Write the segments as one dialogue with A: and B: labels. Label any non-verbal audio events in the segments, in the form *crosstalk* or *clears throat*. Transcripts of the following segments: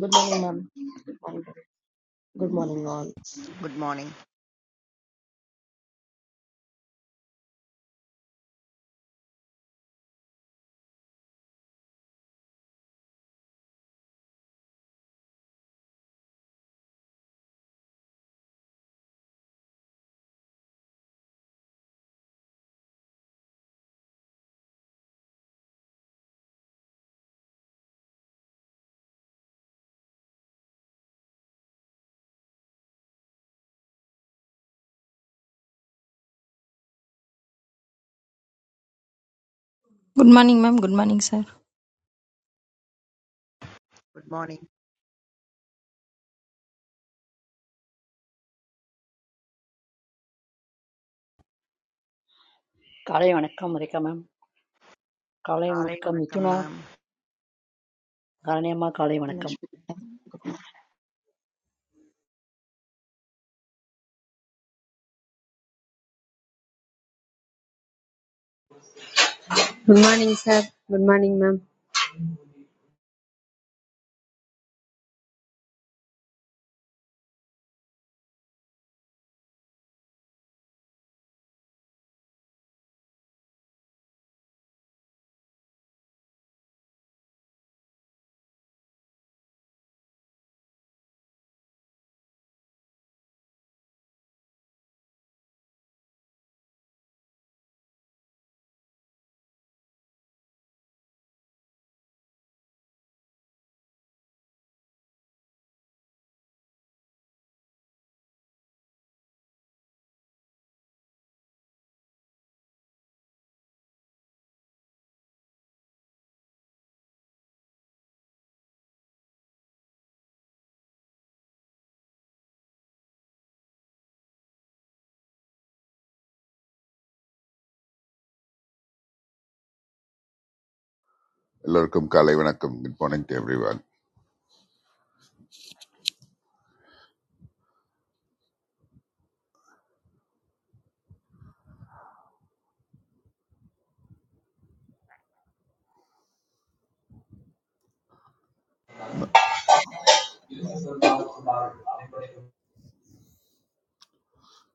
A: Good morning, ma'am. Good morning, all.
B: Good morning
C: good morning ma'am good morning sir
B: good morning
D: காலை வணக்கம் Rekha ma'am காலை
B: காலை
D: வணக்கம்
B: வணக்கம்
D: மிதுனா
B: மேம்
D: காரணியம்மா காலை வணக்கம்
E: Good morning, sir. Good morning, ma'am.
F: எல்லோருக்கும் காலை வணக்கம் good morning to everyone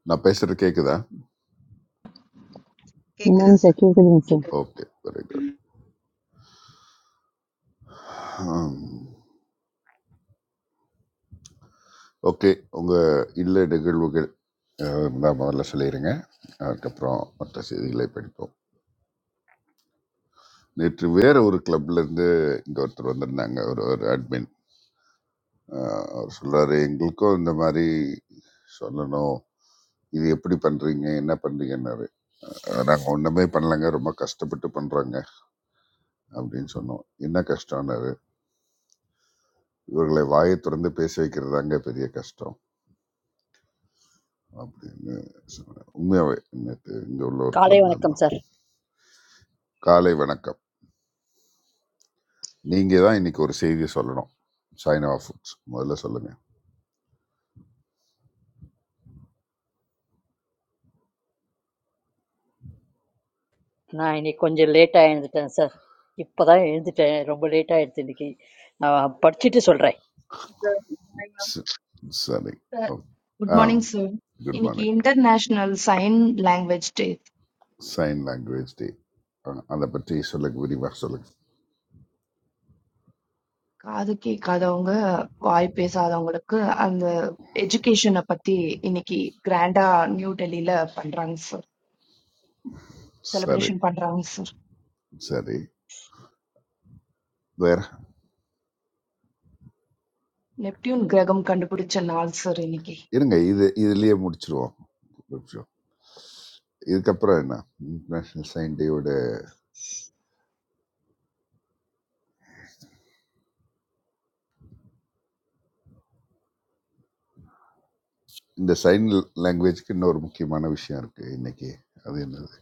F: நான் பேசுறது கேக்குதா
B: கேக்குது
G: உமன்ஸ்
B: சார்
G: கேக்குதுங்க சார்.
A: கேக்குதா?
F: ஓகே வெரி குட் ஓகே உங்க இல்ல நிகழ்வுகள் அஹ், நான் முதல்ல சொல்லிடுங்க அதுக்கப்புறம் மற்ற செய்திகளை படிப்போம் நேற்று வேற ஒரு கிளப்ல இருந்து இங்க ஒருத்தர் வந்திருந்தாங்க ஒரு ஒரு அட்மின் அவர் சொல்றாரு எங்களுக்கும் இந்த மாதிரி சொல்லணும் இது எப்படி பண்றீங்க என்ன பண்றீங்கன்னாரு அஹ், நாங்க ஒண்ணுமே பண்ணலங்க ரொம்ப கஷ்டப்பட்டு பண்றோங்க அப்படின்னு சொன்னோம் என்ன கஷ்டம்னாரு இவர்களை வாயை திறந்து பேச வைக்கிறது தாங்க பெரிய கஷ்டம் அப்படின்னு சொன்னேன் உண்மையாவே நேற்று இங்கே உள்ள ஒரு
D: காலை
F: கிளப்
D: வணக்கம்
F: மெம்பர்
D: சார்
F: காலை வணக்கம் நீங்கள் தான் இன்னைக்கு ஒரு செய்தியை சொல்லணும் சைனா ஃபுட்ஸ் முதல்ல சொல்லுங்க
D: நான் இன்னைக்கு கொஞ்சம் லேட்டாக எழுந்துட்டேன் சார் இப்போ தான் எழுந்துட்டேன் ரொம்ப லேட்டாக எடுத்து இன்னைக்கு நான் படிச்சுட்டு சொல்கிறேன்
F: ச- சரி
H: சார்
F: ஓ-
H: good
F: ah
H: morning sir
F: good
H: இன்னைக்கு
F: morning
H: international sign language day
F: sign language day அதை பற்றி சொல்லுங்க விரிவாக சொல்லுங்க
H: காது கேட்காதவங்க வாய் பேசாதவங்களுக்கு அந்த எஜுகேஷனை பத்தி இன்னைக்கு கிராண்டா நியூ டெல்லியில பண்றாங்க சார்
F: சரி
H: செலிப்ரேஷன் பண்றாங்க சார்
F: சரி வேற
H: நெப்டியூன் கிரகம் கண்டுபிடிச்ச நாள் சார் இன்னைக்கு
F: இருங்க இது இதுலயே முடிச்சிருவோம் ஒரு நிமிஷம். இதுக்கப்புறம் என்ன இன்டர்நேஷ்னல் சைன் டேயோட இந்த சைன் லாங்குவேஜ்க்கு இன்னொரு முக்கியமான விஷயம் இருக்குது இன்னைக்கு அது என்னது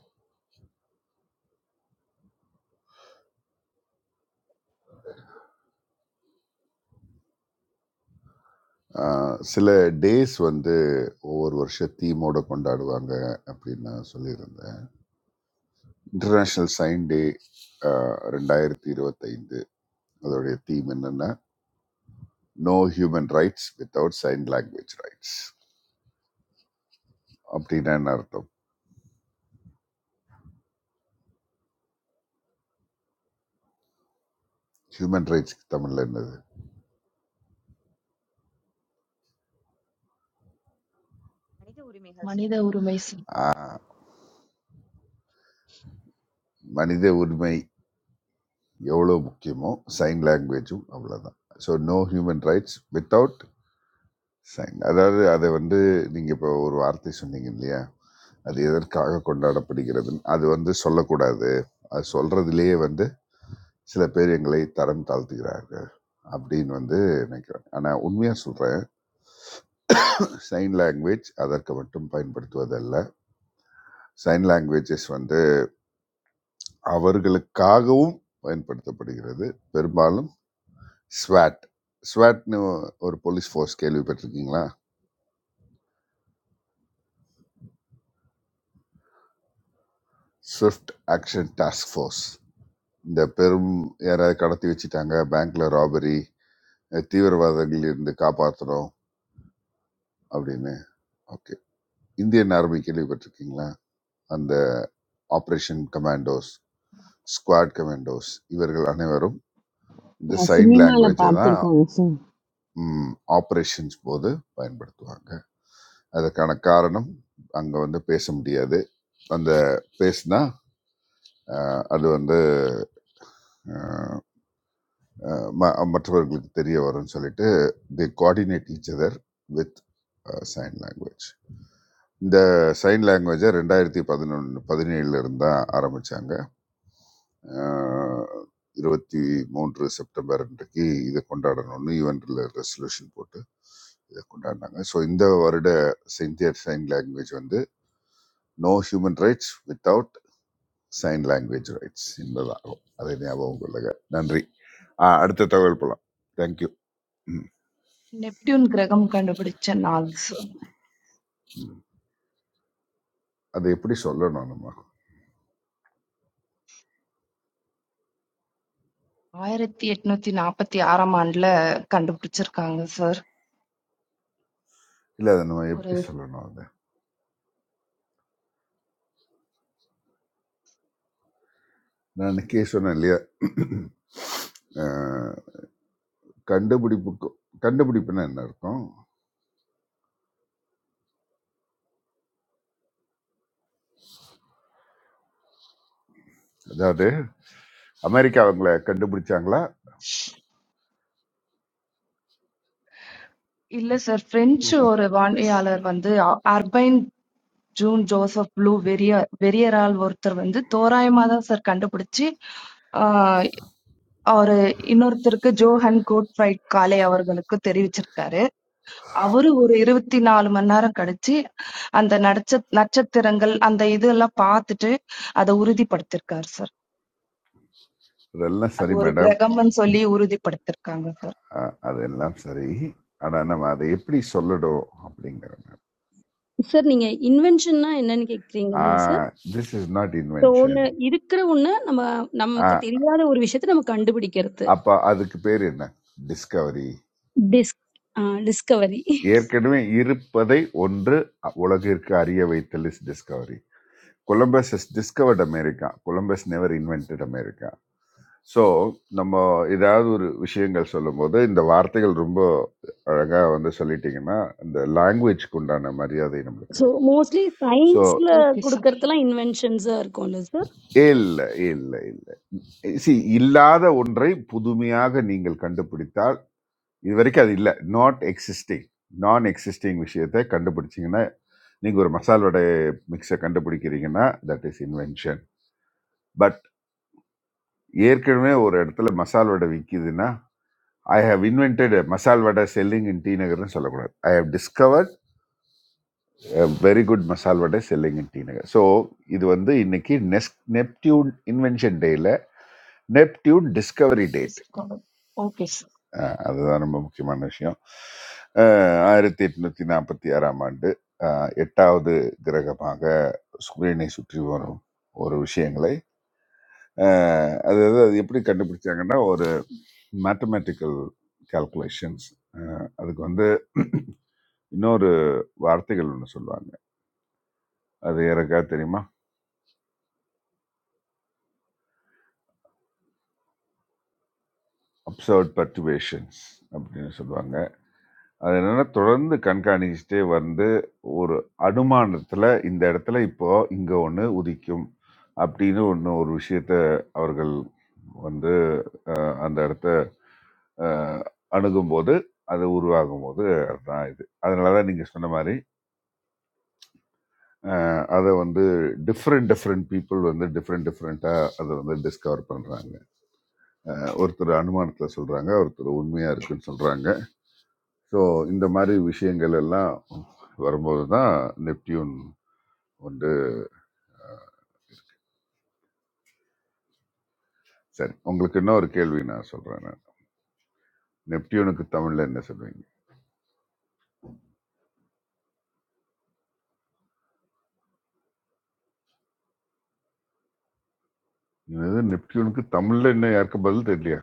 F: ஆஹ் சில டேஸ் வந்து ஒவ்வொரு வருஷம் தீமோட கொண்டாடுவாங்க அப்படின்னு நான் சொல்லியிருந்தேன் இன்டர்நேஷ்னல் சைன் டே ரெண்டாயிரத்தி இருபத்தைந்து அதோடைய தீம் என்னன்னா no human rights without sign language rights அப்படின்னா என்ன அர்த்தம் ஹியூமன் ரைட்ஸ்க்கு தமிழில் என்னது
I: மனித உரிமைகள்
H: மனித
I: சார்.
H: உரிமை சார்
F: ஆஹ் மனித உரிமை எவ்வளோ முக்கியமோ சைன் லாங்குவேஜும் அவ்வளோதான் so no human rights without sign. அதாவது அது வந்து நீங்க இப்போ ஒரு வார்த்தை சொன்னீங்க இல்லையா? அது எதற்காக கொண்டாடப்படுகிறதுன்னு. அது வந்து சொல்லக்கூடாது. அது சொல்றதிலேயே வந்து சில பேர் எங்களை தரம் தாழ்த்துகிறார்கள். அப்படின்னு வந்து நினைக்கிறேன். ஆனா உண்மையா சொல்றேன். சைன் லாங்குவேஜ் அதற்கு மட்டும் பயன்படுத்துவதல்ல. சைன் லாங்குவேஜஸ் வந்து அவர்களுக்காகவும் பயன்படுத்தப்படுகிறது. பெரும்பாலும் ஸ்வாட். ஸ்வாட்ன்னு ஒரு போலீஸ் ஃபோர்ஸ் கேள்விப்பட்டிருக்கீங்களா? Swift action task force. இந்த பெரும் யாராவது கடத்தி வச்சுட்டாங்க பேங்க்ல ராபரி தீவிரவாதங்கள் இருந்து காப்பாற்றணும் அப்படின்னு ஓகே இந்தியன் ஆர்மி கேள்விப்பட்டிருக்கீங்களா அந்த ஆப்ரேஷன் கமாண்டோஸ் ஸ்குவாட் கமாண்டோஸ் இவர்கள் அனைவரும் இந்த
G: அ
F: சைன்
G: சினிமால
F: லாங்குவேஜை தான்
G: பார்த்துருக்கோங்க சார்.
F: ஆப்ரேஷன்ஸ் போது பயன்படுத்துவாங்க அதற்கான காரணம் அங்கே வந்து பேச முடியாது அந்த பேசுனா அஹ், அது வந்து அஹ் ம- மற்றவர்களுக்கு தெரிய வரும்னு சொல்லிட்டு the coordinate each other with sign language இந்த சைன் லாங்குவேஜை ரெண்டாயிரத்தி பதினொன்று பதினேழுல இருந்து தான் ஆரம்பிச்சாங்க அஹ் இருபத்தி மூன்று செப்டம்பர் அன்றைக்கு இதை கொண்டாடணும்னு யூஎன்ல ரெசல்யூஷன் போட்டு இதை கொண்டாடினாங்க ஸோ இந்த வருட செயின்டியர் சைன் லாங்குவேஜ் வந்து no human rights without sign language rights என்பதாகும் அதை ஞாபகம் கொள்ளுங்க நன்றி அஹ் அடுத்த தகவல் போகலாம் தேங்க்யூ
H: நெப்டியூன் கிரகம் கண்டுபிடிச்ச நாள் சார்
F: அதை எப்படி சொல்லணும் நம்ம
H: ஆயிரத்தி எட்நூத்தி நாற்பத்தி ஆறாம் ஆண்டுல கண்டுபிடிச்சிருக்காங்க சார்
F: இல்லை அதை நம்ம
H: ஒரு
F: எப்படி சொல்லணும் அதை நான் அன்னைக்கே சொன்னேன் இல்லையா அஹ், கண்டுபிடிப்புக்கும் கண்டுபிடிப்புன்னா என்ன இருக்கும் அதாவது அமெரிக்கா அவங்கள கண்டுபிடிச்சாங்களா
H: இல்ல சார் பிரெஞ்சு ஒரு வானியாளர் வந்து அர்பைன் ஜூன் ஜோசப் ப்ளூ வெரிய வெரியரால் ஒருத்தர் வந்து தோராயமா தான் சார் கண்டுபிடிச்சு ஆஹ் அவரு இன்னொருத்தருக்கு ஜோஹன் கோட்ஃபைட் காலே அவர்களுக்கு தெரிவிச்சிருக்காரு அவரு ஒரு இருபத்தி நாலு மணி நேரம் கழிச்சு அந்த நட்ச நட்சத்திரங்கள் அந்த இதெல்லாம் பார்த்துட்டு அதை உறுதிப்படுத்திருக்காரு சார்
F: அதெல்லாம்
H: அது
F: சரி
H: ஒரு
F: மேடம்
H: கிரகம்னு சொல்லி உறுதிப்படுத்திருக்காங்க சார்
F: அஹ் அதெல்லாம் சரி ஆனால் நம்ம அதை எப்படி சொல்லணும் அப்படிங்கிற
J: சார் நீங்க இன்வென்ஷன்னா என்னன்னு கேக்குறீங்க தானே sir
F: this is not
J: so ஒண்ணு
F: இன்வென்ஷன்
J: இருக்கிற ஒண்ணு நம்ம நமக்கு தெரியாத ஒரு விஷயத்தை நம்ம கண்டுபிடிக்கிறது
F: அப்போ அதுக்கு பேர் என்ன டிஸ்கவரி
J: டிஸ் டிஸ்கவரி
F: ஏற்கனவே இருப்பதை ஒன்று உலகிற்கு அறிய வைத்தல் is discovery Columbus has discovered America Columbus never invented America so நம்ம ஏதாவது ஒரு விஷயங்கள் சொல்லும்போது இந்த வார்த்தைகள் ரொம்ப அழகாக வந்து சொல்லிட்டீங்கன்னா இந்த லாங்குவேஜ்க்கு உண்டான மரியாதை நம்மளுக்கு
J: ஸோ
F: கிடைக்கும்
J: மோஸ்ட்லி
F: ஸோ
J: சயின்ஸ்ல
H: ஓகே
J: கொடுக்கறதெல்லாம் இன்வென்ஷன்ஸா இருக்கும்ல சார்
F: ஏ இல்லை ஏ இல்லை இல்லை சி இல்லாத ஒன்றை புதுமையாக நீங்கள் கண்டுபிடித்தால் இது வரைக்கும் அது இல்லை நாட் எக்ஸிஸ்டிங் நான் எக்ஸிஸ்டிங் விஷயத்தை கண்டுபிடிச்சிங்கன்னா நீங்கள் ஒரு மசால் வடை மிக்ஸை கண்டுபிடிக்கிறீங்கன்னா தட் இஸ் இன்வென்ஷன் பட் ஏற்கனவே ஒரு இடத்துல மசால் வடை விற்கிதுன்னா ஐ ஹவ் இன்வென்டட் மசால் வடை செல்லிங் இன் டி நகர்னு சொல்லக்கூடாது I have discovered very good masal vadai selling in D Nagar so இது வந்து இன்னைக்கு நெஸ் நெப்டியூன் இன்வென்ஷன் டேயில் Neptune discovery date
H: sir okay sir
F: அதுதான் ரொம்ப முக்கியமான விஷயம் அஹ், ஆயிரத்தி எட்நூத்தி நாற்பத்தி ஆறாம் ஆண்டு அஹ், எட்டாவது கிரகமாக சூரியனை சுற்றி வரும் ஒரு விஷயங்களை அஹ் அது அது அது எப்படி கண்டுபிடிச்சாங்கன்னா ஒரு மேத்தமேட்டிக்கல் கால்குலேஷன்ஸ் அதுக்கு வந்து *clears throat* இன்னொரு வார்த்தைகள் ஒன்று சொல்லுவாங்க அது யாருக்காவது தெரியுமா அப்சர்ட் பர்டிவேஷன்ஸ் அப்படின்னு சொல்லுவாங்க அது என்னன்னா தொடர்ந்து கண்காணிச்சுட்டே வந்து, ஒரு அனுமானத்துல, இந்த இடத்துல இப்போ இங்க ஒண்ணு உதிக்கும். அப்படின்னு ஒண்ணு ஒரு விஷயத்த அவர்கள் வந்து அ அந்த இடத்த அ அணுகும்போது, அது உருவாகும்போது தான் இது. அதனால தான் நீங்க சொன்ன மாரி, அ அத வந்து டிஃபரெண்ட் டிஃபரெண்ட் பீப்பிள் வந்து டிஃபரெண்ட் டிஃபரெண்ட்டா அத வந்து டிஸ்கவர் பண்றாங்க. அ ஒருத்தர் அனுமானத்துல சொல்றாங்க, ஒருத்தர் உண்மையா இருக்குன்னு சொல்றாங்க. ஸோ இந்த மாதிரி விஷயங்கள் எல்லாம் வரும்போது தான் நெப்டியூன் வந்து அஹ், சரி உங்களுக்கு இன்னொரு கேள்வி நான் சொல்கிறேன் நான் நெப்டியூனுக்கு தமிழில் என்ன சொல்லுவீங்க இது நெப்டியூனுக்கு தமிழில் இன்னும் யாருக்கும் பதில் தெரியலையா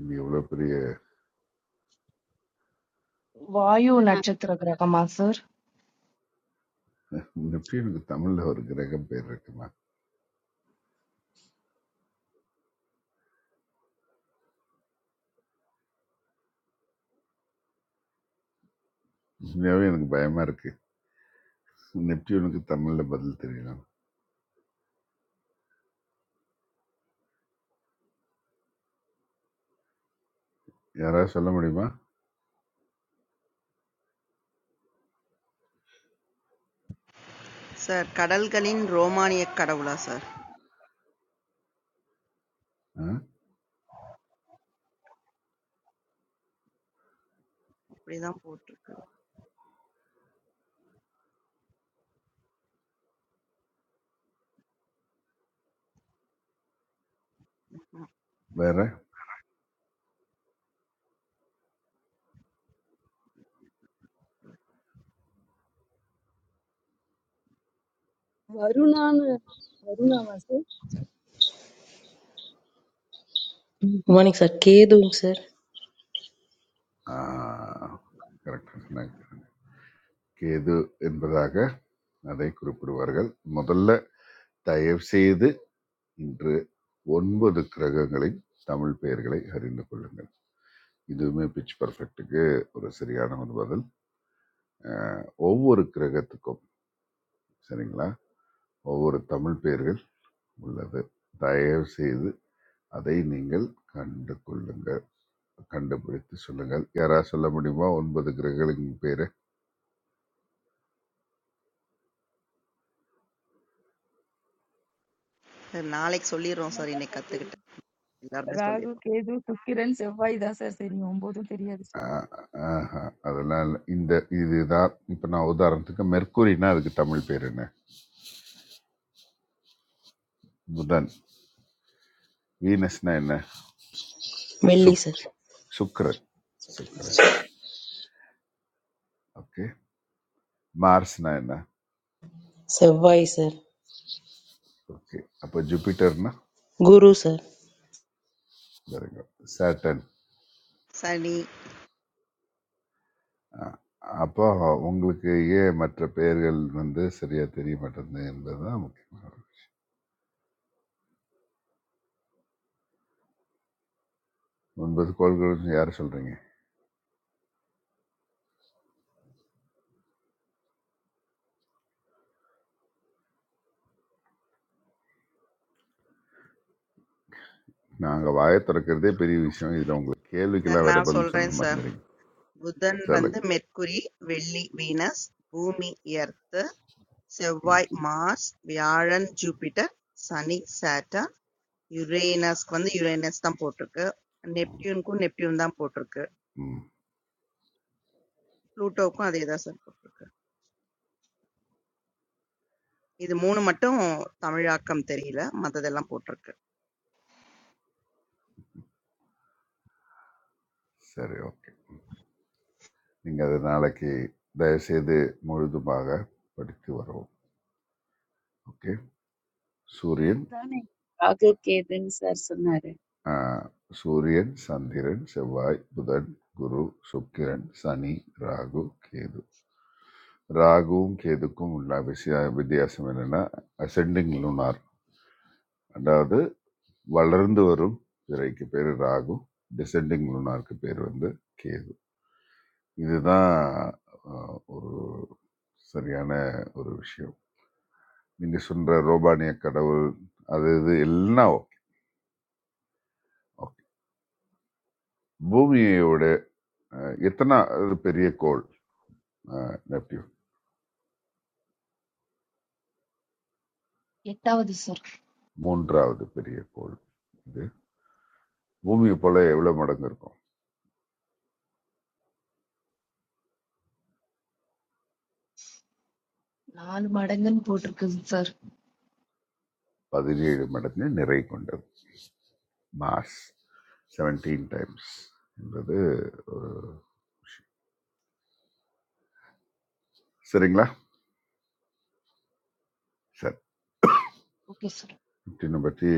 F: இது இவ்வளோ பெரிய
H: வாயு நட்சத்திர கிரகமா சார்
F: நெப்டியூனுக்கு தமிழில் ஒரு கிரகம் பேர் இருக்குமா உண்மையாகவே எனக்கு பயமாக இருக்குது நெப்டியூனுக்கு தமிழில் பதில் தெரியலாம் யாராவது சொல்ல முடியுமா
B: சார் கடல்களின் ரோமானிய கடவுளா சார்
F: ஆ?
B: இப்படிதான் போட்டிருக்கு
F: வேற
J: வருணான்னு வருணாவா சார்
K: உமானிக் சார் கேதுவும் சார்
F: கரெக்டாக சொன்னாங்க கேது என்பதாக அதை குறிப்பிடுவார்கள் முதல்ல தயவுசெய்து இன்று ஒன்பது கிரகங்களின் தமிழ் பெயர்களை அறிந்து கொள்ளுங்கள் இதுவுமே பிச் பர்ஃபெக்ட்டுக்கு ஒரு சரியான ஒரு பதில் அஹ், ஒவ்வொரு கிரகத்துக்கும் சரிங்களா ஒவ்வொரு தமிழ் பெயர்கள் உள்ளது தயவு செய்து அதை நீங்கள் கண்டு கொள்ளுங்கள் கண்டுபிடித்து சொல்லுங்கள் யாரா சொல்ல முடியுமா ஒன்பது கிரகங்களின் பேரு
B: சார் நாளைக்கு
L: ஆ, 2
B: சொல்லிடுறோம்
L: நாள்
B: சார்
L: தான்
B: இன்னைக்கு
L: சார் தெரியும்.
B: கத்துக்கிட்டேன் எல்லாருமே
L: ராகு,
B: சொல்லிடுறோம்
L: கேது, சுக்கிரன், செவ்வாய் தான் சார் தெரியும். ஒன்பதும் தெரியாது சார்.
F: அஹ், ஆஹா, அதெல்லாம் இல்ல. இந்த இதுதான் இப்ப நான் உதாரணத்துக்கு மெர்க்குரினா அதுக்கு தமிழ் பேர் என்ன புதன் வீனஸ்னா என்ன
K: வெள்ளி
F: சுக்.
K: சார்
F: சுக்ரன் சுக்ரன் ஓகே மார்ஸ்னா என்ன
K: செவ்வாய் சார்
F: ஓகே அப்போ ஜூபிட்டர்னா
K: குரு சார்
F: வருங்க சேட்டன்
B: சனி
F: அப்போ உங்களுக்கு ஏன் மற்ற பெயர்கள் வந்து சரியா தெரிய மாட்டேங்குது என்பதுதான் முக்கியமான ஒரு- ஒன்பது கோள்கள்னு யார் சொல்றீங்க நாங்க வாயை திறக்கிறதே பெரிய விஷயம் இதுல உங்களுக்கு
B: சார்
F: கேள்விக்கெல்லாம் வேற
B: நான்
F: பதில்
B: சொல்றேன் சார்
F: சொல்லணுமாங்கிறீங்க
B: புதன்
F: சரி
B: வந்து மெர்க்குரி வெள்ளி வீனஸ் பூமி எர்த்து செவ்வாய் மார்ஸ் வியாழன் ஜூபிட்டர் சனி சாட்டர் யுரேனஸ்க்கு வந்து யுரேனஸ் தான் போட்டிருக்கு
F: ம்
B: நெப்டியூனுக்கும் நெப்டியூன் தான் போட்டிருக்கு
F: ம்.
B: ப்ளூட்டோவுக்கும் அதே தான் சார் போட்டிருக்கு இது 3 மட்டும் தமிழாக்கம் தெரியல. மத்ததெல்லாம் போட்டிருக்கு.
F: சரி ஓகே நீங்க அதை நாளைக்கு தயவுசெய்து முழுதுமாக படித்து வரவும் ஓகே சூரியன்
M: நானே ராகு கேதுன்னு சார் சொன்னாரு
F: அஹ், சூரியன் சந்திரன் செவ்வாய் புதன் குரு சுக்கிரன் சனி ராகு கேது ராகுவும் கேதுக்கும் உள்ள விஷய வித்தியாசம் என்னன்னா அசெண்டிங் லுனார் அதாவது வளர்ந்து வரும் திரைக்கு பேர் ராகு டிசெண்டிங் லுனாருக்கு பேர் வந்து கேது இதுதான் அஹ், ஒரு சரியான ஒரு விஷயம் நீங்க சொல்ற ரோபானிய கடவுள் அது இது எல்லாம் ஓகே ஓகே பூமியோட அஹ், எத்தனை அது பெரிய கோள் நெப்டியூன்
H: எட்டாவது சார்
F: மூன்றாவது பெரிய கோள் இது பூமியை போல எவ்வளவு மடங்கு இருக்கும்
H: நாலு மடங்குன்னு போட்டிருக்குது சார்
F: பதினேழு மடங்கு நிறை கொண்டது மாஸ் செவன்டீன் டைம்ஸ் என்பது ஒரு சரிங்களா சரி
H: ஓகே சார்
F: நெப்டியூனை பற்றி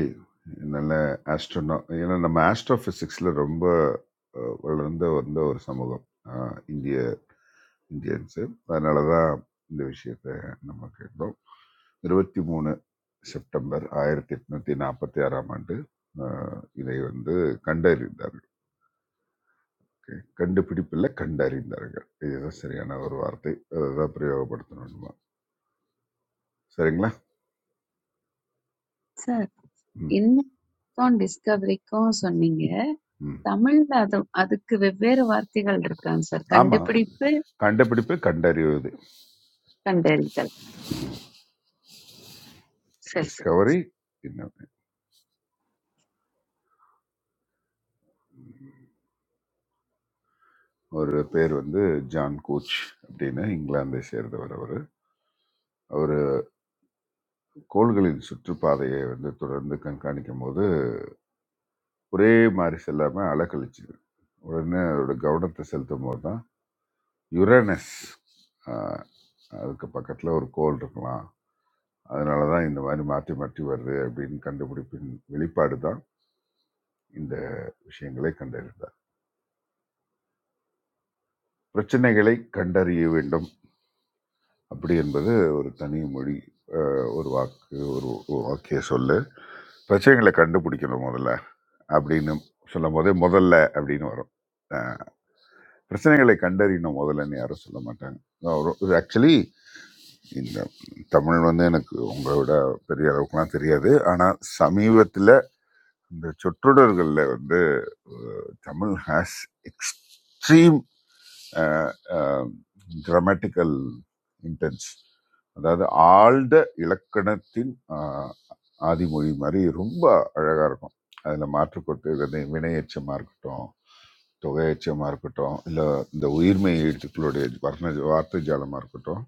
F: நல்ல ஆஸ்ட்ரோனா ஏன்னா நம்ம ஆஸ்ட்ரோ ஃபிசிக்ஸில் ரொம்ப அஹ், வளர்ந்த வந்த ஒரு சமூகம் அஹ், இந்திய இந்தியன்ஸு அதனால தான் இந்த விஷயத்தை நம்ம கேட்டோம் இருபத்தி மூணு செப்டம்பர் ஆயிரத்தி எட்நூத்தி நாற்பத்தி ஆறாம் ஆண்டு அஹ், இதை வந்து கண்டறிந்தார்கள் Okay. கண்டுபிடிப்பில் கண்டறிந்தார்கள் இதுதான் சரியான ஒரு வார்த்தை அதை தான் பிரயோகப்படுத்தணுமா சரிங்களா
M: சார்
F: ம்
M: இன்மைக்கும் டிஸ்கவரிக்கும் சொன்னீங்க
F: ம்
M: தமிழ்ல அது அதுக்கு வெவ்வேறு வார்த்தைகள் இருக்காங்க சார்
F: ஆமாம்
M: கண்டுபிடிப்பு
F: கண்டுபிடிப்பு கண்டறிவது
M: கண்டறிதல் சரி
F: டிஸ்கவரி இன்னொன்று ஒரு பேர் வந்து ஜான் கோச் அப்படின்னு இங்கிலாந்தை சேர்ந்தவர் அவர் அவர் கோள்களின் சுற்றுப்பாதையை வந்து தொடர்ந்து கண்காணிக்கும் போது ஒரே மாதிரி செல்லாமல் அலக்கழிச்சுது உடனே அதோட கவனத்தை செலுத்தும் போது தான் யுரேனஸ் ஆஹ், அதுக்கு பக்கத்தில் ஒரு கோள் இருக்கலாம் அதனால தான் இந்த மாதிரி மாற்றி மாற்றி வருது அப்படின்னு கண்டுபிடிப்பின் வெளிப்பாடு தான் இந்த விஷயங்களை கண்டறிந்தார் பிரச்சனைகளை கண்டறிய வேண்டும் அப்படி என்பது ஒரு தனி மொழி ஆஹ், ஒரு வாக்கு ஒரு ஒரு வாக்கிய சொல்லு பிரச்சனைகளை கண்டுபிடிக்கணும் முதல்ல அப்படின்னு சொல்லும் போதே முதல்ல அப்படின்னு வரும் அஹ் பிரச்சனைகளை கண்டறியணும் முதல்லன்னு யாரும் சொல்ல மாட்டாங்க இது ஆக்சுவலி இந்த தமிழ் வந்து எனக்கு உங்களை விட பெரிய அளவுக்குலாம் தெரியாது ஆனால் சமீபத்தில் இந்த சொற்றொடர்களில் வந்து ah, Tamil has extreme uh, uh, grammatical intense அதாவது ஆழ்ந்த இலக்கணத்தின் ஆஹ், ஆதிமொழி மாதிரி ரொம்ப அழகாக இருக்கும் அதில் மாற்றுக்கொட்டு வினை வினையச்சமாக இருக்கட்டும் தொகையச்சமாக இருக்கட்டும் இல்லை இந்த உயிர்மை எழுத்துக்களுடைய வர்ண வார்த்தை ஜாலமாக இருக்கட்டும்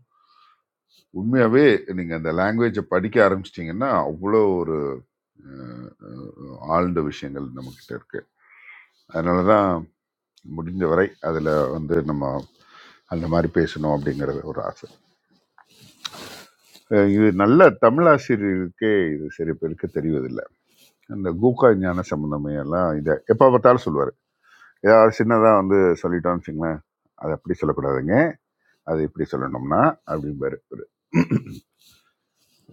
F: உண்மையாகவே நீங்கள் அந்த லாங்குவேஜை படிக்க ஆரம்பிச்சிட்டிங்கன்னா அவ்வளோ ஒரு ஆஹ், ஆஹ், ஆழ்ந்த விஷயங்கள் நம்மக்கிட்ட இருக்குது அதனால தான் முடிஞ்ச வரை அதில் வந்து நம்ம அந்த மாதிரி பேசணும் அப்படிங்கிறது ஒரு ஆசை அஹ் இது நல்ல தமிழாசிரியருக்கே இது சரி பேருக்கு தெரிவதில்லை அந்த கூக்கா ஞான சம்பந்தமே எல்லாம் இதை எப்போ பார்த்தாலும் சொல்லுவார் ஏதாவது சின்னதாக வந்து சொல்லிட்டோம்னு வச்சுங்களேன் அதை அப்படி சொல்லக்கூடாதுங்க அது இப்படி சொல்லணும்னா அப்படிம்பாரு இவரு.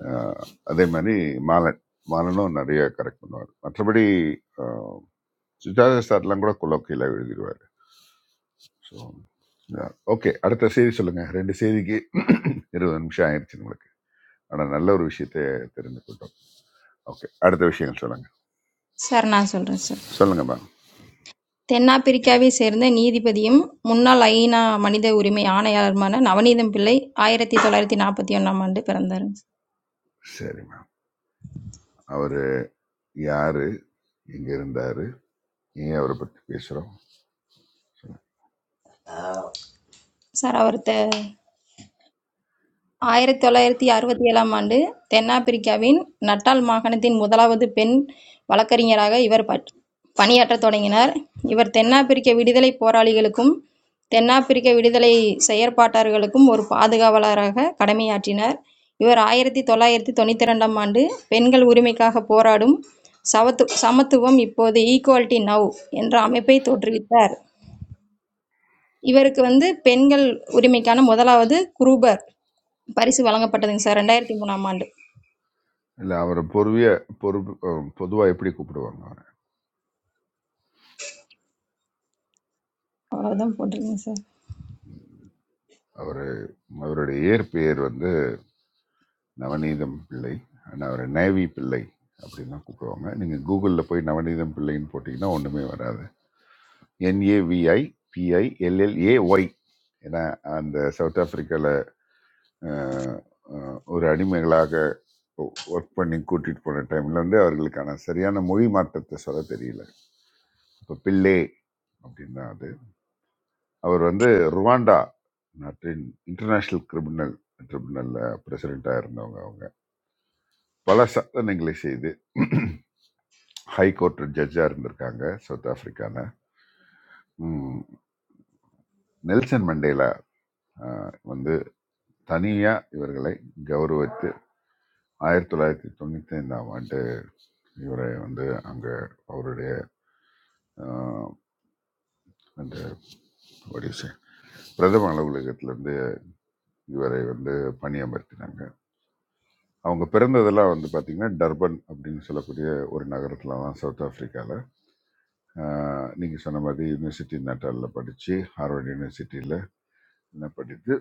F: அஹ் அதே மாதிரி மாலன் மாலனும் நிறைய கரெக்ட் பண்ணுவார் மற்றபடி சுஜாதா சார்லாம் கூட கொலோக்கியில் எழுதிடுவார் ஸோ ஓகே அடுத்த செய்தி சொல்லுங்க ரெண்டு செய்திக்கு இருபது நிமிஷம் ஆயிடுச்சு உங்களுக்கு ஆனால் நல்ல ஒரு விஷயத்தை தெரிந்து கொண்டோம் ஓகே அடுத்த விஷயங்கள் சொல்லுங்க
C: சார் நான் சொல்கிறேன் சார்
F: சொல்லுங்க மேம்
C: தென்னாப்பிரிக்காவை சேர்ந்த நீதிபதியும் முன்னாள் ஐநா மனித உரிமை ஆணையாளருமான நவநீதம் பிள்ளை ஆயிரத்தி தொள்ளாயிரத்தி நாற்பத்தி ஒன்றாம் ஆண்டு பிறந்தார்
F: சரி மேம் அவர் யாரு எங்க இருந்தாரு ஏன் அவரை பற்றி பேசுறோம் சொல்லுங்க
C: சார் அவர் த ஆயிரத்து தொள்ளாயிரத்து அறுபத்தேழாம் ஆண்டு தென்னாப்பிரிக்காவின் நட்டால் மாகாணத்தின் முதலாவது பெண் வழக்கறிஞராக இவர் பட்- பணியாற்றத் தொடங்கினார். இவர் தென்னாப்பிரிக்க விடுதலைப் போராளிகளுக்கும் தென்னாப்பிரிக்க விடுதலைச் செயற்பாட்டாளர்களுக்கும் ஒரு பாதுகாவலராக கடமையாற்றினார். இவர் ஆயிரத்து தொள்ளாயிரத்து தொண்ணூற்றிரண்டாம் ஆண்டு பெண்கள் உரிமைக்காகப் போராடும் சவத்து சமத்துவம் இப்போது ஈக்குவாலிட்டி நவ் என்ற அமைப்பைத் தோற்றுவித்தார். இவருக்கு வந்து பெண்கள் உரிமைக்கான முதலாவது குரூபர் பரிசு வழங்கப்பட்டதுங்க சார் ரெண்டாயிரத்தி மூணாம் ஆண்டு
F: இல்லை அவரை பொறுவிய பொறுப்பு பொதுவாக எப்படி கூப்பிடுவாங்க அவரை
C: அவ்வளவுதான் போட்டிருக்கேங்க சார்
F: அவரு அவருடைய இயற்பெயர் வந்து நவநீதம் பிள்ளை ஆனால் அவர் நேவி பிள்ளை அப்படின்னு தான் கூப்பிடுவாங்க நீங்கள் கூகுளில் போய் நவநீதம் பிள்ளைன்னு போட்டிங்கன்னா ஒன்றுமே வராது என்ஏவிஐ பிஐ எல்எல்ஏ ஒய் ஏன்னா அந்த சவுத் ஆப்பிரிக்காவில் ஒரு அடிமைகளாக ஒர்க் பண்ணி கூட்டிகிட்டு போன டைமில் வந்து அவர்களுக்கான சரியான மொழி மாற்றத்தை சொல்ல தெரியல இப்போ பிள்ளை அப்படின்னு தான் அது அவர் வந்து ருவாண்டா நாட்டின் இன்டர்நேஷ்னல் கிரிமினல் ட்ரிபுனலில் பிரசிடெண்ட்டாக இருந்தவங்க அவங்க பல சாதனைகளை செய்து ஹை கோர்ட் ஜட்ஜாக இருந்திருக்காங்க சவுத் ஆப்பிரிக்கால ம், நெல்சன் மண்டேலா அஹ், வந்து தனியாக இவர்களை கௌரவித்து ஆயிரத்தி தொள்ளாயிரத்தி தொண்ணூற்றி ஐந்தாம் ஆண்டு இவரை வந்து அங்கே அவருடைய அஹ், அந்த what do you say, பிரதம அலுவலகத்திலேருந்து இவரை வந்து பணியமர்த்தினாங்க அவங்க பிறந்ததெல்லாம் வந்து பார்த்திங்கன்னா டர்பன் அப்படின்னு சொல்லக்கூடிய ஒரு நகரத்தில் தான் சவுத் ஆஃப்ரிக்காவில் நீங்கள் சொன்ன மாதிரி யூனிவர்சிட்டி நட்டாலில் படித்து ஹார்வர்ட் யூனிவர்சிட்டியில் என்ன படித்து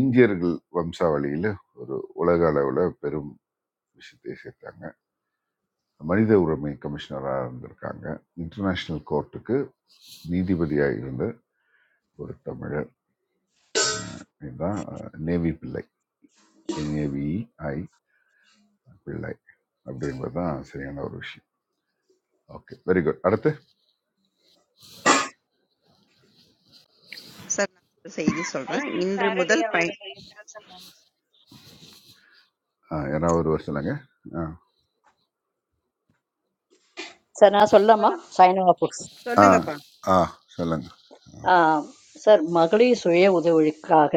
F: இந்தியர்கள் வம்சாவளியில ஒரு உலக அளவில் பெரும் விஷயத்தை சேர்த்தாங்க மனித உரிமை கமிஷனராக இருந்திருக்காங்க இன்டர்நேஷ்னல் கோர்ட்டுக்கு நீதிபதியாக இருந்த ஒரு தமிழர் அஹ் இதுதான் அஹ், நேவி பிள்ளை NAVI பிள்ளை அப்படின்றது தான் சரியான ஒரு விஷயம் ஓகே வெரி குட் அடுத்து
B: சார், நான் ஒரு செய்தி சொல்றேன்.
I: ஐக்கின்
B: இன்று
I: பாரடி
B: முதல் பயன்
I: அவர்கள் கையிட்டால் சார் நானு
F: அஹ், யாராவது ஒருவர் சொல்லுங்க ஆ
D: சார் நான் சொல்லாமா
I: சொல்லலாம்.
D: சைனவா ஃபுட்ஸ்
F: ஆ
B: சொல்லுங்கப்பா.
F: ஆ சொல்லுங்க
D: சார் மகளிர் சுய உதவிக்காக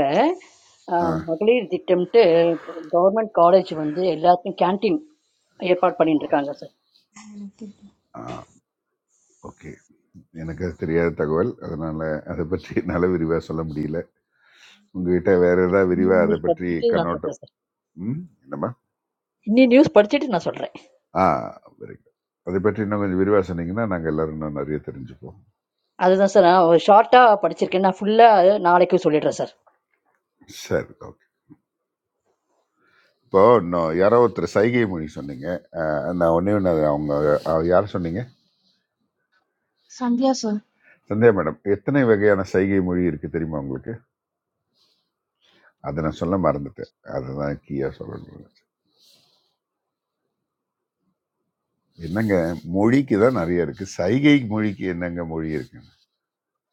F: ஆ
D: ஆஹ், மகளிர் திட்டம்ட்டு கவர்மெண்ட் காலேஜ் வந்து எல்லாத்துக்கும் கேண்டீன் ஏற்பாடு பண்ணிட்டு இருக்காங்க சார்
F: ஆ ஓகே எனக்கு அது தெரியாத தகவல் அதனால அதை பற்றி என்னால் விரிவாக சொல்ல முடியல உங்ககிட்ட வேற ஏதாவது விரிவா
D: இன்னும்
F: அதை
D: நியூஸ்
F: பற்றி
D: படிச்சுட்டு நான்
F: கண்ணோட்டம்
D: சொல்கிறேன் சார்
F: ம் என்னம்மா
D: இன்னும் நியூஸ் படிச்சுட்டு நான் சொல்கிறேன்
F: ஆ வெரி குட் அதை பற்றி இன்னும் கொஞ்சம் விரிவா சொன்னீங்கன்னா நாங்க எல்லாரும் இன்னும் நிறைய தெரிஞ்சுப்போம்
D: அதுதான் சார் நான் ஒரு ஷார்ட்டா படிச்சிருக்கேன். நான் ஃபுல்லா நாளைக்கு சொல்லிடுறேன் சார்.
F: சரி ஓகே இப்போ இன்னும் யாரோ ஒருத்தர் சைகை மொழி சொன்னீங்க ஆ, நான் ஒன்னே ஒன்று அவங்க ஆ, யார் சொன்னீங்க
H: சந்தியா சார்
F: சந்தியா மேடம் எத்தனை வகையான சைகை மொழி இருக்கு தெரியுமா உங்களுக்கு அதை நான் சொல்ல மறந்துட்டேன் அதுதான் கீயா சொல்லணும் என்னங்க மொழிக்கு தான் நிறைய இருக்கு சைகை மொழிக்கு என்னங்க மொழி இருக்குன்னு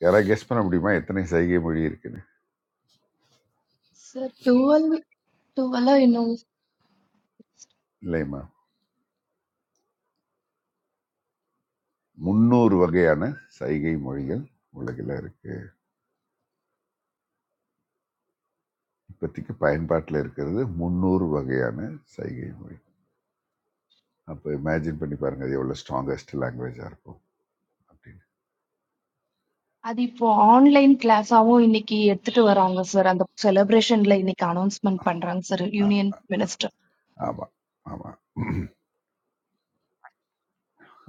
F: யாராவது கெஸ் பண்ண முடியுமா எத்தனை சைகை மொழி இருக்குன்னு
H: சார் டுவெல் டுவெலோ இன்னும்
F: இல்லையம்மா முந்நூறு வகையான சைகை மொழிகள் உலகில் இருக்கு இப்போதைக்கு பயன்பாட்டில் இருக்கிறது முந்நூறு வகையான சைகை மொழி அப்போ இமேஜின் பண்ணி பாருங்க அது எவ்வளோ ஸ்ட்ராங்கஸ்ட் லாங்குவேஜாக இருக்கும் அப்படின்னு
H: அது இப்போ ஆன்லைன் கிளாஸாவும் இன்னைக்கு எடுத்துட்டு வராங்க சார் அந்த செலிப்ரேஷன்ல இன்னைக்கு அனௌன்ஸ்மெண்ட் பண்றாங்க சார்
F: ஆ
H: யூனியன் மினிஸ்டர்
F: ஆமாம் ஆமாம்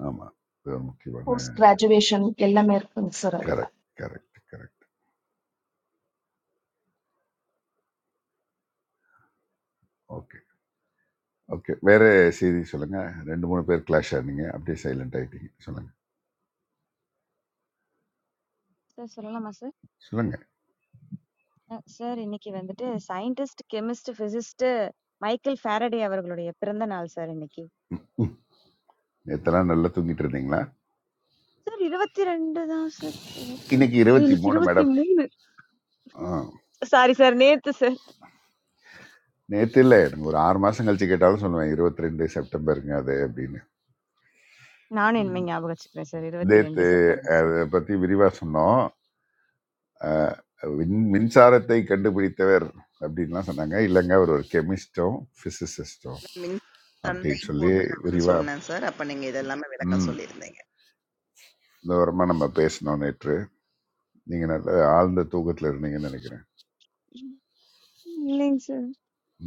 F: ஆமாம் இது ஒரு முக்கியமான
H: போஸ்ட் கிராஜுவேஷன் எல்லாமே இருக்குங்க சார் அதுல
F: correct correct correct okay okay வேற செய்தி சொல்லுங்க ரெண்டு மூணு பேர் கிளாஷ் ஆனீங்க அப்படியே சைலண்ட் ஆயிட்டீங்க சொல்லுங்க
I: சார் சொல்லலாமா சார்?
F: சொல்லுங்க
I: அ, சார் இன்னைக்கு வந்துட்டு scientist, chemist, physicist Michael Faraday அவர்களுடைய பிறந்த நாள் சார் இன்னைக்கு.
F: ம் நேத்தெல்லாம் நல்லா தூங்கிட்டு இருந்தீங்களா
I: சார் 22 தான் சார்.
F: இன்னைக்கு
I: ஓ,
F: இருபத்தி
I: இன்னைக்கு
F: மூணு மேடம்
I: 23.
F: ஆ
I: சாரி சார் நேத்து சார்.
F: நேற்று இல்லை எனக்கு ஒரு ஆறு மாதம் கழிச்சு கேட்டாலும் சொல்லுவேன் இருபத்தி ரெண்டு செப்டம்பருங்க அது அப்படின்னு
I: நானும் இனிமே
F: ம்.
I: ஞாபகம் வச்சுக்கிறேன் சார்.
F: நேத்து
I: 22 செப்டம்பர் சார்.
F: அதை பற்றி விரிவாக சொன்னோம் அஹ், மின் மின்சாரத்தை கண்டுபிடித்தவர் அப்படின்லாம் சொன்னாங்க இல்லைங்க அவர் ஒரு கெமிஸ்டும் ஃபிசிசிஸ்டும்
B: நான் மின்சார சந்தை
F: அப்படின்னு சொல்லி
B: போட்டுறதுன்னு
F: விரிவாக
B: சொன்னேன் சார். அப்ப நீங்க இதெல்லாமே விளக்கம்
F: ம்
B: சொல்லியிருந்தீங்க.
F: தூரமாக நம்ம பேசினோம் நேற்று நீங்கள் நல்ல ஆழ்ந்த தூக்கத்தில் இருந்தீங்கன்னு நினைக்கிறேன்
I: இல்லைங்க சார்.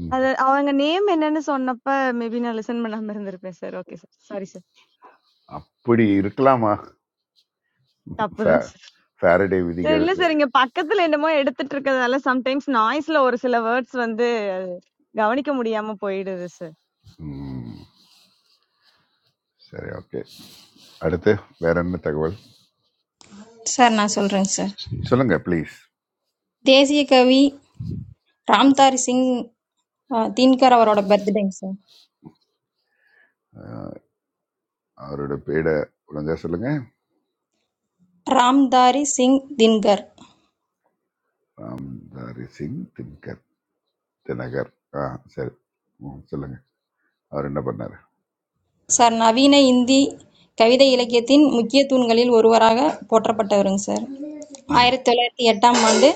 F: ம்.
I: அது அவங்க நேம் என்னன்னு சொன்னப்ப மேபி நான் லிசன் பண்ணாம இருந்திருப்பேன் sir. Okay sir. Sorry sir.
F: அப்படி இருக்கலாமா ஃபே-
I: தப்புதான்
F: ஃபாரடே
I: சரி,
F: விதிகள்
I: இல்ல சார். இங்க பக்கத்துல என்னமோ எடுத்துட்டு இருக்கறதால சம்டைம்ஸ் நாய்ஸ்ல ஒரு சில வேர்ட்ஸ் வந்து கவனிக்க முடியாம போயிடுது
F: ம், சரி ஓகே
I: சார்.
F: அடுத்து வேற என்ன தகவல்
C: சார் நான் சொல்கிறேங்க சார்
F: சொல்லுங்க ப்ளீஸ்
C: தேசிய கவி ராம்தாரி சிங் ஆ, தின்கர் அவரோட பர்த்டேங்க சார்
F: அவரோட பேரை ஒழுங்கா சொல்லுங்க
C: ராம்தாரி சிங் தின்கர்
F: ராம்தாரி சிங் தின்கர் தினகர் ஆ சரி ம் சொல்லுங்க அவர் என்ன பண்ணாரு
C: சார் நவீன இந்தி கவிதை இலக்கியத்தின் முக்கிய தூண்களில் ஒருவராக போற்றப்பட்டவருங்க சார்
F: ம்
C: ஆயிரத்தி தொள்ளாயிரத்தி எட்டாம் ஆண்டு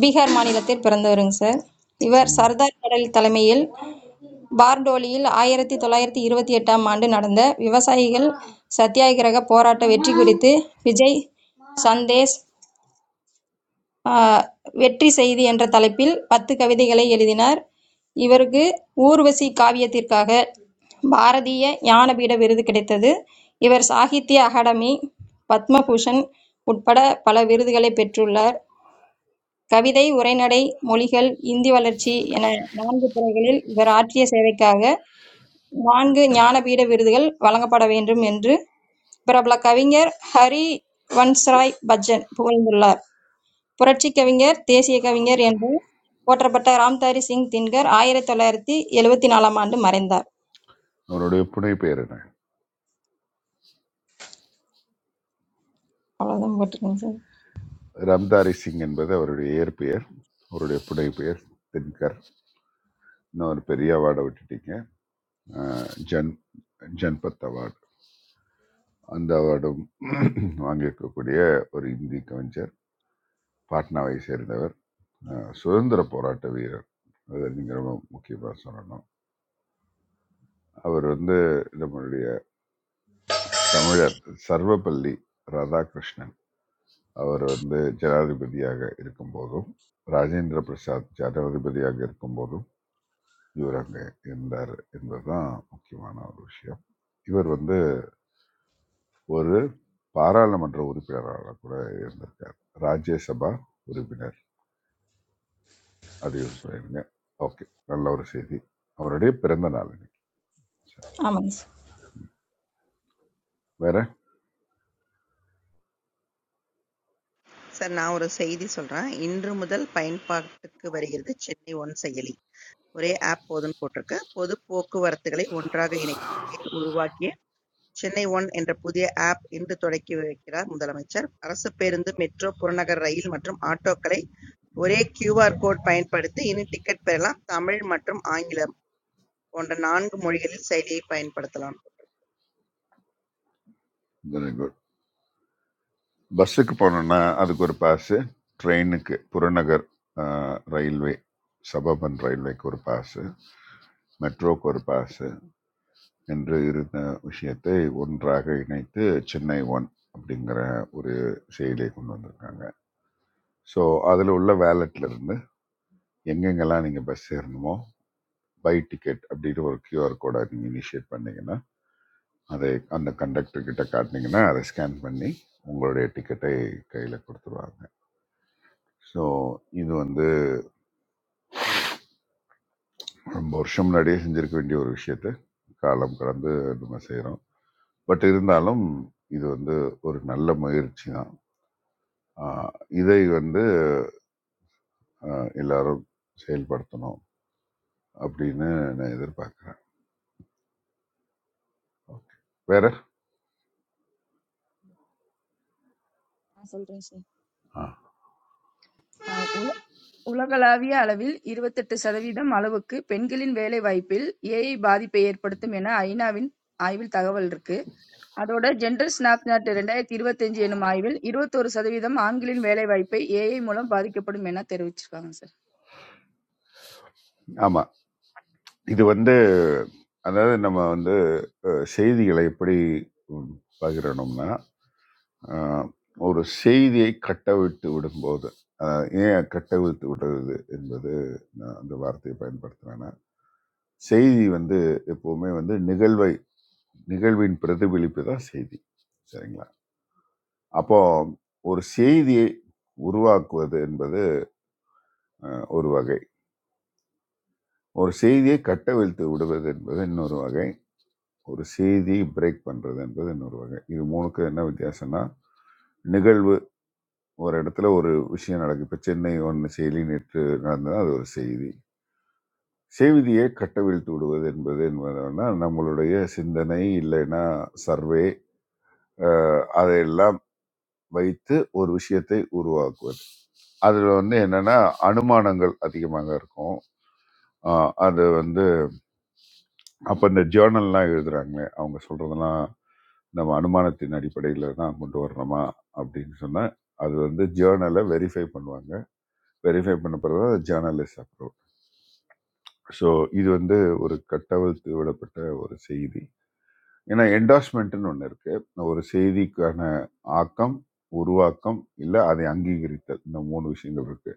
C: பீகார் மாநிலத்தில் பிறந்தவருங்க சார் இவர்
F: ம்
C: சர்தார் படேல் தலைமையில் பார்டோலியில் ஆயிரத்தி தொள்ளாயிரத்தி இருபத்தி எட்டாம் ஆண்டு நடந்த விவசாயிகள் சத்தியாகிரக போராட்ட வெற்றி குறித்து விஜய் சந்தேஷ் வெற்றி செய்தி என்ற தலைப்பில் பத்து கவிதைகளை எழுதினார். இவருக்கு ஊர்வசி காவியத்திற்காக பாரதிய ஞானபீட விருது கிடைத்தது. இவர் சாகித்ய அகாடமி, பத்ம பூஷண் உட்பட பல விருதுகளைப் பெற்றுள்ளார். கவிதை, உரைநடை, மொழிகள், இந்தி வளர்ச்சி என நான்கு துறைகளில் இவர் ஆற்றிய சேவைக்காக நான்கு ஞானபீட விருதுகள் வழங்கப்பட வேண்டும் என்று பிரபல கவிஞர் ஹரிவன்ஷ்ராய் பச்சன் புகழ்ந்துள்ளார். புரட்சிக் கவிஞர், தேசியக் கவிஞர் என்று போற்றப்பட்ட ராம்தாரி சிங் தின்கர் ஆயிரத்து தொள்ளாயிரத்து எழுபத்து நான்காம் ஆண்டு மறைந்தார்.
F: அவருடைய புனை பெயர் என்ன
C: அவ்வளவுதான் போட்டிருக்கேங்க சார்.
F: ராம்தாரி சிங் என்பது அவருடைய இயற்பெயர் அவருடைய புனை பெயர் தின்கர் இன்னொரு பெரிய அவார்டை விட்டுட்டீங்க ஆ, ஜன் ஜன்பத் அவார்டு அந்த அவார்டும் வாங்கியிருக்கக்கூடிய ஒரு இந்தி கவிஞர் பாட்னாவை சேர்ந்தவர் அஹ், சுதந்திர போராட்ட வீரர் அதை நீங்கள் ரொம்ப முக்கியமாக சொல்லணும் அவர் வந்து நம்மளுடைய தமிழர் சர்வப்பள்ளி ராதாகிருஷ்ணன் அவர் வந்து ஜனாதிபதியாக இருக்கும்போதும் ராஜேந்திர பிரசாத் ஜனாதிபதியாக இருக்கும்போதும் இவர் அங்கே இருந்தார் என்பதுதான் முக்கியமான ஒரு விஷயம் இவர் வந்து ஒரு பாராளுமன்ற உறுப்பினராக கூட இருந்திருக்கார் ராஜ்யசபா உறுப்பினர் அது யூஸ் பண்ணிடுங்க ஓகே நல்ல ஒரு செய்தி அவருடைய பிறந்த நாள் இன்னைக்கு சரி.
C: ஆமாங்க சார்.
F: வேற
B: சார், நான் ஒரு செய்தி சொல்றேன். இன்று முதல் பயன்பாட்டுக்கு வருகிறது சென்னை ஒன் செயலி. ஒரே ஆப் போதும்னு போட்டிருக்கு. பொது போக்குவரத்துகளை ஒன்றாக இணைக்கும் வகையில் உருவாக்கிய சென்னை ஒன் என்ற புதிய ஆப் இன்று தொடக்கி வைக்கிறார் முதலமைச்சர். அரசு பேருந்து, மெட்ரோ, புறநகர் ரயில் மற்றும் ஆட்டோக்களை ஒரே கியூ.ஆர். கோட் பயன்படுத்தி இனி டிக்கெட் பெறலாம். தமிழ் மற்றும் ஆங்கிலம் போன்ற நான்கு மொழிகளில் செயலியை பயன்படுத்தலாம்.
F: வெரி குட் பஸ்ஸுக்கு போனோம்னா அதுக்கு ஒரு பாஸு ட்ரெயினுக்கு புறநகர் ஆஹ், ரயில்வே சபபன் ரயில்வேக்கு ஒரு பாஸு மெட்ரோக்கு ஒரு பாஸு என்று இருந்த விஷயத்தை ஒன்றாக இணைத்து சென்னை ஒன் அப்படிங்கிற ஒரு செயலியை கொண்டு வந்திருக்காங்க ஸோ அதில் உள்ள வேலெட்ல இருந்து எங்கெங்கெல்லாம் நீங்கள் பஸ் ஏறணுமோ பை டிக்கெட் அப்படின்னு ஒரு கியூஆர் கோடை நீங்கள் இனிஷியேட் பண்ணீங்கன்னா அதை அந்த கண்டக்டர் கிட்ட காட்டினீங்கன்னா அதை ஸ்கேன் பண்ணி உங்களுடைய டிக்கெட்டை கையில் கொடுத்துருவாங்க ஸோ இது வந்து ரொம்ப வருஷம் முன்னாடியே செஞ்சிருக்க வேண்டிய ஒரு விஷயத்த காலம் கடந்து நம்ம செய்கிறோம் பட் இருந்தாலும் இது வந்து ஒரு நல்ல முயற்சி தான் ஆஹ் இதை வந்து ஆஹ் எல்லாரும் செயல்படுத்தணும் அப்படின்னு நான் எதிர்பார்க்குறேன் ஓகே வேற
L: நான் சொல்றேன் சார்.
F: ஆ
L: ஆ, உல- உலகளாவிய அளவில் 28% சதவீதம் அளவுக்கு பெண்களின் வேலை வாய்ப்பில் ஏஐ பாதிப்பை ஏற்படுத்தும் என ஐநாவின் ஆய்வில் தகவல் இருக்கு அதோட ஜெண்டர் ஸ்னாப்சாட் ரெண்டாயிரத்தி இருபத்தஞ்சு எனும் ஆய்வில் 21% சதவீதம் ஆண்களின் வேலை வாய்ப்பை ஏஐ மூலம் பாதிக்கப்படும் என தெரிவிச்சிருக்காங்க சார்
F: ஆமாம் இது வந்து அதாவது நம்ம வந்து அஹ், செய்திகளை எப்படி ம், பகிரணும்னா ஆஹ் ஒரு செய்தியை கட்டவிழ்த்து விடும்போது ஆஹ் ஏன் கட்டவிழ்த்து விடுறது என்பது நான் அந்த வார்த்தையை பயன்படுத்துகிறேன்னா செய்தி வந்து எப்போவுமே வந்து நிகழ்வை நிகழ்வின் பிரதிபலிப்பு தான் செய்தி சரிங்களா அப்போ ஒரு செய்தியை உருவாக்குவது என்பது ஆஹ், ஒரு வகை ஒரு செய்தியை கட்டவிழ்த்து விடுவது என்பது இன்னொரு வகை ஒரு செய்தியை பிரேக் பண்ணுறது என்பது இன்னொரு வகை இது மூணுக்கு என்ன வித்தியாசம்னா நிகழ்வு ஒரு இடத்துல ஒரு விஷயம் நடக்குது இப்போ சென்னை ஒன்று செய்தி நேற்று நடந்தது அது ஒரு செய்தி செய்தியை கட்டவிழ்த்து விடுவது என்பது என்பதுன்னா நம்மளுடைய சிந்தனை இல்லைன்னா சர்வே அஹ், அதையெல்லாம் வைத்து ஒரு விஷயத்தை உருவாக்குவது அதில் வந்து என்னன்னா அனுமானங்கள் அதிகமாக இருக்கும் ஆஹ் அது வந்து அப்போ இந்த ஜேர்னல்லாம் எழுதுறாங்களே அவங்க சொல்றதெல்லாம் நம்ம அனுமானத்தின் அடிப்படையில் தான் கொண்டு வரணுமா அப்படின்னு சொன்னால் அது வந்து ஜேர்னலை வெரிஃபை பண்ணுவாங்க வெரிஃபை பண்ண பிறகு ஜேர்னலிஸ்ட் அப்ரூவ் ஸோ இது வந்து ஒரு கட்டவிழ்த்து விடப்பட்ட ஒரு செய்தி. ஏன்னா என்டோர்ஸ்மென்ட்ன்னு ஒண்ணு இருக்கு. ஒரு செய்திக்கான ஆக்கம், உருவாக்கம், இல்ல அதை அங்கீகரித்தல். இந்த 3 விஷயங்கள் இருக்கு.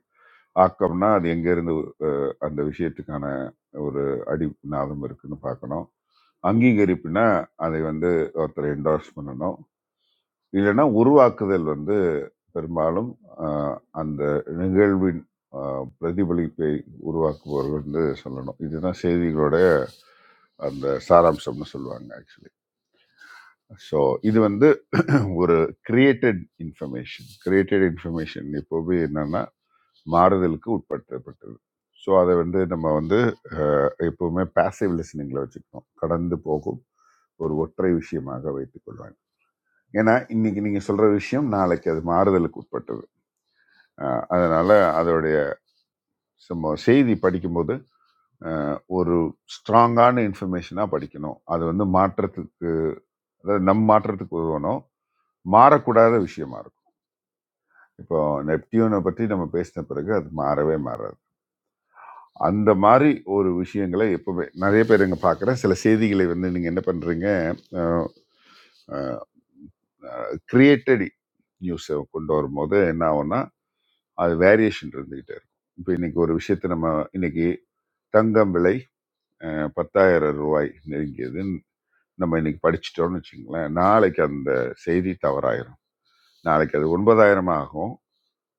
F: ஆக்கம்னா அது எங்கேருந்து அ அந்த விஷயத்துக்கான ஒரு அடிநாதம் இருக்குன்னு பார்க்கணும். அங்கீகரிப்புனா அதை வந்து ஒருத்தர் என்டோர்ஸ் பண்ணணும். இல்லைன்னா உருவாக்குதல் வந்து பெரும்பாலும் அ அந்த நிகழ்வின் அ பிரதிபலிப்பை உருவாக்குபவர் வந்து சொல்லணும். இதுதான் செய்திகளோட அந்த சாராம்சம்னு சொல்லுவாங்க ஆக்சுவலி ஸோ இது வந்து *clears throat* ஒரு கிரியேட்டட் இன்ஃபர்மேஷன் கிரியேட்டட் இன்ஃபர்மேஷன் எப்போவுமே என்னன்னா மாறுதலுக்கு உட்படுத்தப்பட்டது ஸோ அதை வந்து நம்ம வந்து அஹ், எப்பவுமே பேசிவ் லிசனிங்கில் வச்சுக்கணும் கடந்து போகும் ஒரு ஒற்றை விஷயமாக வைத்துக் கொள்வாங்க ஏன்னா இன்னைக்கு நீங்க சொல்ற விஷயம் நாளைக்கு அது மாறுதலுக்கு உட்பட்டது அஹ், அதனால அதோடைய சும்மா செய்தி படிக்கும்போது அஹ், ஒரு ஸ்ட்ராங்கான இன்ஃபர்மேஷனாக படிக்கணும் அது வந்து மாற்றத்துக்கு அதாவது நம் மாற்றத்துக்கு உதவணும் மாறக்கூடாத விஷயமா இருக்கும் இப்போ நெப்டியூனை பற்றி நம்ம பேசின பிறகு அது மாறவே மாறாது அந்த மாதிரி ஒரு விஷயங்களை எப்பவுமே நிறைய பேர் இங்கே பார்க்குறேன் சில செய்திகளை வந்து நீங்கள் என்ன பண்ணுறீங்க கிரியேட்டட் நியூஸை கொண்டு வரும்போது என்ன ஆகும்னா அது வேரியேஷன் இருந்துக்கிட்டே இருக்கும் இப்போ இன்னைக்கு ஒரு விஷயத்தை நம்ம இன்னைக்கு தங்கம் விலை அஹ், பத்தாயிரம் ரூபாய் நெருங்கியது நம்ம இன்னைக்கு படிச்சிட்டோம்னு வச்சுங்களேன் நாளைக்கு அந்த செய்தி தவறாயிரும் நாளைக்கு அது ஒன்பதாயிரம் ஆகும்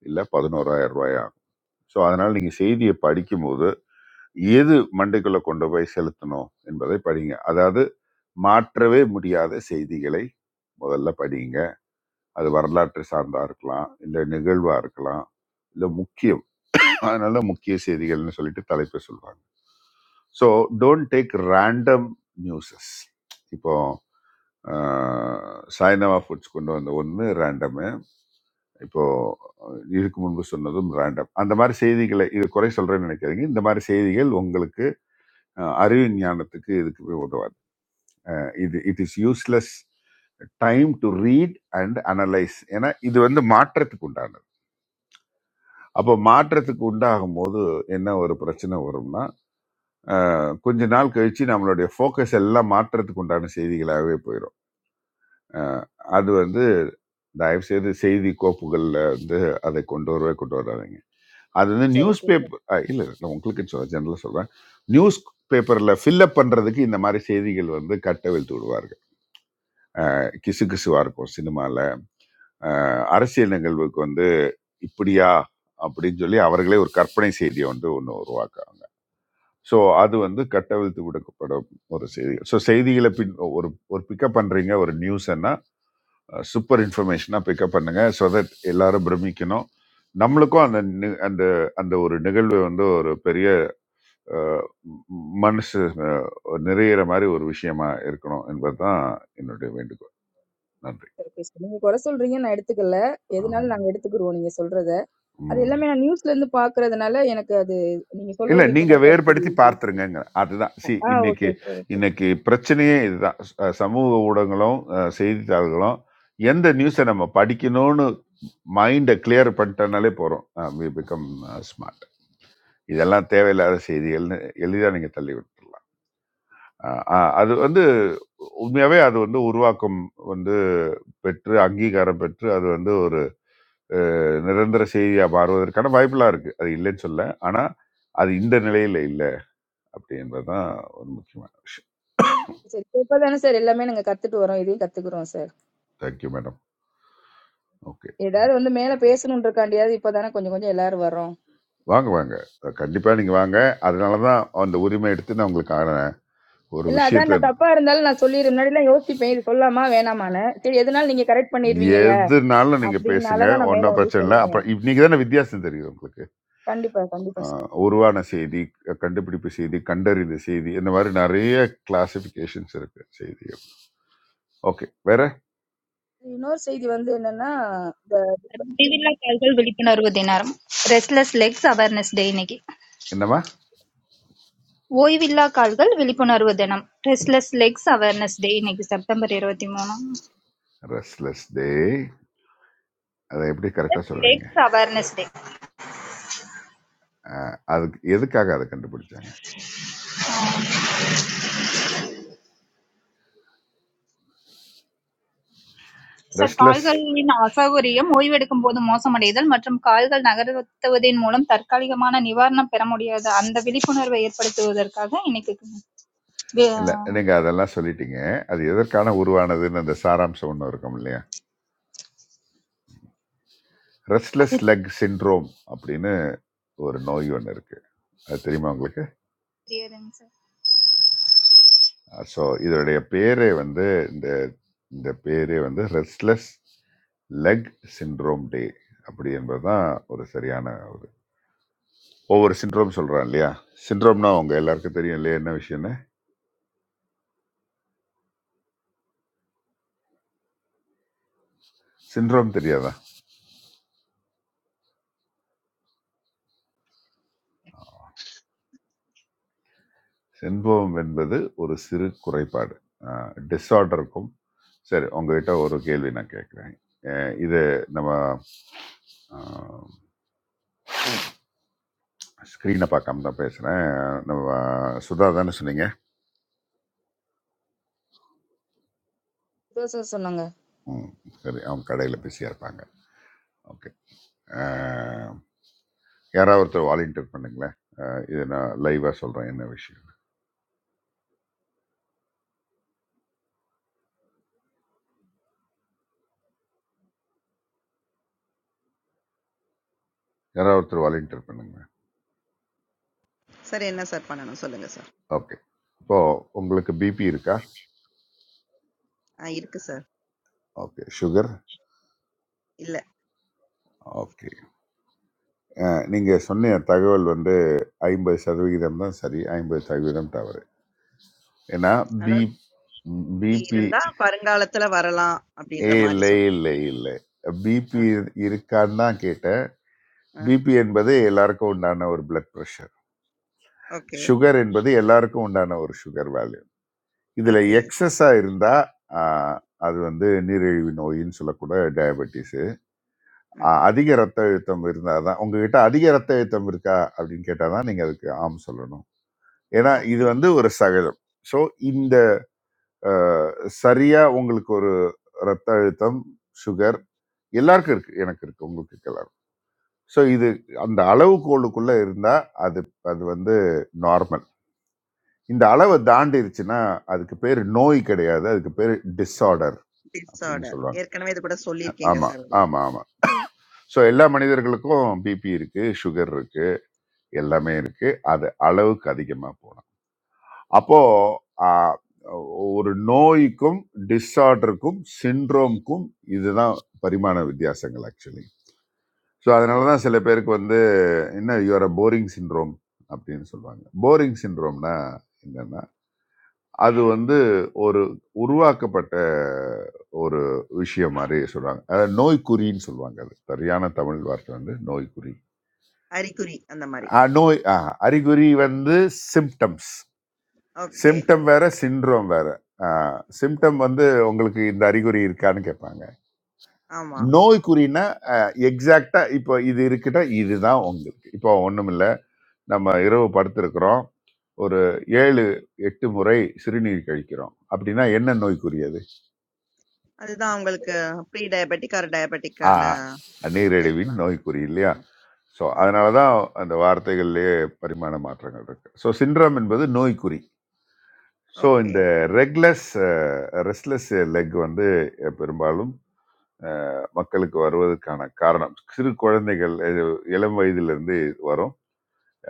F: இல்லை பதினோராயிரம் ரூபாய் ஆகும் ஸோ அதனால் நீங்கள் செய்தியை படிக்கும்போது எது மண்டைக்குள்ளே கொண்டு போய் செலுத்தணும் என்பதை படிங்க அதாவது மாற்றவே முடியாத செய்திகளை முதல்ல படிங்க அது வரலாற்று சார்ந்தா இருக்கலாம் இல்லை நிகழ்வா இருக்கலாம் இல்லை முக்கியம் அதனால முக்கிய செய்திகள்னு சொல்லிட்டு தலைப்பை சொல்லுவாங்க so don't take random newses இப்போ ஆஹ், சாய்னவா ஃபுட்ஸ் கொண்டு வந்த ஒன்று ரேண்டமு இப்போ அஹ், இதுக்கு முன்பு சொன்னதும் ரேண்டம் அந்த மாதிரி செய்திகளை இது குறை சொல்றேன்னு நினைக்காதீங்க இந்த மாதிரி செய்திகள் உங்களுக்கு அஹ், அறிவு ஞானத்துக்கு இதுக்கு போய் உதவாது அஹ் இது it is useless time to read and analyse ஏன்னா இது வந்து மாற்றத்துக்கு உண்டானது அப்போ மாற்றத்துக்கு உண்டாகும் போது என்ன ஒரு பிரச்சனை வரும்னா அஹ், கொஞ்ச நாள் கழிச்சு நம்மளுடைய ஃபோக்கஸ் எல்லாம் மாற்றத்துக்கு உண்டான செய்திகளாகவே போயிடும் அஹ், அது வந்து தயவு செய்து செய்தி கோப்புகளில் வந்து அதை கொண்டு வரவே கொண்டு வராதீங்க அது வந்து
L: சரி
F: நியூஸ்
L: ஓகே சார்
F: பேப்பர் இல்லை நான் உங்களுக்கு சொல்ல ஜெனரலாக சொல்கிறேன் நியூஸ் பேப்பரில் ஃபில்லப் பண்ணுறதுக்கு இந்த மாதிரி செய்திகள் வந்து கட்டவிழ்த்து விடுவார்கள் கிசு கிசுவாக இருக்கும் சினிமாவில் அஹ், அரசியல் நிகழ்வுக்கு வந்து இப்படியா அப்படின்னு சொல்லி அவர்களே ஒரு கற்பனை செய்தியை வந்து ஒன்று உருவாக்குறாங்க ஸோ அது வந்து கட்டவிழ்த்து விடப்படும் ஒரு செய்தி ஸோ செய்திகளை பின் ஒரு ஒரு பிக்கப் பண்ணுறீங்க ஒரு நியூஸ்ன்னா சூப்பர் இன்ஃபர்மேஷனாக பிக்கப் பண்ணுங்க ஸோ தட் எல்லாரும் பிரமிக்கணும் நம்மளுக்கும் அந்த நி- அந்த அந்த ஒரு நிகழ்வு வந்து ஒரு பெரிய அஹ், ம- மனசு அஹ், நிறையிற மாதிரி ஒரு விஷயமா இருக்கணும் என்பதுதான் என்னுடைய வேண்டுகோள் நன்றி
L: சரி ஓகே சார் நீங்க குறை சொல்றீங்க நான் எடுத்துக்கல எதுனாலும்
F: ஆம்.
L: நாங்க எடுத்துக்கிருவோம் நீங்க சொல்றத அது
F: ம்.
L: எல்லாமே நான் நியூஸ்ல இருந்து பார்க்கறதுனால எனக்கு அது நீங்க
F: இல்ல
L: சொல்றது
F: நீங்க
L: இப்பதான் சார்
F: வேறுபடுத்தி
L: புரியுது.
F: பார்த்துருங்க அதுதான் சி
L: ஆ ஓகே
F: இன்னைக்கு
L: சார் ஓகே.
F: இன்னைக்கு பிரச்சனையே இதுதான் அஹ் சமூக ஊடகங்களும் அஹ் செய்தித்தாள்களும் எந்த நியூஸை நம்ம படிக்கணும்னு மைண்டை கிளியர் பண்ணிட்டனாலே போறோம் வி பிகம் ஸ்மார்ட் இதெல்லாம் தேவையில்லாத செய்திகள்னு எளிதாக நீங்க தள்ளி விட்டுடலாம் அஹ் அஹ் அது வந்து உண்மையாவே அது வந்து உருவாக்கம் வந்து பெற்று அங்கீகாரம் பெற்று அது வந்து ஒரு அஹ், நிரந்தர செய்தியா மாறுவதற்கான வாய்ப்புலாம் இருக்கு அது இல்லைன்னு சொல்ல ஆனா அது இந்த நிலையில இல்லை அப்படி என்பது தான் ஒரு முக்கியமான விஷயம்
L: சரி இப்பதானே சார் எல்லாமே நாங்க கத்துட்டு வரோம் இதையும் கத்துக்கிறோம் சார்.
F: தேங்க்யூ மேடம் ஓகே
L: ஏதாவது வந்து மேல பேசணுன்றக்காண்டியாவது இப்பதானே கொஞ்சம் கொஞ்சம் எல்லாரும் வரோம்.
F: வாங்க வாங்க கண்டிப்பாக நீங்கள்
L: ஆமாங்க.
F: வாங்க அதனால தான் அந்த உரிமை எடுத்து நான் உங்களுக்கு ஆனேன் ஒரு
L: இல்ல அதான்
F: விஷயத்த
L: நான் தப்பா இருந்தாலும் நான் சொல்லிடு முன்னாடி எல்லாம் யோசிப்பேன் இது சொல்லாமா வேணாமான்னு சரி எதுனாலும் நீங்க கரெக்ட் பண்ணிடுவீங்கல்ல
F: எதுனாலும் நீங்கள் பேசுங்க
L: அப்படின்னாலதான் நான் மேல
F: ஒன்றும்
L: வந்து
F: பிரச்சனை இல்லை
L: சொல்றேன்
F: அப்புறம் இன்னைக்கு தானே வித்தியாசம் தெரியுது உங்களுக்கு
L: கண்டிப்பா கண்டிப்பா
F: ஆஹ்
L: சார்
F: உருவான செய்தி கண்டுபிடிப்பு செய்தி கண்டறிந்த செய்தி இந்த மாதிரி நிறைய கிளாசிஃபிகேஷன்ஸ் இருக்கு செய்தி ஓகே வேற
L: இன்னொரு செய்தி வந்து என்னன்னா இந்த
N: Every villa, college will be open on a day named Restless Legs Awareness Day. And
F: என்னவா
N: every college will be open on a day named Restless Legs Awareness Day. And it is September 11th.
F: Restless day அதை எப்படி கரெக்டாக
N: Restless
F: சொல்றீங்க
N: Legs Awareness Day.
F: ஆஹ் அதுக்கு எதுக்காக அதை கண்டுபிடிச்சாங்க
N: So, college,
F: restless
N: in Assam, or in any other state, during the month of September, we should avoid
F: இல்லை நீங்கள் அதெல்லாம் சொல்லிட்டீங்க அது எதற்கான உருவானதுன்னு அந்த சாராம்சம் ஒன்று இருக்கும் இல்லையா ரெஸ்ட்லெஸ்
N: this
F: லெக் சிண்ட்ரோம் அப்படின்னு ஒரு நோய் ஒன்று இருக்கு அது தெரியுமா உங்களுக்கு
N: disease.
F: ஸோ இதோடைய பேரே வந்து இந்த இந்த பேரே வந்து ரெஸ்ட்லெஸ் லெக் சிண்ட்ரோம் டே அப்படி என்பது தான் ஒரு சரியான ஒரு ஒவ்வொரு சிண்ட்ரோம் சொல்கிறான் இல்லையா சிண்ட்ரோம்னா உங்கள் எல்லாருக்கும் தெரியும் இல்லையா என்ன விஷயம்னு சிண்ட்ரோம் தெரியாதா சிண்ட்ரோம் என்பது ஒரு சிறு குறைபாடு டிஸார்டருக்கும் சரி உங்ககிட்ட ஒரு கேள்வி நான் கேட்குறேன் இது நம்ம ஸ்க்ரீனை பார்க்காம தான் பேசுகிறேன் நம்ம சுதா தானே சொன்னீங்க
L: இதோ sir சொன்னாங்க
F: ம் சரி அவங்க கடையில் பிஸியாக இருப்பாங்க ஓகே யாராவது ஒருத்தர் வாலண்டியர் பண்ணுங்களேன் அஹ், இது நான் லைவாக சொல்கிறேன் என்ன விஷயம் யாராவது ஒருத்தர் வாலண்டியர் பண்ணுங்களேன்
B: சார் என்ன சார் பண்ணணும் சொல்லுங்க சார்?
F: ஓகே இப்போது உங்களுக்கு பிபி இருக்கா
B: ஆ இருக்கு சார்.
F: ஓகே சுகர்
B: இல்ல.
F: ஓகே. நீங்கள் சொன்ன தகவல் வந்து ஐம்பது சதவிகிதம் தான் சரி ஐம்பது சதவீதம் தவறு ஏன்னா பி
B: அதாவது இப்படி
F: பிபி
B: இருந்தா வருங்காலத்துல வரலாம்
F: ஏ
B: அப்படின்ற மாரி
F: இல்லை
B: சொல்றேன்.
F: இல்லை இல்லை
B: ஆ,
F: பிபி இருக்கான்னு தான் கேட்டேன்
B: ஆ.
F: பிபி என்பது எல்லாருக்கும் உண்டான ஒரு பிளட் ப்ரெஷர்
B: ஓகே.
F: சுகர் என்பது எல்லாருக்கும் உண்டான ஒரு சுகர் வேல்யூ இதில்
B: ஓகே.
F: எக்ஸஸாக இருந்தால் அது வந்து நீரிழிவு நோயின்னு சொல்லக்கூட டயபெட்டிஸு
B: ம்.
F: அதிக ரத்த அழுத்தம் இருந்தால் தான் உங்ககிட்ட அதிக ரத்த அழுத்தம் இருக்கா அப்படின்னு கேட்டால் தான் நீங்கள் அதுக்கு ஆம் சொல்லணும் ஏன்னா இது
B: ஓகே.
F: வந்து ஒரு சகஜம் ஸோ இந்த அஹ், சரியா உங்களுக்கு ஒரு ரத்த அழுத்தம் சுகர் எல்லாருக்கும் இருக்கு எனக்கு இருக்கு உங்களுக்கு இருக்கு எல்லாரும் ஸோ இது அந்த அளவுகோலுக்குள்ள இருந்தா அது அது வந்து நார்மல் இந்த அளவை
B: ஓகே.
F: தாண்டிருச்சுன்னா அதுக்கு பேர் நோய் கிடையாது அதுக்கு பேர் டிஸார்டர் அப்படின்னு
B: டிஸார்டர்.
F: சொல்லுவாங்க
B: ஏற்கனவே இது கூட சொல்லியிருக்கீங்க
F: ஆமா
B: சார்
F: ஆமா
B: உங்களுக்கு.
F: ஆமா ஸோ எல்லா மனிதர்களுக்கும் பிபி இருக்கு சுகர் இருக்கு எல்லாமே இருக்கு அது அளவுக்கு அதிகமாக போனோம் அப்போ ஆஹ், ஒரு நோய்க்கும் டிஸார்டருக்கும் சிண்ட்ரோம்க்கும் இதுதான் பரிமாண வித்தியாசங்கள் ஆக்சுவலி ஸோ அதனால தான் சில பேருக்கு வந்து என்ன யூஆர் அ போரிங் சிண்ட்ரோம் அப்படின்னு சொல்லுவாங்க போரிங் சிண்ட்ரோம்னா என்னன்னா அது வந்து ஒரு உருவாக்கப்பட்ட ஒரு விஷயம் மாதிரி சொல்லுவாங்க அதாவது நோய்க்குறின்னு சொல்லுவாங்க அது சரியான தமிழ் வார்த்தை வந்து நோய்க்குறி
B: அறிகுறி அந்த மாரி.
F: ஆஹ், நோய் ஆஹ், அறிகுறி வந்து சிம்டம்ஸ்
B: ஓகே.
F: சிம்டம் வேற சின்ரோம் வேற சிம்டம் வந்து உங்களுக்கு இந்த அறிகுறி இருக்கான்னு கேட்பாங்க
B: ஆமா.
F: நோய்க்குறினா எக்ஸாக்டா இப்போ இது இருக்குன்னா இதுதான் உங்களுக்கு இப்போ ஒண்ணுமில்ல நம்ம
B: ம்.
F: இரவு படுத்திருக்கிறோம் ஒரு ஏழு எட்டு முறை சிறுநீர் கழிக்கிறோம் அப்படின்னா என்ன நோய்க்குறி அது
B: அதுதான் உங்களுக்கு ப்ரீ டயபெட்டிக் ஆர்
F: ஆ
B: டயபெட்டிக்கான
F: நீரிழிவின்
B: இருக்கலாம்.
F: நோய்க்குறி இல்லையா
B: ம்,
F: ஸோ
B: ம்.
F: அதனால தான் அந்த வார்த்தைகள்லேயே பரிமாண மாற்றங்கள் இருக்கு ஸோ சின்ரம் என்பது நோய்க்குறி ஸோ
B: ஓகே.
F: இந்த ரெக்லெஸ் ரெஸ்ட்லெஸ் லெக் வந்து பெரும்பாலும் அஹ் மக்களுக்கு வருவதற்கான காரணம் சிறு குழந்தைகள் இது இளம் வயதிலிருந்து வரும்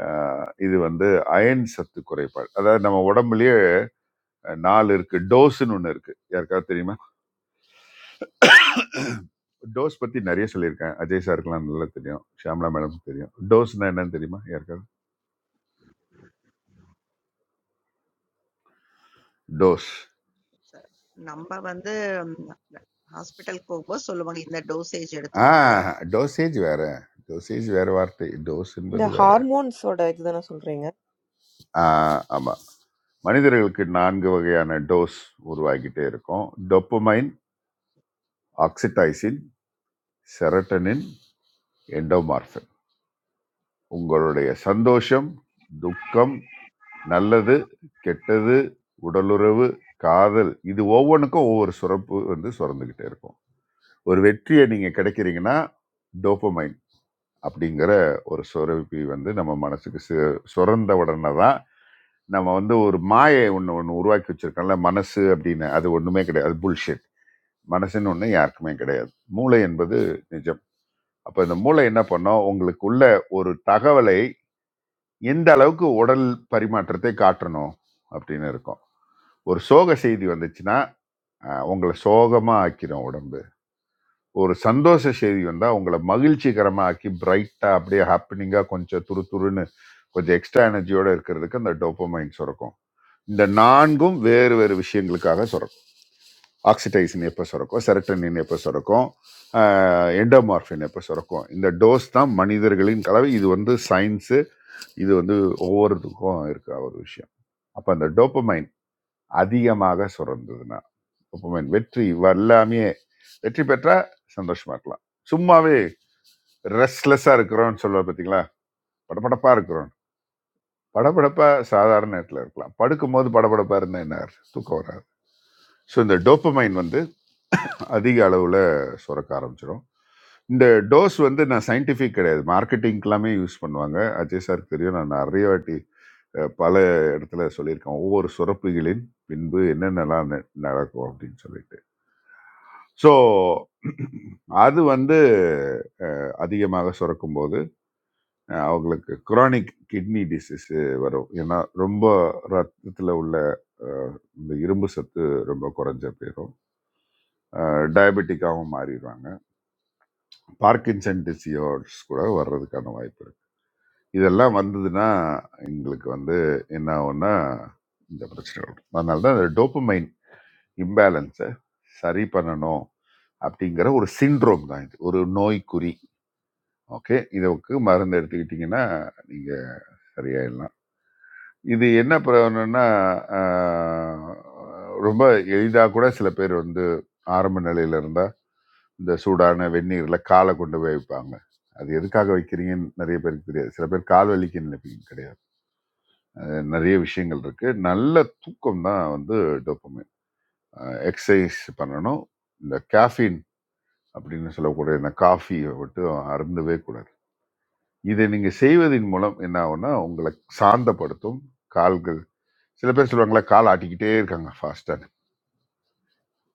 F: அஹ் இது வந்து அயன் சத்து குறைபாடு அதாவது நம்ம உடம்புலயே நாலு இருக்கு டோஸ்ன்னு ஒன்று இருக்கு யாருக்காவது தெரியுமா டோஸ் பத்தி நிறைய சொல்லியிருக்கேன் அஜய் சாருக்கெல்லாம் நல்லா தெரியும் ஷியாம்லா மேடம் தெரியும் டோஸ்னா என்னன்னு தெரியுமா யாருக்காவது டோஸ்
B: சரி. நம்ப வந்து ஹாஸ்பிட்டலுக்கு போகும்போது சொல்லுவாங்க, இந்த டோசேஜ்
F: ஆ
B: எடுத்துக்கோங்க.
F: டோசேஜ் வேற டோசேஜ் வேற வார்த்தை டோஸ் என்பது
O: The
F: வேற
O: hormones, what I just wanna
F: ஆ, ஆமா மனிதர்களுக்கு நான்கு வகையான டோஸ் உருவாகிட்டே இருக்கும் டொப்பமைன் ஆக்சிடைசின் செரட்டனின் எண்டோமார்ஃபின் உங்களுடைய சந்தோஷம் துக்கம் நல்லது கெட்டது உடலுறவு காதல் இது ஒவ்வொன்றுக்கும் ஒவ்வொரு சுரப்பு வந்து சுரந்துக்கிட்டே இருக்கும் ஒரு வெற்றியை நீங்கள் கிடைக்கிறீங்கன்னா டோப்பமைன் அப்படிங்கிற ஒரு சுரப்பி வந்து நம்ம மனசுக்கு சு- சுரந்த உடனே தான் நம்ம வந்து ஒரு மாயை ஒன்று ஒன்று உருவாக்கி வச்சிருக்கோம்ல மனசு அப்படின்னு அது ஒன்றுமே கிடையாது அது புல்ஷிட் மனசுன்னு ஒன்று யாருக்குமே கிடையாது மூளை என்பது நிஜம் அப்ப இந்த மூளை என்ன பண்ணும் உங்களுக்கு உள்ள ஒரு தகவலை எந்த அளவுக்கு உடல் பரிமாற்றத்தை காட்டணும் அப்படின்னு இருக்கும் ஒரு சோக செய்தி வந்துச்சுன்னா அஹ், உங்களை சோகமா ஆக்கிரும் உடம்பு ஒரு சந்தோஷ செய்தி வந்தா உங்களை மகிழ்ச்சிகரமா ஆக்கி பிரைட்டா அப்படியே ஹாப்பினிங்கா கொஞ்சம் துருதுருன்னு கொஞ்சம் எக்ஸ்ட்ரா எனர்ஜியோட இருக்கிறதுக்கு அந்த டோப்பமைன் சுரக்கும் இந்த நான்கும் வேறு வேறு விஷயங்களுக்காக சுரக்கும் ஆக்சிடைசின் எப்போ சுரக்கும் செரட்டனின் எப்போ சுரக்கும் எண்டோமார்ஃபின் எப்போ சுரக்கும் இந்த டோஸ் தான் மனிதர்களின் கலவை இது வந்து சயின்ஸு இது வந்து ஒவ்வொருத்துக்கும் இருக்க ஒரு விஷயம் அப்போ அந்த டோப்பமைன் அதிகமாக சுரந்ததுன்னா டோப்பமைன் வெற்றி எல்லாமே வெற்றி பெற்றால் சந்தோஷமா இருக்கலாம் சும்மாவே ரெஸ்ட்லெஸ்ஸாக இருக்கிறோம்னு சொல்லுவா பார்த்தீங்களா படபடப்பாக இருக்கிறோம் படபடப்பா சாதாரண நேரத்தில் இருக்கலாம் படுக்கும்போது படபடப்பா இருந்தால் என்ன தூக்கம் வராது ஸோ இந்த டோப்பமைன் வந்து அதிக அளவில் சுரக்க ஆரம்பிச்சிடும் இந்த டோஸ் வந்து நான் சயின்டிஃபிக் கிடையாது மார்க்கெட்டிங்க்கெல்லாமே யூஸ் பண்ணுவாங்க அஜய் சார் தெரியும் நான் நிறைய வாட்டி அஹ், பல இடத்துல சொல்லியிருக்கேன் ஒவ்வொரு சுரப்புகளின் பின்பு என்னென்னலாம் ந- நடக்கும் அப்படின்னு சொல்லிட்டு ஸோ அது வந்து அதிகமாக சுரக்கும் போது அஹ் அவங்களுக்கு குரானிக் கிட்னி டிசீஸ் வரும் ஏன்னா ரொம்ப ரத்தத்தில் உள்ள அஹ், இந்த இரும்பு சத்து ரொம்ப குறைஞ்ச போயிடும் டயபெட்டிக்காகவும் மாறிடுவாங்க பார்க்கின்சன் டிசியோர்ஸ் கூட வர்றதுக்கான வாய்ப்பு இருக்கு இதெல்லாம் வந்ததுன்னா எங்களுக்கு வந்து என்ன ஆகும்னா இந்த பிரச்சனை வரும் அதனால தான் இந்த டோப்பமைன் இம்பேலன்ஸை சரி பண்ணணும் அப்படிங்கிற ஒரு சிண்ட்ரோம் தான் இது ஒரு நோய்க்குறி ஓகே இதுக்கு மருந்து எடுத்துக்கிட்டிங்கன்னா நீங்கள் சரியாயிடலாம் இது என்ன பிரயோஜனம்னா ஆஹ், ரொம்ப எளிதாக கூட சில பேர் வந்து ஆரம்ப நிலையில இருந்தா இந்த சூடான வெந்நீர்ல காலை கொண்டு போய் வைப்பாங்க அது எதுக்காக வைக்கிறீங்கன்னு நிறைய பேருக்கு தெரியாது சில பேர் கால் வலிக்கு நினைப்பீங்க கிடையாது அது நிறைய விஷயங்கள் இருக்கு நல்ல தூக்கம் தான் வந்து டோப்பமைன் எக்ஸசைஸ் பண்ணணும் இந்த கேஃபீன் அப்படின்னு சொல்லக்கூடிய இந்த காஃபியை மட்டும் அருந்தவே கூடாது இதை நீங்கள் செய்வதன் மூலம் என்ன ஆகும்னா உங்களை சாந்தப்படுத்தும் கால்கள் சில பேர் சொல்லுவாங்களா கால் ஆட்டிக்கிட்டே இருக்காங்க ஃபாஸ்ட்டாக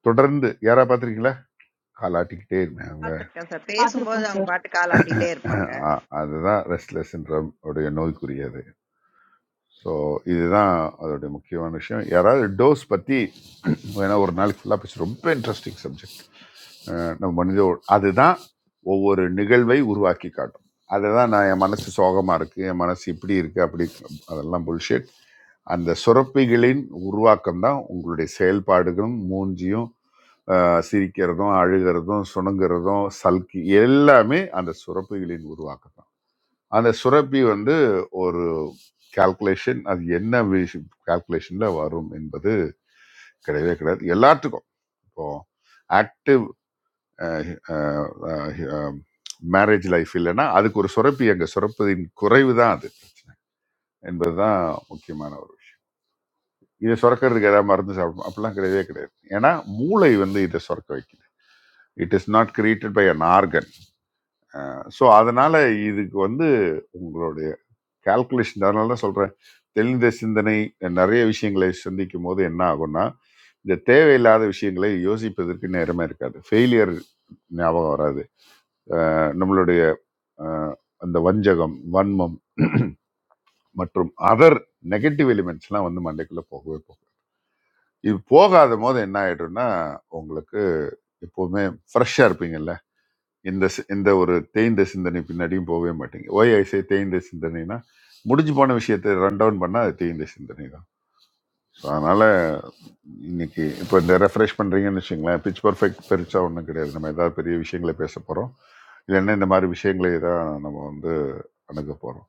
F: தொடர்ந்து யாராக பார்த்துருக்கீங்களா கால் ஆட்டிக்கிட்டே இருக்காங்க
B: பாத்துருக்கேன் சார். பேசும்போது
H: பார்த்துருக்கோம்
B: அவங்க
H: சார்
B: பாட்டுக்கு ஆளாட்டிட்டே இருப்பாங்க.
F: அஹ் அதுதான் ரெஸ்ட்லெஸ்ன்ற உடைய நோய்க்குரியது ஸோ இதுதான் அதோடைய முக்கியமான விஷயம் யாராவது டோஸ் பற்றி வேணா ஒரு நாளைக்கு ஃபுல்லாக பேசி ரொம்ப இன்ட்ரெஸ்டிங் சப்ஜெக்ட் நம்ம மனித ஒழு- அதுதான் ஒவ்வொரு நிகழ்வை உருவாக்கி காட்டும் அதை தான் நான் என் மனசு சோகமாக இருக்குது என் மனசு இப்படி இருக்குது அப்படி இருக்கு. அதெல்லாம் புல்ஷிட் அந்த சுரப்பிகளின் உருவாக்கம் தான் உங்களுடைய செயல்பாடுகளும் மூஞ்சியும் அஹ், சிரிக்கிறதும் அழுகிறதும் சுணங்குறதும் சல்கி எல்லாமே அந்த சுரப்பிகளின் உருவாக்கம் அந்த சுரப்பி வந்து ஒரு கால்குலேஷன் அது என்ன கால்குலேஷன்ல வரும் என்பது கிடையவே கிடையாது எல்லாத்துக்கும் இப்போ ஆக்டிவ் மேரேஜ் லைஃப் இல்லைன்னா அதுக்கு ஒரு சுரப்பி அங்கே சுரப்பதின் குறைவு தான் அது பிரச்சனை என்பதுதான் முக்கியமான ஒரு விஷயம் இதை சுரக்கிறதுக்கு ஏதாவது மருந்து சாப்பிடணும் அப்படிலாம் கிடையவே கிடையாது ஏன்னா மூளை வந்து இதை சுரக்க வைக்குது it is not created by an organ so அதனால இதுக்கு வந்து உங்களுடைய கால்குலேஷன் அதனால தான் சொல்கிறேன் தெளிந்த சிந்தனை நிறைய விஷயங்களை சந்திக்கும் போது என்ன ஆகும்னா இந்த தேவையில்லாத விஷயங்களை யோசிப்பதற்கு நேரமே இருக்காது ஃபெயிலியர் ஞாபகம் வராது அஹ் நம்மளுடைய அஹ், அந்த வஞ்சகம் வன்மம் மற்றும் அதர் நெகட்டிவ் எலிமெண்ட்ஸ்லாம் வந்து மண்டைக்குள்ளே போகவே போகும் இது போகாத போது என்ன ஆயிடும்னா உங்களுக்கு எப்போவுமே ஃப்ரெஷ்ஷாக இருப்பீங்கல்ல இந்த சி- இந்த ஒரு தேய்ந்த சிந்தனை பின்னாடியும் போகவே மாட்டீங்க ஓய் ஐசே தேய்ந்த சிந்தனைனா முடிஞ்சு போன விஷயத்தை ரன் டவுன் பண்ணால் அது தேய்ந்த சிந்தனை தான் So, அதனால இன்னைக்கு இப்போ இந்த ரெஃப்ரெஷ் பண்ணுறீங்கன்னு வச்சுங்களேன் பிச் பர்ஃபெக்ட் பெருசாக ஒன்றும் கிடையாது நம்ம ஏதாவது பெரிய விஷயங்களை பேச போகிறோம் இல்லைன்னா இந்த மாதிரி விஷயங்களை தான் நம்ம வந்து அணுக போகிறோம்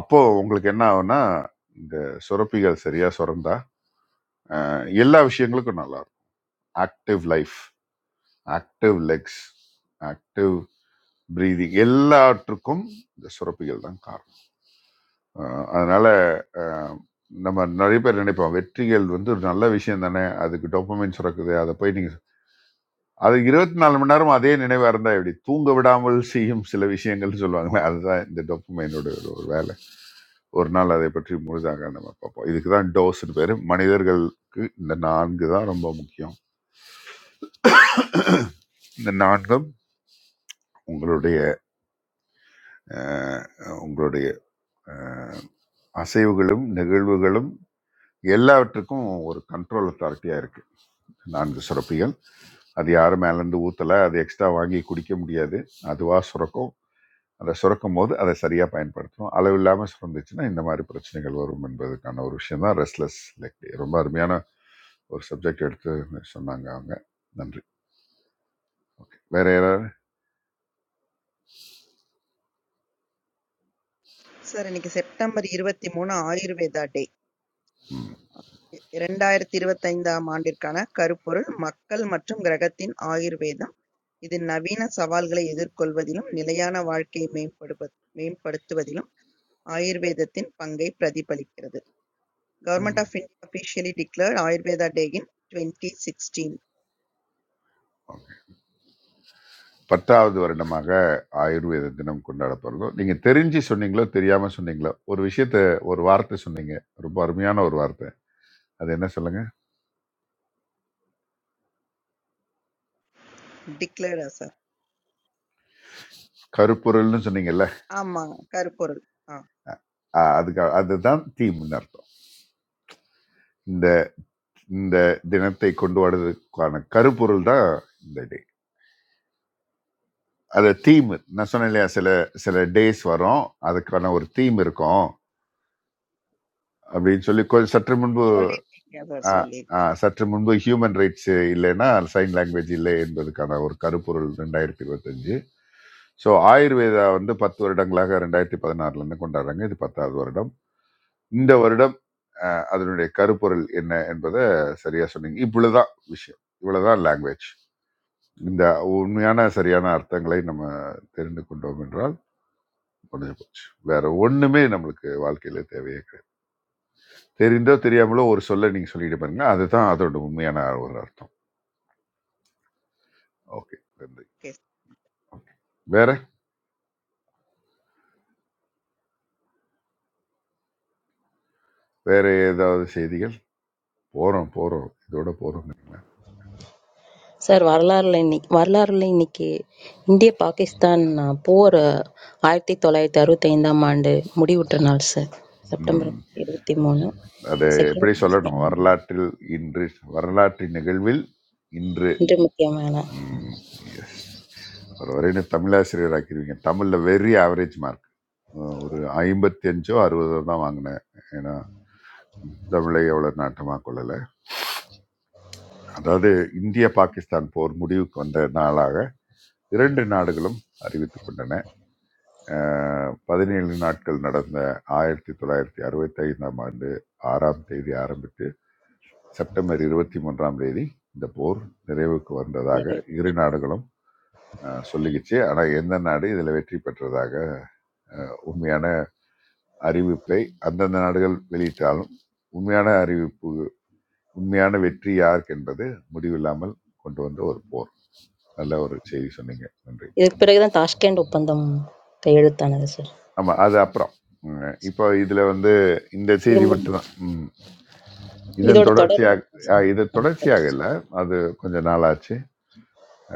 F: அப்போது உங்களுக்கு என்ன ஆகும்னா இந்த சுரப்பிகள் சரியாக சுரந்தா அஹ், எல்லா விஷயங்களுக்கும் நல்லா இருக்கும் active life active legs active breathing எல்லாற்றுக்கும் இந்த சுரப்பிகள் தான் காரணம் அஹ் அதனால அஹ், நம்ம நிறைய பேர் நினைப்போம் வெற்றிகள் வந்து ஒரு நல்ல விஷயம் தானே அதுக்கு டோப்பமைன் சுரக்குது அதை போய் நீங்க அது இருபத்தி நாலு மணி நேரம் அதே நினைவா இருந்தா எப்படி தூங்க விடாமல் செய்யும் சில விஷயங்கள் சொல்லுவாங்களே அதுதான் இந்த டோப்பமைனோட ஒரு ஒரு வேலை ஒரு நாள் அதை பற்றி முழுதாக நம்ம பார்ப்போம் இதுக்கு தான் டோஸ்னு பேரு மனிதர்களுக்கு இந்த நான்கு தான் ரொம்ப முக்கியம் இந்த நான்கும் உங்களுடைய அஹ், உங்களுடைய அஹ், அசைவுகளும் நிகழ்வுகளும் எல்லாவற்றுக்கும் ஒரு கண்ட்ரோல் அத்தாரிட்டியா இருக்கு நான்கு சுரப்பிகள் அது யாரும் மேலேருந்து ஊற்றலை அது எக்ஸ்ட்ரா வாங்கி குடிக்க முடியாது அதுவாக சுரக்கும் அதை சுரக்கும் போது அதை சரியாக பயன்படுத்தணும் அளவு இல்லாமல் சுரந்துச்சுன்னா இந்த மாதிரி பிரச்சனைகள் வரும் என்பதுக்கான ஒரு விஷயம் தான் ரெஸ்ட்லெஸ் லெக் டே. ரொம்ப அருமையான ஒரு சப்ஜெக்ட் எடுத்து சொன்னாங்க அவங்க நன்றி ஓகே வேற யாராவது
B: சார் இன்னைக்கு செப்டம்பர் 23 ஆயுர்வேதா டே. 2025ஆம் ஆண்டிற்கான கருப்பொருள் மக்கள் மற்றும் கிரகத்தின் ஆயுர்வேதம். இது நவீன சவால்களை எதிர்கொள்வதிலும், நிலையான வாழ்க்கையை மேம்படுவ மேம்படுத்துவதிலும் आयुर्वेदित्तिन पंगे प्रतिपलिक्करदेत। गवर्नमेंट
F: ம்
B: of India officially declared Ayurveda day in 2016
F: okay பத்தாவது வருடமாக ஆயுர்வேத தினம் கொண்டாடப்படுறதோ நீங்கள் தெரிஞ்சு சொன்னீங்களோ தெரியாமல் சொன்னீங்களோ ஒரு விஷயத்த ஒரு வார்த்தை சொன்னீங்க ரொம்ப அருமையான ஒரு வார்த்தை அது என்ன சொல்லுங்க
B: डिक्लेडर आसर।
F: கருப்பொருள்னு சொன்னீங்கல்ல
B: आम करकर। आह
F: அஹ் அதுக்கு அதுதான் தீம்னு அர்த்தம் இந்த இந்த தினத்தை கொண்டு வர்றதுக்கான கருப்பொருள் தான் இந்த டே அது தீம் நான் சொன்னேன் இல்லையா சில சில டேஸ் வரும் அதுக்கான ஒரு தீம் இருக்கும் அப்படின்னு சொல்லி கொஞ்சம் சற்று முன்பு
B: सोलिडिंग क्या बस
F: அஹ்,
B: सोलिडिंग।
F: அஹ், சற்று முன்பு ஹியூமன் ரைட்ஸ் இல்லைன்னா சைன் லாங்குவேஜ் இல்லை என்பதற்கான ஒரு கருப்பொருள் ரெண்டாயிரத்தி இருபத்தஞ்சு ஸோ ஆயுர்வேதா வந்து பத்து வருடங்களாக ரெண்டாயிரத்தி பதினாறுலேருந்து கொண்டாடுறாங்க இது பத்தாவது வருடம் இந்த வருடம் அஹ், அதனுடைய கருப்பொருள் என்ன என்பதை சரியா சொன்னீங்க இவ்வளவுதான் விஷயம் இவ்வளவுதான் லாங்குவேஜ் இந்த உண்மையான சரியான அர்த்தங்களை நம்ம தெரிந்து கொண்டோம் என்றால் முடிஞ்சு போச்சு வேற ஒண்ணுமே நம்மளுக்கு வாழ்க்கையில தேவையே கிடையாது தெரிந்தோ தெரியாமலோ ஒரு சொல்ல நீங்க சொல்லிட்டு பாருங்க அதுதான் அதோட உண்மையான ஒரு அர்த்தம் ஓகே நன்றி
B: केस।
F: Okay. வேற வேற ஏதாவது செய்திகள் போறோம் போறோம் இதோட போறோம்
K: சார் வரலாறுல இன்னைக்கு வரலாறுல இன்னைக்கு இந்திய பாகிஸ்தான் அஹ், போர் அஹ், ஆயிரத்தி தொள்ளாயிரத்தி அறுபத்தி ஐந்தாம் ஆண்டு முடிவுற்ற நாள் சார் செப்டம்பர்
F: ம்
K: இருபத்தி மூணு
F: அதை
K: செகண்ட்
F: எப்படி
K: காஷ்மீர்
F: சொல்லணும் வரலாற்றில் இன்று வரலாற்று நிகழ்வில் இன்று
K: இன்று முக்கியமான
F: ம். ஒரு வரையினு தமிழாசிரியர் ஆக்கிடுவீங்க தமிழில் வெரி ஆவரேஜ் மார்க் ஒரு ஐம்பத்தி அஞ்சோ அறுபதோ தான் வாங்கினேன் ஏன்னா தமிழை எவ்வளோ நாட்டமாக கொள்ளலை அதாவது இந்திய பாகிஸ்தான் போர் முடிவுக்கு வந்த நாளாக இரண்டு நாடுகளும் அறிவித்து கொண்டன அஹ், பதினேழு நாட்கள் நடந்த ஆயிரத்தி தொள்ளாயிரத்தி அறுபத்தி ஐந்தாம் ஆண்டு ஆறாம் தேதி ஆரம்பித்து செப்டம்பர் இருபத்தி மூன்றாம் தேதி இந்த போர் நிறைவுக்கு வந்ததாக
K: நிறைவு
F: இரு நாடுகளும் அஹ், சொல்லிக்கிச்சு ஆனால் எந்த நாடு இதில் வெற்றி பெற்றதாக அஹ், உண்மையான அறிவிப்பை அந்தந்த நாடுகள் வெளியிட்டாலும் உண்மையான அறிவிப்பு உண்மையான வெற்றி யாருக்கு என்பது முடிவில்லாமல் கொண்டு வந்த ஒரு போர் நல்ல ஒரு செய்தி சொன்னீங்க நன்றி
K: இதுக்கு பிறகுதான் தாஷ்கண்ட் ஒப்பந்தம் கையெழுத்தானது சார்
F: ஆமா அது அப்புறம் உம், இப்போ இதுல வந்து இந்த
K: இது
F: செய்தி
K: முடிஞ்சு-
F: மட்டும்தான் உம், இதன்
K: இதோட
F: தொடர்ச்சியாக அஹ், இது தொடர்ச்சியாக
K: தொடர்பு
F: இல்லை அது கொஞ்ச நாளாச்சு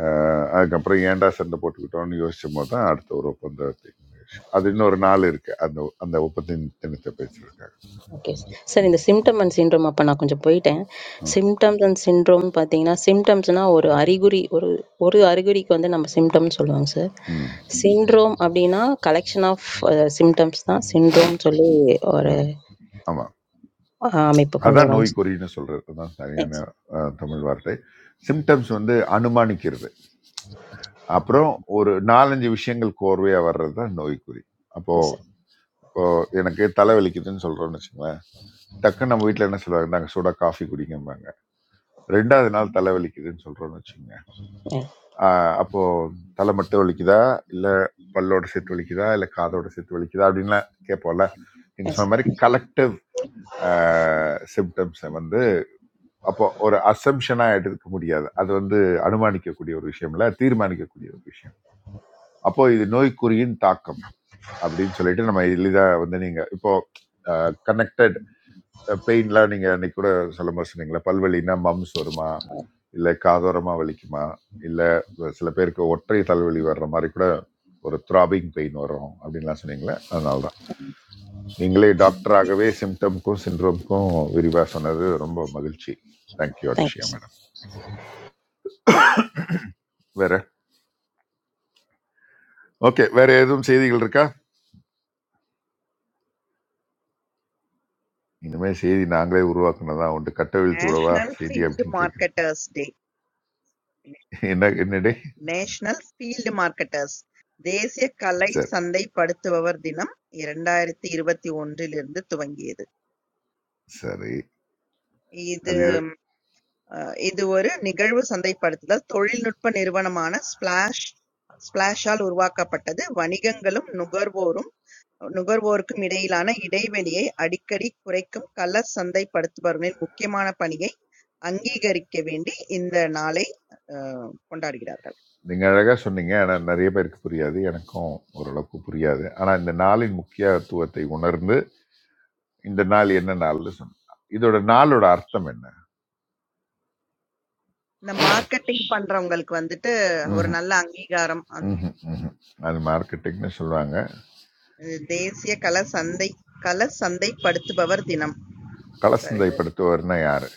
F: அஹ், அதுக்கப்புறம் ஏன்டா சண்டை போட்டுக்கிட்டோம்னு யோசிச்சும் போது தான் அடுத்த ஒரு ஒப்பந்தத்தை விஷயம், அது இன்னொரு நாள் இருக்கு அந்த அந்த ஒப்பந்த தினத்தை பேசியிருக்காங்க
K: ஓகே சார். சார் இந்த
F: ம்
K: சிம்டம் அண்ட் சிண்ட்ரோம் அப்ப நான் கொஞ்சம் போயிட்டேன். சிம்டம்ஸ் அண்ட் சிண்ட்ரோம்னு பார்த்தீங்கன்னா, சிம்டம்ஸ்னா ஒரு அறிகுறி ஒரு ஒரு அறிகுறிக்கு வந்து நம்ம சிம்டம்னு சொல்லுவாங்க சார்.
F: ம்
K: சிண்ட்ரோம் அப்படின்னா கலெக்ஷன் ஆஃப் அ சிம்டம்ஸ் தான் சிண்ட்ரோம்னு சொல்லி ஒரு
F: ம் ஆமாம்
K: அ அமைப்பு கொண்டு
F: அதான்
K: வருவாங்க சார்.
F: நோய்க்குறின்னு சொல்கிறது தான் சரியான
K: எஸ்
F: அஹ், தமிழ் வார்த்தை சிம்டம்ஸ் வந்து அனுமானிக்கிறது அப்புறம் ஒரு நாலஞ்சு விஷயங்கள் கோர்வையாக வர்றது தான் நோய்க்குறி அப்போது
K: எஸ் சார்.
F: இப்போ எனக்கு தலைவலிக்குதுன்னு சொல்கிறோன்னு வச்சுங்களேன் டக்குன்னு நம்ம வீட்டில் என்ன சொல்லுவாங்க நாங்கள் சூடாக காஃபி குடிங்கம்பாங்க ரெண்டாவது நாள் தலைவலிக்குதுன்னு சொல்கிறோன்னு வச்சுங்க
K: எஸ்
F: அப்போது தலை மட்டும் வலிக்குதா இல்லை பல்லோட சேர்த்து வலிக்குதா இல்லை காதோட சேர்த்து வலிக்குதா அப்படின்லாம் கேட்போம்ல நீங்கள்
K: எஸ்
F: சொன்ன
K: சார்.
F: மாதிரி கலெக்டிவ் சிம்டம்ஸை வந்து அப்போ ஒரு அசம்ஷனா எடுக்க முடியாது அது வந்து அனுமானிக்கக்கூடிய ஒரு விஷயம் இல்ல தீர்மானிக்கக்கூடிய ஒரு விஷயம் அப்போ இது நோய்க்குறியின் தாக்கம் அப்படின்னு சொல்லிட்டு நம்ம எளிதாக வந்து நீங்கள் இப்போ கனெக்டட் பெயின்லாம் நீங்கள் அன்னைக்கு கூட சொல்லும்போது சொன்னீங்களே பல்வலின்னா மம்ஸ் வருமா இல்லை காதோரமாக வலிக்குமா இல்லை சில பேருக்கு ஒற்றை தலைவலி வர்ற மாதிரி கூட ஒரு த்ராபிங் பெயின் வரும் அப்படின்லாம் சொன்னீங்களே அதனால தான் நீங்களே டாக்டராகவே சிம்டம்க்கும் சிண்ட்ரோம்க்கும் விரிவாக சொன்னது ரொம்ப மகிழ்ச்சி thank you
K: thank you
F: Anushiya
K: sir.
F: Madam வேற ஓகே வேற எதுவும் செய்திகள் இருக்கா இனிமேல் செய்தி நாங்களே உருவாக்குனதா உண்டு கட்ட வீழ்த்து விடவா
B: नेशनल
F: செய்தி
B: फील्ड
F: அப்படின்னு கேட்குறேன்
B: मार्केटर्स डे।
F: என்ன என்னடே
B: नेशनल फील्ड मार्केटर्स। देशीय कलय
F: சரி
B: संदई पड़ते वार दिनम इरंडा एर तीरबत्ती उंडे लेन्दे
F: சரி அது இது
B: � ஸ்பிளாஷால் உருவாக்கப்பட்டது வணிகங்களும் நுகர்வோருக்குமிடையிலான இடைவெளியை அடிக்கடி குறைக்கும் கள்ளச் சந்தைப்படுத்துபவர்களின் முக்கியமான பணியை அங்கீகரிக்க வேண்டி இந்த நாளை அஹ், கொண்டாடுகிறார்கள்.
F: நீங்கள் அழகாக சொன்னீங்க ஆனால் நிறைய பேருக்கு புரியாது எனக்கும் ஓரளவுக்கு புரியாது ஆனால் இந்த நாளின் முக்கியத்துவத்தை உணர்ந்து இந்த நாள் என்ன நாள்னு சொன்னேன் இதோட நாளோட அர்த்தம் என்ன
B: இந்த மார்க்கெட்டிங் பண்றவங்களுக்கு வந்துட்டு ஒரு
F: ம்
B: நல்ல அங்கீகாரம் அந்த-
F: ம் அது மார்க்கெட்டிங்னு சொல்லுவாங்க
B: இது தேசிய கல சந்தை கல சந்தைப்படுத்துபவர் தினம் சார் இது
F: கலசந்தைப்படுத்துவர்னா யார்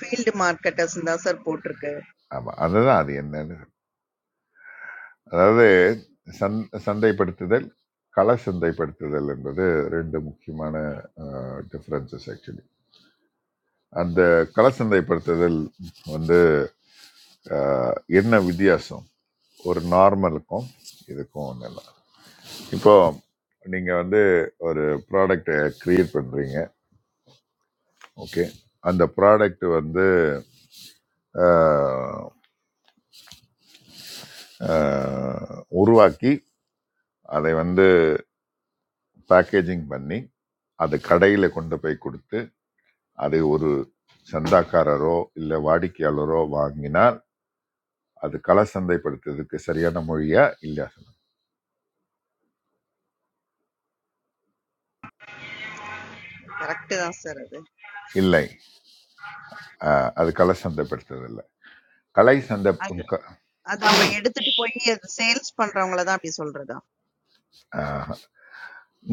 B: ஃபீல்டு மார்க்கெட்டர்ஸ் தான் சார் போட்டிருக்கு
F: ஆமாம் அதுதான் அது என்னன்னு அதாவது சந் சந்தைப்படுத்துதல் கள சந்தைப்படுத்துதல் என்பது ரெண்டு முக்கியமான டிஃப்ரென்சஸ் ஆக்சுவலி அந்த கள சந்தைப்படுத்துதல் வந்து அஹ், என்ன வித்தியாசம் ஒரு நார்மலுக்கும் இதுக்கும் ஒன்றும் இல்லை இப்போ நீங்கள் வந்து ஒரு ப்ராடக்டை க்ரியேட் பண்ணுறீங்க ஓகே அந்த ப்ராடக்ட் வந்து அஹ், அஹ், உருவாக்கி அதை வந்து பேக்கேஜிங் பண்ணி அதை கடையில் கொண்டு போய் கொடுத்து அது ஒரு சந்தாக்காரரோ இல்லை வாடிக்கையாளரோ வாங்கினால் அது கள சந்தைப்படுத்துறதுக்கு சரியான மொழியா இல்லையா சொல்லுங்க.
B: கரெக்ட் தான் சார் அது
F: இல்லை ஆஹ், அது கள சந்தைப்படுத்துறது இல்லை கலை சந்தை
B: அது அது அவங்க எடுத்துட்டு போய் அது சேல்ஸ் பண்றவங்கள தான் அப்படி சொல்றதா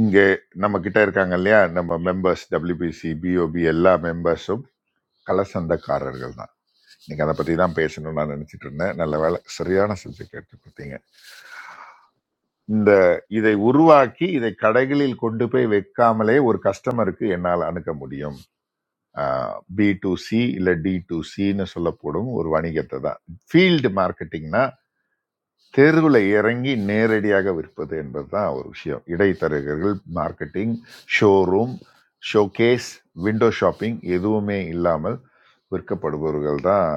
F: இங்கே நம்ம கிட்ட இருக்காங்க இல்லையா நம்ம மெம்பர்ஸ் டபிள்யூபிசி பிஓபி எல்லா மெம்பர்ஸும் கள சந்தைக்காரர்கள் தான் இன்னைக்கு அதை பற்றி தான் பேசணும்னு நான் நினச்சிட்டு இருந்தேன் நல்ல வேலை சரியான சப்ஜெக்ட் எடுத்து கொடுத்தீங்க இந்த இதை உருவாக்கி இதை கடைகளில் கொண்டு போய் வைக்காமலே ஒரு கஸ்டமருக்கு என்னால் அணுக முடியும் பி டு சி இல்லை டி டு சின்னு சொல்லப்படும் ஒரு வணிகத்தை தான் ஃபீல்டு மார்க்கெட்டிங்னா தெருவில் இறங்கி நேரடியாக விற்பது என்பது தான் ஒரு விஷயம் இடைத்தரகர்கள் marketing showroom showcase window shopping எதுவுமே இல்லாமல் விற்கப்படுபவர்கள் தான்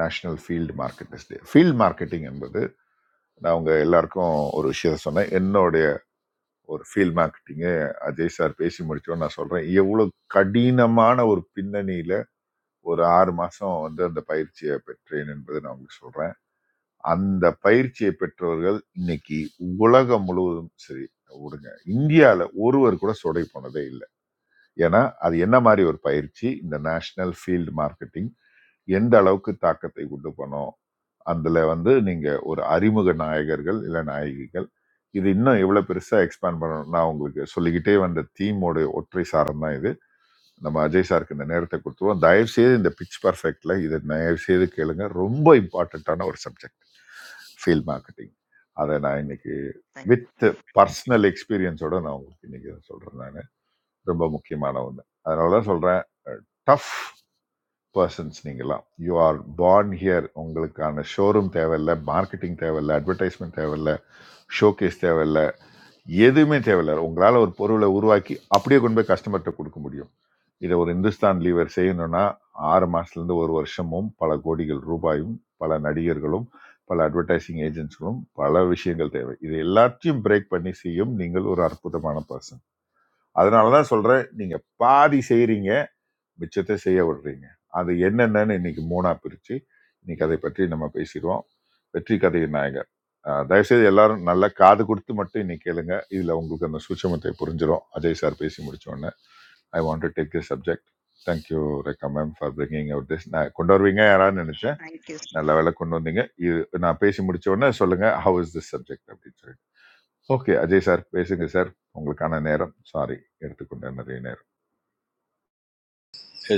F: national field marketist field marketing என்பது நான் உங்கள் எல்லாருக்கும் ஒரு விஷயம் சொன்னேன் என்னுடைய ஒரு ஃபீல்ட் மார்க்கெட்டிங்கு அஜய் சார் பேசி முடிச்சோன்னு நான் சொல்கிறேன் எவ்வளோ கடினமான ஒரு பின்னணியில் ஒரு ஆறு மாசம் வந்து அந்த பயிற்சியை பெற்றேன் என்பதை நான் உங்களுக்கு சொல்றேன் அந்த பயிற்சியை பெற்றவர்கள் இன்னைக்கு உலகம் முழுவதும் சரி விடுங்க இந்தியாவில் ஒருவர் கூட சொடை போனதே இல்லை ஏன்னா அது என்ன மாதிரி ஒரு பயிற்சி இந்த நேஷனல் ஃபீல்டு மார்க்கெட்டிங் எந்த அளவுக்கு தாக்கத்தை கொண்டு போனோம் அதில் வந்து நீங்கள் ஒரு அறிமுக நாயகர்கள் இல்லை நாயகிகள் இது இன்னும் எவ்வளோ பெருசாக எக்ஸ்பேண்ட் பண்ணணும் நான் உங்களுக்கு சொல்லிக்கிட்டே வந்த தீமோட ஒற்றை சாரம் தான் இது நம்ம அஜய் சாருக்கு இந்த நேரத்தை கொடுத்துருவோம் தயவு செய்து இந்த பிச் பர்ஃபெக்ட்ல இது தயவு செய்து கேளுங்க ரொம்ப இம்பார்ட்டண்ட்டான ஒரு சப்ஜெக்ட் ஃபீல் மார்க்கெட்டிங் அதை நான் இன்னைக்கு வித் பர்சனல் எக்ஸ்பீரியன்ஸோட நான் உங்களுக்கு இன்னைக்கு இதை சொல்றேன் நான் ரொம்ப முக்கியமான ஒன்று அதனால தான் சொல்றேன் டஃப் பர்சன்ஸ் நீங்களாம் யூ ஆர் born ஹியர் உங்களுக்கான ஷோரூம் தேவையில்ல மார்க்கெட்டிங் தேவையில்ல அட்வர்டைஸ்மெண்ட் தேவையில்ல ஷோகேஸ் தேவையில்ல எதுவுமே தேவையில்லை உங்களால் ஒரு பொருளை உருவாக்கி அப்படியே கொண்டு போய் கஸ்டமர்கிட்ட கொடுக்க முடியும் இதை ஒரு இந்துஸ்தான் லீவர் செய்யணும்னா ஆறு மாசத்துலேருந்து ஒரு வருஷமும் பல கோடிகள் ரூபாயும் பல நடிகர்களும் பல அட்வர்டைசிங் ஏஜென்ட்ஸ்களும் பல விஷயங்கள் தேவை இது எல்லாத்தையும் பிரேக் பண்ணி செய்யும் நீங்கள் ஒரு அற்புதமான பர்சன் அதனால தான் சொல்கிறேன் நீங்கள் பாதி செய்கிறீங்க மிச்சத்தை செய்ய விடுறீங்க அது என்னென்னு இன்னைக்கு மூணாக பிரித்து இன்னைக்கு அதை பற்றி நம்ம பேசிடுவோம் வெற்றி கதையின் நாயகர் அஹ் தயவுசெய்து எல்லாரும் நல்லா காது கொடுத்து மட்டும் இன்னைக்கு கேளுங்க இதில் உங்களுக்கு அந்த சூட்சமத்தை புரிஞ்சிடும் அஜய் சார் பேசி முடிச்ச உடனே I want to take the subject thank you Rekha ma'am for bringing out this நான் கொண்டு வருவீங்க யாரான்னு நினச்சேன்
B: நைட் டியூஸ்மா
F: நல்ல வேலை கொண்டு வந்தீங்க இது நான் பேசி முடிச்ச உடனே சொல்லுங்கள் ஹவ் இஸ் திஸ் சப்ஜெக்ட் அப்படின்னு சொல்லிட்டு ஓகே அஜய் சார் பேசுங்க சார் உங்களுக்கான நேரம் சாரி எடுத்துக்கொண்ட நிறைய நேரம்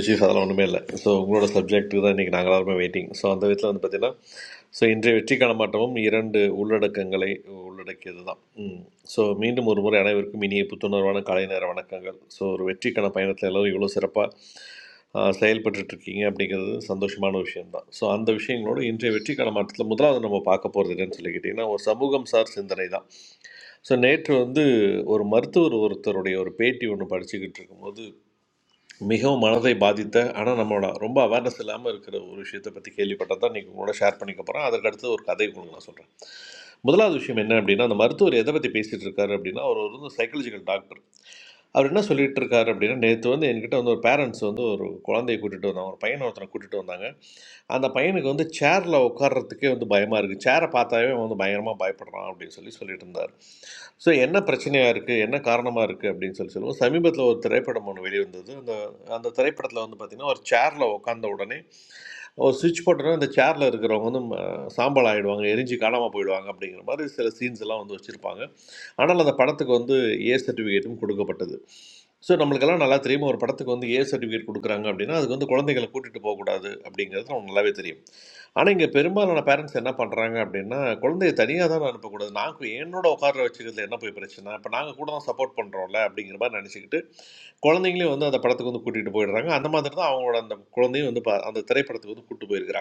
P: சீஃப் அதெல்லாம் ஒன்றுமே இல்லை ஸோ உங்களோட சப்ஜெக்ட்டுக்கு தான் இன்றைக்கி நாங்கள் எல்லாருமே வெயிட்டிங் ஸோ அந்த விதத்தில் வந்து பார்த்தீங்கன்னா ஸோ இன்றைய வெற்றிக்கான மாற்றமும் இரண்டு உள்ளடக்கங்களை உள்ளடக்கியது தான் ஸோ மீண்டும் ஒரு முறை அனைவருக்கும் இனிய புத்துணர்வான காலை நேர வணக்கங்கள் ஸோ ஒரு வெற்றிக்கான பயணத்தில் எல்லோரும் இவ்வளோ சிறப்பாக செயல்பட்டுட்டு இருக்கீங்க அப்படிங்கிறது சந்தோஷமான விஷயம்தான் ஸோ அந்த விஷயங்களோட இன்றைய வெற்றிக்கான மாற்றத்தில் முதலாவது நம்ம பார்க்க போகிறது என்னன்னு சொல்லி கேட்டிங்கன்னா ஒரு சமூகம் சார் சிந்தனை தான் ஸோ நேற்று வந்து ஒரு மருத்துவர் ஒருத்தருடைய ஒரு பேட்டி ஒன்று படிச்சுக்கிட்டு இருக்கும்போது மிகவும் மனதை பாதித்த ஆனால் நம்மளோட ரொம்ப அவேர்னஸ் இல்லாமல் இருக்கிற ஒரு விஷயத்தை பற்றி கேள்விப்பட்டது தான் நீங்கள் உங்களோட ஷேர் பண்ணிக்க போகிறேன் அதற்கு அடுத்து ஒரு கதை உங்களுக்கு நான் சொல்கிறேன் முதலாவது விஷயம் என்ன அப்படின்னா அந்த மருத்துவர் எதை பற்றி பேசிகிட்டு இருக்காரு அப்படின்னா அவர் ஒரு சைக்காலஜிக்கல் டாக்டர் அவர் என்ன சொல்லிட்டு இருக்காரு அப்படின்னா நேற்று வந்து என்கிட்ட வந்து ஒரு பேரண்ட்ஸ் வந்து ஒரு குழந்தையை கூட்டிகிட்டு வந்தாங்க ஒரு பையனை ஒருத்தனை கூட்டிகிட்டு வந்தாங்க அந்த பையனுக்கு வந்து சேரில் உட்கார்றதுக்கே வந்து பயமாக இருக்குது சேரை பார்த்தாவே அவன் வந்து பயங்கரமாக பயப்படுறான் அப்படின்னு சொல்லி சொல்லிட்டு இருந்தார் ஸோ என்ன பிரச்சனையாக இருக்குது என்ன காரணமாக இருக்குது அப்படின்னு சொல்லி சொல்லுவோம் சமீபத்தில் ஒரு திரைப்படம் ஒன்று வெளிவந்தது அந்த அந்த திரைப்படத்தில் வந்து பார்த்திங்கன்னா ஒரு சேரில் உட்கார்ந்த உடனே ஒரு சுவிட்ச் போட்டோன்னா அந்த சேரில் இருக்கிறவங்க வந்து ம, சாம்பல் ஆகிடுவாங்க எரிஞ்சு காணாமல் போயிடுவாங்க அப்படிங்கிற மாதிரி சில சீன்ஸ் எல்லாம் வந்து வச்சுருப்பாங்க ஆனால் அந்த படத்துக்கு வந்து ஏ சர்டிஃபிகேட்டும் கொடுக்கப்பட்டது ஸோ நம்மளுக்கெல்லாம் நல்லா தெரியும் ஒரு படத்துக்கு வந்து ஏ சர்டிஃபிகேட் கொடுக்குறாங்க அப்படின்னா அதுக்கு வந்து குழந்தைகளை கூட்டிகிட்டு போகக்கூடாது அப்படிங்கிறது நமக்கு நல்லாவே தெரியும் ஆனால் இங்கே பெரும்பாலான பேரண்ட்ஸ் என்ன பண்ணுறாங்க அப்படின்னா குழந்தைய தனியாக தான் அனுப்பக்கூடாது நாங்கள் என்னோட உட்கார வச்சுக்கிறதுல என்ன போய் பிரச்சனை அப்போ நாங்கள் கூட தான் சப்போர்ட் பண்ணுறோம்ல அப்படிங்கிற மாதிரி நினச்சிக்கிட்டு குழந்தைங்களையும் வந்து அந்த படத்துக்கு வந்து கூட்டிகிட்டு போயிடுறாங்க அந்த மாதிரி தான் அவங்களோட அந்த குழந்தையும் வந்து ப- அந்த திரைப்படத்துக்கு வந்து கூட்டிட்டு போயிருக்கிறாங்க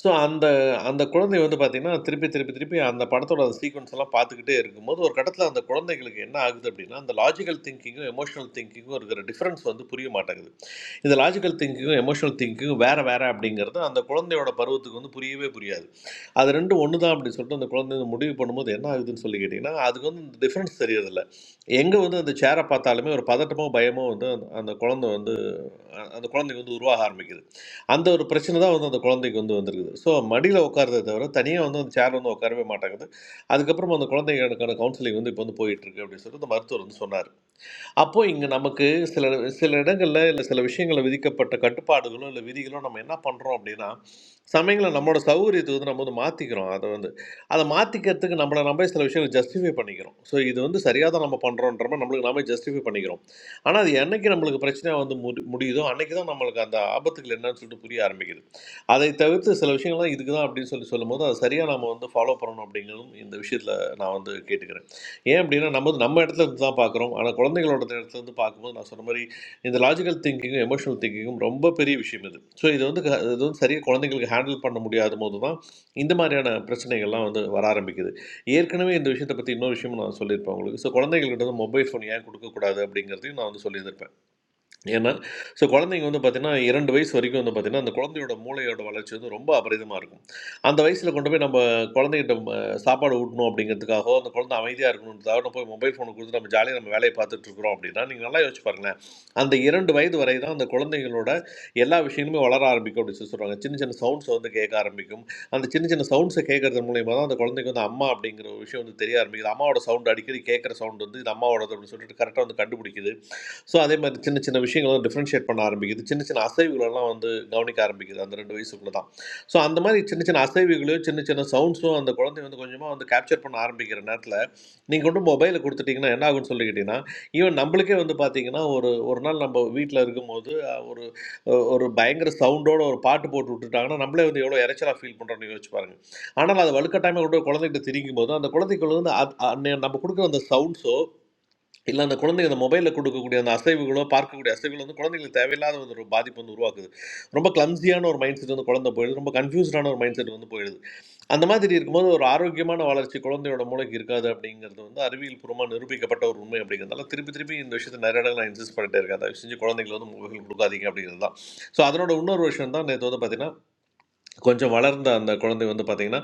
P: ஸோ அந்த அந்த குழந்தை வந்து பார்த்தீங்கன்னா, திருப்பி, திருப்பி, திருப்பி அந்த படத்தோட சீக்வென்ஸ் எல்லாம் பார்த்துக்கிட்டே இருக்கும்போது, ஒரு கட்டத்தில அந்த குழந்தைகளுக்கு என்ன ஆகுது அப்படின்னா, அந்த லாஜிக்கல் திங்கிங்கும், எமோஷனல் திங்கிங்கும் இருக்கிற டிஃபரன்ஸ் வந்து புரிய மாட்டேங்குது. இந்த லாஜிக்கல் திங்கிங்கும், எமோஷனல் திங்கிங்கும் வேற, வேற அப்படிங்கிறது அந்த குழந்தையோட பருவத்துக்கு வந்து புரியவே புரியாது. அது 2ம் ஒண்ணு தான் அப்படின்னு சொல்லிட்டு அந்த குழந்தை வந்து முடிவு பண்ணும்போது என்ன ஆகுதுன்னு சொல்லி கேட்டீங்கன்னா, அதுக்கு வந்து டிஃபரன்ஸ் தெரியறதில்ல. எங்க வந்து அந்த சேர பார்த்தாலுமே ஒரு பதட்டமோ, பயமோ வந்து அந்த அந்த குழந்தை வந்து அ- அந்த குழந்தைக்கு வந்து உருவாக ஆரம்பிக்குது அந்த ஒரு பிரச்சனை தான் வந்து அந்த குழந்தைக்கு வந்து வந்திருக்குது ஸோ மடியில் உட்காரதை தவிர தனியாக வந்து அந்த சேர் வந்து உட்காரவே மாட்டேங்குது அதுக்கப்புறம் அந்த குழந்தைகளுக்கான கவுன்சிலிங் வந்து இப்போ வந்து போயிட்டு இருக்கு அப்படின்னு சொல்லிட்டு அந்த மருத்துவர் வந்து சொன்னார் அப்போ இங்கே நமக்கு சில சில இடங்களில் இல்லை சில விஷயங்களில் விதிக்கப்பட்ட கட்டுப்பாடுகளோ இல்லை விதிகளோ நம்ம என்ன பண்ணுறோம் அப்படின்னா சமயங்களை நம்மளோட சௌகரியத்துக்கு வந்து நம்ம வந்து மாற்றிக்கிறோம் அதை வந்து அதை மாற்றிக்கிறதுக்கு நம்மளை நம்ம சில விஷயங்களை ஜஸ்டிஃபை பண்ணிக்கிறோம் ஸோ இது வந்து சரியாக தான் நம்ம பண்ணுறோன்ற மாதிரி நம்மளுக்கு நாமே ஜஸ்டிஃபை பண்ணிக்கிறோம் ஆனால் அது என்னைக்கு நம்மளுக்கு பிரச்சனையாக வந்து முடி முடியுதோ அன்னைக்கு தான் நம்மளுக்கு அந்த ஆபத்துகள் என்னன்னு சொல்லிட்டு புரிய ஆரம்பிக்குது அதை தவிர்த்து சில விஷயங்கள்லாம் இதுக்கு தான் அப்படின்னு சொல்லி சொல்லும்போது அதை சரியாக நம்ம வந்து ஃபாலோ பண்ணணும் அப்படிங்கிறதும் இந்த விஷயத்தில் நான் வந்து கேட்டுக்கிறேன் ஏன் அப்படின்னா நம்ம வந்து நம்ம இடத்துல இருந்து தான் பார்க்குறோம் ஆனால் குழந்தைகளோட இடத்துல இருந்து பார்க்கும்போது நான் சொன்ன மாதிரி இந்த லாஜிக்கல் திங்கிங்கும் எமோஷனல் திங்கிங்கும் ரொம்ப பெரிய விஷயம் இது ஸோ இது வந்து க- இது வந்து சரியாக குழந்தைங்களுக்கு ஹேண்டில் பண்ண முடியாத போது தான் இந்த மாதிரியான பிரச்சனைகள்லாம் வந்து வர ஆரம்பிக்குது ஏற்கனவே இந்த விஷயத்தை பற்றி இன்னொரு விஷயம் நான் சொல்லியிருப்பேன் உங்களுக்கு ஸோ குழந்தைங்கள்கிட்ட வந்து மொபைல் ஃபோன் ஏன் கொடுக்கக்கூடாது அப்படிங்கிறதையும் நான் வந்து சொல்லியிருப்பேன் ஏன்னா ஸோ குழந்தைங்க வந்து பார்த்தீங்கன்னா இரண்டு வயசு வரைக்கும் வந்து பார்த்தீங்கன்னா அந்த குழந்தையோட மூளையோட வளர்ச்சி வந்து ரொம்ப அபரிதமாக இருக்கும் அந்த வயசில் கொண்டு போய் நம்ம குழந்தைகிட்ட ம, சாப்பாடு ஊட்டணும் அப்படிங்கிறதுக்காகவோ அந்த குழந்தை அமைதியாக இருக்கணுன்றதாக நம்ம போய் மொபைல் ஃபோனை கொடுத்து நம்ம ஜாலியாக நம்ம வேலையை பார்த்துட்டு இருக்கிறோம் அப்படின்னா நீங்கள் நல்லா யோசிச்சு பாருங்களேன் அந்த இரண்டு வயது வரை தான் அந்த குழந்தைங்களோட எல்லா விஷயங்களுமே வளர ஆரம்பிக்கும் அப்படின்னு சொல்லி சொல்கிறாங்க சின்ன சின்ன சவுண்ட்ஸை வந்து கேட்க ஆரம்பிக்கும் அந்த சின்ன சின்ன சவுண்ட்ஸை கேட்கறது மூலியமாக தான் அந்த குழந்தைக்கு வந்து அம்மா அப்படிங்கிற ஒரு விஷயம் வந்து தெரிய ஆரம்பிக்குது அம்மாவோட சவுண்ட் அடிக்கடி கேட்குற சவுண்ட் வந்து இது அம்மாவோடது அப்படின்னு சொல்லிட்டு கரெக்டாக வந்து கண்டுபிடிக்குது ஸோ அதே மாதிரி சின்ன சின்ன விஷயங்களும் டிஃப்ரென்ஷியேட் பண்ண ஆரம்பிக்குது சின்ன சின்ன அசைவுகளெல்லாம் வந்து கவனிக்க ஆரம்பிக்குது அந்த ரெண்டு வயசுக்குள்ள தான் ஸோ அந்த மாதிரி சின்ன சின்ன அசைவுகளையும் சின்ன சின்ன சவுண்ட்ஸும் அந்த குழந்தை வந்து கொஞ்சமாக வந்து கேப்சர் பண்ண ஆரம்பிக்கிற நேரத்தில் நீங்கள் கொண்டு மொபைலை கொடுத்துட்டீங்கன்னா என்ன ஆகும்னு சொல்லிக்கிட்டீங்கன்னா ஈவன் நம்மளுக்கே வந்து பார்த்தீங்கன்னா ஒரு ஒரு நாள் நம்ம வீட்டில் இருக்கும்போது அஹ், ஒரு அஹ், ஒரு பயங்கர சவுண்டோட ஒரு பாட்டு போட்டு விட்டுட்டாங்கன்னா நம்மளே வந்து எவ்வளோ இறைச்சலாக ஃபீல் பண்ணுறோம்னு யோசிச்சு பாருங்க ஆனால் அது வலுக்கட்டாயமாக கூட குழந்தைகிட்ட திரிக்கும் போது அந்த குழந்தைக்கு வந்து அது- அன்னை- நம்ம கொடுக்குற அந்த சவுண்ட்ஸோ இல்லை அந்த குழந்தைங்க அந்த மொபைலில் கொடுக்கக்கூடிய அந்த அசைவுகளோ பார்க்கக்கூடிய அசைவுகளோ வந்து குழந்தைங்களுக்கு தேவையில்லாத வந்து ஒரு பாதிப்பு வந்து உருவாக்குது ரொம்ப கிளம்ஸியான ஒரு மைண்ட் செட் வந்து குழந்தை போயிடுது ரொம்ப கன்ஃபியூஸ்டான ஒரு மைண்ட் செட் வந்து போயிடுது அந்த மாதிரி இருக்கும்போது ஒரு ஆரோக்கியமான வளர்ச்சி குழந்தையோட மூளைக்கு இருக்காது அப்படிங்கிறது வந்து அறிவியல் பூர்வமாக நிரூபிக்கப்பட்ட ஒரு உண்மை அப்படிங்கிறதால திருப்பி திருப்பி இந்த விஷயத்தை நிறைய இடங்கள் நான் இன்சிஸ்ட் பண்ணிட்டே இருக்கேன் அதை செஞ்சு குழந்தைங்களுக்கு வந்து மொபைல் கொடுக்காதீங்க அப்படிங்கிறது தான் ஸோ அதனோட இன்னொரு விஷயம் தான் நேற்று வந்து பார்த்தீங்கன்னா கொஞ்சம் வளர்ந்த அந்த குழந்தை வந்து பார்த்தீங்கன்னா,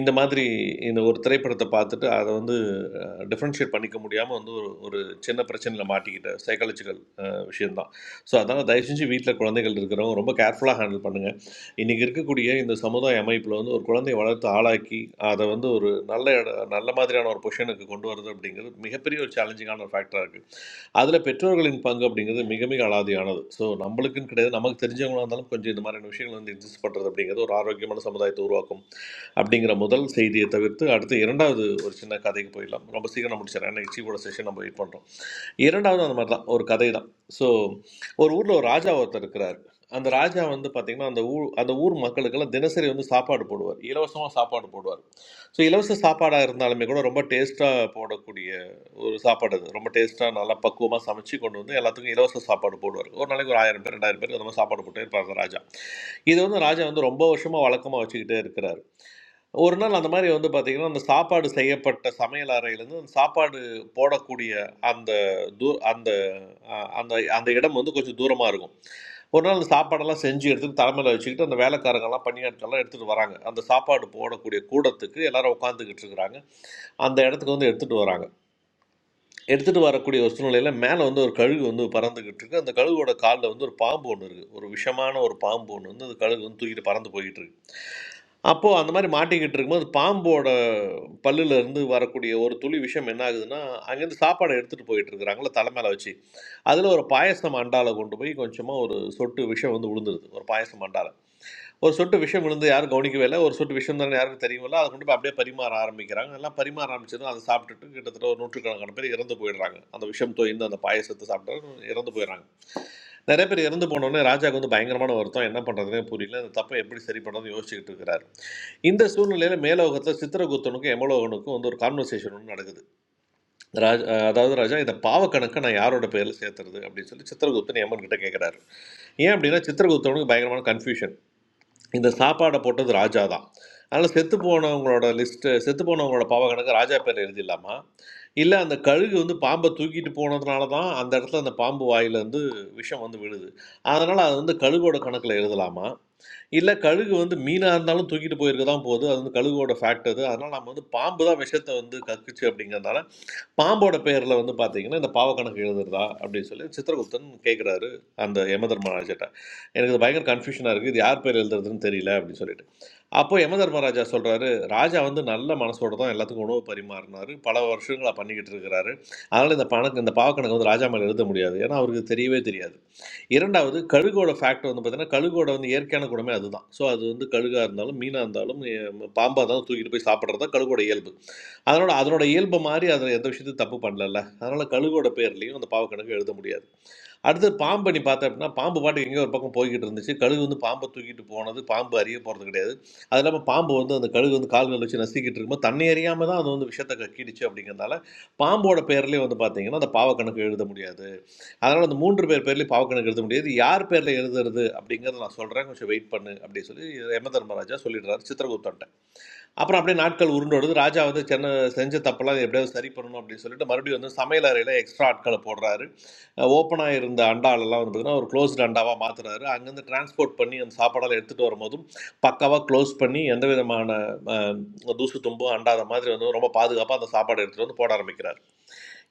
P: இந்த மாதிரி இந்த ஒரு திரைப்படத்த பார்த்துட்டு, அத வந்து அ டிஃபரன்ஷியேட் பண்ணிக்க முடியாம வந்து ஒரு ஒரு சின்ன பிரச்சனையில மாட்டிக்கிட்ட சைக்காலஜிக்கல் அ விஷயம் தான். ஸோ, அதனால தயவு செஞ்சு வீட்ல குழந்தைகள் இருக்கிறவங்க ரொம்ப கேர்ஃபுல்லா ஹேண்டில் பண்ணுங்க. இன்னைக்கு இருக்கக்கூடிய இந்த சமுதாய அமைப்புல வந்து ஒரு குழந்தைய வளர்த்து ஆளாக்கி, அத வந்து ஒரு நல்ல எட நல்ல மாதிரியான ஒரு பொசிஷனுக்கு கொண்டு வரது அப்படிங்கிறது மிகப்பெரிய ஒரு சேலஞ்சிங்கான ஒரு ஃபேக்டரா இருக்கு. அதில் பெற்றோர்களின் பங்கு அப்படிங்கிறது மிக மிக அலாதியானது ஸோ நம்மளுக்குன்னு கிடையாது நமக்கு தெரிஞ்சவங்களா இருந்தாலும் கொஞ்சம் இந்த மாதிரியான விஷயங்கள் வந்து எக்ஸிஸ்ட் பண்ணுறது அப்படிங்கிறது ஒரு ஆரோக்கியமான சமுதாயத்தை உருவாக்கும் அப்படிங்கிற முதல் செய்தியை தவிர்த்து அடுத்து இரண்டாவது ஒரு சின்ன கதைக்கு போயிடலாம் ரொம்ப சீக்கிரம் முடிச்சிடறேன் ஏன்னா இச்சியோட செஷன் நம்ம வெயிட் பண்ணுறோம் இரண்டாவது அந்த மாதிரி தான் ஒரு கதை தான் ஸோ ஒரு ஊரில் ஒரு ராஜா ஒருத்தர் இருக்கிறார் அந்த ராஜா வந்து பார்த்தீங்கன்னா அந்த ஊர் அந்த ஊர் மக்களுக்கெல்லாம் தினசரி வந்து சாப்பாடு போடுவார் இலவசமாக சாப்பாடு போடுவார் ஸோ இலவச சாப்பாடாக இருந்தாலுமே கூட ரொம்ப டேஸ்ட்டாக போடக்கூடிய ஒரு சாப்பாடு அது ரொம்ப டேஸ்ட்டாக நல்லா பக்குவமாக சமைச்சு கொண்டு வந்து எல்லாத்துக்கும் இலவச சாப்பாடு போடுவார் ஒரு நாளைக்கு ஒரு ஆயிரம் பேர் ரெண்டாயிரம் பேர் அந்த மாதிரி சாப்பாடு போட்டே இருப்பார் அந்த ராஜா இது வந்து ராஜா வந்து ரொம்ப வருஷமாக வழக்கமாக வச்சுக்கிட்டே இருக்கிறார் ஒரு நாள் அந்த மாரி வந்து பார்த்தீங்கன்னா, அந்த சாப்பாடு செய்யப்பட்ட சமையல் அறையிலருந்து அந்த சாப்பாடு போடக்கூடிய அந்த தூ அந்த அ அந்த அந்த இடம் வந்து கொஞ்சம் தூரமா இருக்கும். ஒரு நாள் அந்த சாப்பாடெல்லாம் செஞ்சு எடுத்துட்டு தலை மேல வச்சுக்கிட்டு, அந்த வேலைக்காரங்கலாம், பணியாட்கள்லாம் எடுத்துட்டு வராங்க. அந்த சாப்பாடு போடக்கூடிய கூடத்துக்கு எல்லாரும் உட்காந்துக்கிட்டு இருக்கிறாங்க. அந்த இடத்துக்கு வந்து எடுத்துட்டு வராங்க. எடுத்துட்டு வரக்கூடிய ஒரு சூழ்நிலையில மேல வந்து ஒரு கழுகு வந்து பறந்துகிட்டு இருக்கு. அந்த கழுகோட கால்ல வந்து ஒரு பாம்பு ஒண்ணு இருக்கு. ஒரு விஷமான ஒரு பாம்பு ஒண்ணு வந்து அந்த கழுகு வந்து தூக்கிட்டு பறந்து போயிட்டு இருக்கு. அப்போ அந்த மாரி மாட்டிக்கிட்டு இருக்கும்போது, பாம்போட பல்லுல இருந்து வரக்கூடிய ஒரு துளி விஷம் என்ன ஆகுதுன்னா, அங்கேருந்து சாப்பாட எடுத்துட்டு போயிட்டு இருக்கிறாங்கள்ல தல மேல வச்சு. அதுல ஒரு பாயாசம் அண்டால கொண்டு போய் கொஞ்சமா ஒரு சொட்டு விஷம் வந்து விழுந்துருது. ஒரு பாயாசம் அண்டால. ஒரு சொட்டு விஷம் விழுந்து யாரும் கவனிக்கவே இல்லை ஒரு சொட்டு விஷம் தானே யாருக்கும் தெரியுமில்ல அதை கொண்டு போய் அப்படியே பரிமாற ஆரம்பிக்கிறாங்க எல்லாம் பரிமாற ஆரம்பிச்சதும் அதை சாப்பிட்டுட்டு கிட்டத்தட்ட ஒரு நூற்றுக்கணக்கான பேர் இறந்து போயிடுறாங்க அந்த விஷம் தோய்ந்து அந்த பாயசத்தை சாப்பிட்டு இறந்து போயிடுறாங்க நிறைய பேர் இறந்து போனோடனே ராஜாவுக்கு வந்து பயங்கரமான வருத்தம் என்ன பண்ணுறதுனே புரியல இந்த தப்பை எப்படி சரி பண்ணுறதுன்னு யோசிச்சுக்கிட்டு இருக்கிறாரு இந்த சூழ்நிலையில் மேலோகத்தில் சித்திரகுப்தனுக்கும் எமலோகனுக்கும் வந்து ஒரு கான்வர்சேஷன் ஒன்று நடக்குது ராஜ் அதாவது ராஜா இந்த பாவக்கணக்கை நான் யாரோட பேரில் சேர்த்துறது அப்படின்னு சொல்லி சித்திரகுப்தன் எமன் கிட்ட கேட்குறாரு ஏன் அப்படின்னா சித்திரகுப்தனுக்கு பயங்கரமான கன்ஃபியூஷன் இந்த சாப்பாடை போட்டது ராஜா தான் அதனால் செத்து போனவங்களோட லிஸ்ட்டு செத்து போனவங்களோட பாவ கணக்கு ராஜா பேர் எழுதிடலாமா இல்லை அந்த கழுகு வந்து பாம்பை தூக்கிட்டு போனதுனால தான் அந்த இடத்துல அந்த பாம்பு வாயிலேருந்து விஷம் வந்து விழுது அதனால் அது வந்து கழுகோட கணக்கில் எழுதலாமா இல்லை கழுகு வந்து மீனாக இருந்தாலும் தூக்கிட்டு போயிருக்க தான் போகுது அது வந்து கழுகோட ஃபேக்ட் அது அதனால் நம்ம வந்து பாம்பு தான் விஷத்தை வந்து கக்குச்சு அப்படிங்கிறதுனால பாம்போட பேரில் வந்து பார்த்தீங்கன்னா இந்த பாவ கணக்கு எழுதுறதா அப்படின்னு சொல்லி சித்திரகுப்தன் கேட்குறாரு அந்த யம தர்மராஜட்ட எனக்கு இது பயங்கர கன்ஃபியூஷனாக இருக்குது இது யார் பேர் எழுதுறதுன்னு தெரியல அப்படின்னு சொல்லிட்டு அப்போ யம தர்மராஜா சொல்கிறாரு ராஜா வந்து நல்ல மனசோட தான் எல்லாத்துக்கும் உணவு பரிமாறினாரு பல வருஷங்களா பண்ணிக்கிட்டு இருக்கிறாரு அதனால் இந்த பணக்கு இந்த பாவ கணக்கு வந்து ராஜா மேலே எழுத முடியாது ஏன்னா அவருக்கு தெரியவே தெரியாது இரண்டாவது கழுகோட ஃபேக்டர் வந்து பார்த்தீங்கன்னா கழுகோட வந்து இயற்கையான குணமே அதுதான் ஸோ அது வந்து கழுகாக இருந்தாலும் மீனாக இருந்தாலும் எ, பாம்பா இருந்தாலும் தூக்கிட்டு போய் சாப்பிட்றது தான் கழுகோட இயல்பு அதனோட அதனோட இயல்பு மாதிரி அதில் எந்த விஷயத்தையும் தப்பு பண்ணலல்ல அதனால கழுகோட பேர்லையும் அந்த பாவக்கணக்கு எழுத முடியாது அடுத்து பாம்பு நீ பார்த்த அப்படின்னா பாம்பு பாட்டுக்கு எங்கேயோ ஒரு பக்கம் போய்கிட்டு இருந்துச்சு கழுகு வந்து பாம்பை தூக்கிட்டு போனது பாம்பு அறிய போகிறது கிடையாது அது இல்லாமல் பாம்பு வந்து அந்த கழுகு வந்து கால்கள் வச்சு நசுக்கிட்டு இருக்கும்போது தன்னை அறியாமல் தான் அது வந்து விஷத்தை கக்கிடுச்சு அப்படிங்கிறதுனால பாம்போட பேர்லேயே வந்து பார்த்தீங்கன்னா அந்த பாவக்கணக்கு எழுத முடியாது அதனால் அந்த மூன்று பேர் பேர்லையும் பாவக்கணக்கு எழுத முடியாது யார் பேரில் எழுதுறது அப்படிங்கிறத நான் சொல்கிறேன் கொஞ்சம் வெயிட் பண்ணு அப்படின்னு சொல்லி யம தர்மராஜா சொல்லிடுறாரு சித்திரகுப்தன்ட்ட அப்புறம் அப்படியே நாட்கள் உருண்டோடுது ராஜா வந்து சென்னை செஞ்ச தப்பெல்லாம் எப்படியாவது சரி பண்ணணும் அப்படின்னு சொல்லிட்டு மறுபடியும் வந்து சமையல் அறையில் எக்ஸ்ட்ரா ஆட்களை போடுறாரு ஓப்பனாக இருந்த அண்டாலெல்லாம் வந்து பார்த்தீங்கன்னா ஒரு க்ளோஸ்டு அண்டாவாக மாற்றுறாரு அங்கேருந்து டிரான்ஸ்போர்ட் பண்ணி அந்த சாப்பாடெல்லாம் எடுத்துகிட்டு வரும்போதும் பக்காவாக க்ளோஸ் பண்ணி எந்த விதமான அஹ், தூசு தும்பும் அண்டாத மாதிரி வந்து ரொம்ப பாதுகாப்பாக அந்த சாப்பாடு எடுத்துகிட்டு வந்து போட ஆரம்பிக்கிறார்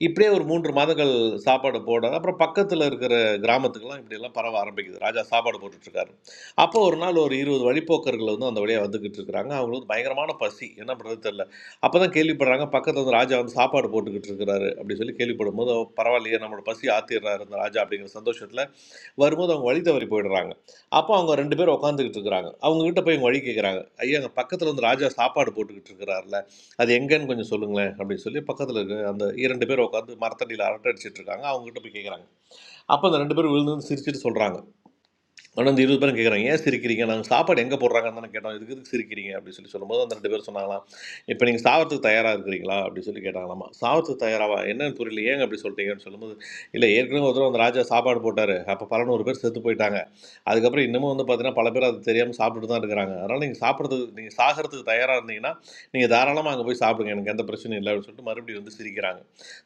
P: இப்படியே ஒரு மூன்று மாதங்கள் சாப்பாடு போட அப்புறம் பக்கத்தில் இருக்கிற கிராமத்துக்கெல்லாம் இப்படியெல்லாம் பரவ ஆரம்பிக்குது ராஜா சாப்பாடு போட்டுட்ருக்காரு அப்போ ஒரு நாள் ஒரு இருபது வழிப்போக்கர்கள் வந்து அந்த வழியாக வந்துக்கிட்டு இருக்கிறாங்க அவங்களுக்கு பயங்கரமான பசி என்ன பண்ணுறது தெரில அப்போ தான் கேள்விப்படுறாங்க பக்கத்தில் வந்து ராஜா வந்து சாப்பாடு போட்டுக்கிட்டு இருக்கிறாரு அப்படி சொல்லி கேள்விப்படும் போது பரவாயில்லையே நம்மளோட பசி ஆத்திடுறாரு இந்த ராஜா அப்படிங்கிற சந்தோஷத்தில் வரும்போது அவங்க வழி தவறி போயிடுறாங்க அப்போ அவங்க ரெண்டு பேரும் உட்காந்துக்கிட்டு இருக்கிறாங்க அவங்ககிட்ட போய் இவங்க வழி கேட்குறாங்க ஐயா அங்கே பக்கத்தில் வந்து ராஜா சாப்பாடு போட்டுக்கிட்டு இருக்கிறார்ல அது எங்கன்னு கொஞ்சம் சொல்லுங்களேன் அப்படின்னு சொல்லி பக்கத்தில் இருக்க அந்த இரண்டு பேர் உட்காந்து மரத்தடியில் அரட்டை அடிச்சிட்டு இருக்காங்க அவங்ககிட்ட போய் கேட்குறாங்க அப்போ அந்த ரெண்டு பேரும் விழுந்து சிரிச்சிட்டு சொல்கிறாங்க ஆனால் இந்த இருபது பேரும் கேட்குறாங்க ஏன் சிரிக்கிறீங்க நாங்கள் சாப்பாடு எங்கே போடுறாங்கன்னு தானே கேட்டோம் இதுக்கு எதுக்கு சிரிக்கிறீங்க அப்படின்னு சொல்லி சொல்லும்போது அந்த ரெண்டு பேர் சொன்னாங்களாம் இப்போ நீங்கள் சாவறதுக்கு தயாராக இருக்கிறீங்களா அப்படின்னு சொல்லி கேட்டாங்களாமா சாவறதுக்கு தயாராவா என்னன்னு புரியல ஏங்க அப்படி சொல்லிட்டீங்கன்னு சொல்லும்போது இல்லை ஏற்கனவே ஒரு தடவை அந்த ராஜா சாப்பாடு போட்டார் அப்போ பலநூறு பேர் செத்து போயிட்டாங்க அதுக்கப்புறம் இன்னமும் வந்து பார்த்தீங்கன்னா பல பேர் அது தெரியாமல் சாப்பிட்டுட்டு தான் இருக்கிறாங்க அதனால் நீங்கள் சாப்பிட்றதுக்கு நீங்கள் சாகிறதுக்கு தயாராக இருந்தீங்கன்னா நீங்கள் தாராளமாக அங்கே போய் சாப்பிடுங்க எனக்கு எந்த பிரச்சனையும் இல்லை அப்படின்னு சொல்லிட்டு மறுபடியும் வந்து சிரிக்கிறாங்க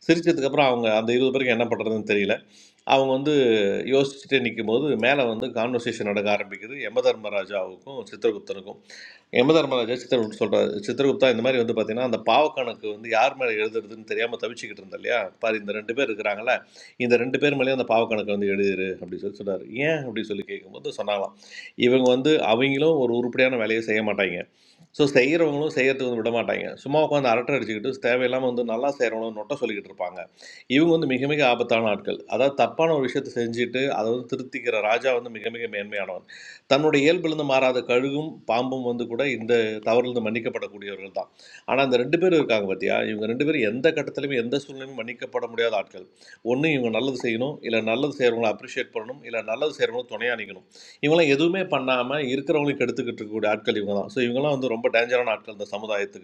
P: சிரிச்சதுக்கப்புறம் அவங்க அந்த இருபது பேருக்கு என்ன பண்ணுறதுன்னு தெரியல அவங்க வந்து யோசிச்சுட்டே நிக்கும்போது மேலே வந்து கான்வர்சேஷன் நடக்க ஆரம்பிக்குது யமதர்மராஜாவுக்கும் சித்திரகுப்தனுக்கும் யமதர்மராஜா சித்திரகுப்த சொல்கிறார் சித்திரகுப்தா இந்த மாதிரி வந்து பார்த்தீங்கன்னா அந்த பாவக்கணக்கு வந்து யார் மேலே எழுதுறதுன்னு தெரியாமல் தவிச்சுக்கிட்டு இருந்தா இல்லையா பாரு இந்த ரெண்டு பேர் இருக்கிறாங்களே இந்த ரெண்டு பேர் மேலேயும் அந்த பாவக்கணக்கு வந்து எழுதிரு அப்படின்னு சொல்லி சொன்னார் ஏன் அப்படின்னு சொல்லி கேட்கும்போது சொன்னாங்களாம் இவங்க வந்து அவங்களும் ஒரு உருப்படியான வேலையை செய்ய மாட்டாங்க ஸோ செய்கிறவங்களும் செய்யறதுக்கு வந்து விட மாட்டாங்க சும்மா உட்காந்து அரட்டை அடிச்சுக்கிட்டு தேவையில்லாமல் வந்து நல்லா செய்கிறவங்களும் நொட்டை சொல்லிக்கிட்டு இருப்பாங்க இவங்க வந்து மிக மிக ஆபத்தான ஆட்கள். அதாவது தப்பான ஒரு விஷயத்த செஞ்சுட்டு, அத வந்து திருத்திக்கிற ராஜா வந்து மிக மிக மேன்மையானவன். தன்னுடைய இயல்பிலிருந்து மாறாத கழுகும், பாம்பும் வந்து கூட இந்த தவறிலிருந்து மன்னிக்கப்படக்கூடியவர்கள் தான். ஆனா, அந்த 2 பேரும் இருக்காங்க பாத்தியா? இவங்க 2 பேரும் எந்த கட்டத்திலயுமே, எந்த சூழ்நிலையிலும் மன்னிக்கப்பட முடியாத ஆட்கள். ஒண்ணு இவங்க நல்லது செய்யணும், இல்ல நல்லது செய்றவங்கள அப்ரிஷியேட் பண்ணணும், இல்ல நல்லது செய்றவங்களுக்கு துணையா நிக்கணும். இவங்கலாம் எதுவுமே பண்ணாம இருக்கிறவங்களையும் கெடுத்துக்கிட்டு இருக்கக்கூடிய ஆட்கள் இவங்க தான். ஸோ இவங்கலாம் வந்து ரொம்ப டேஞ்சரான ஆட்கள் இந்த சமுதாயத்துக்கு.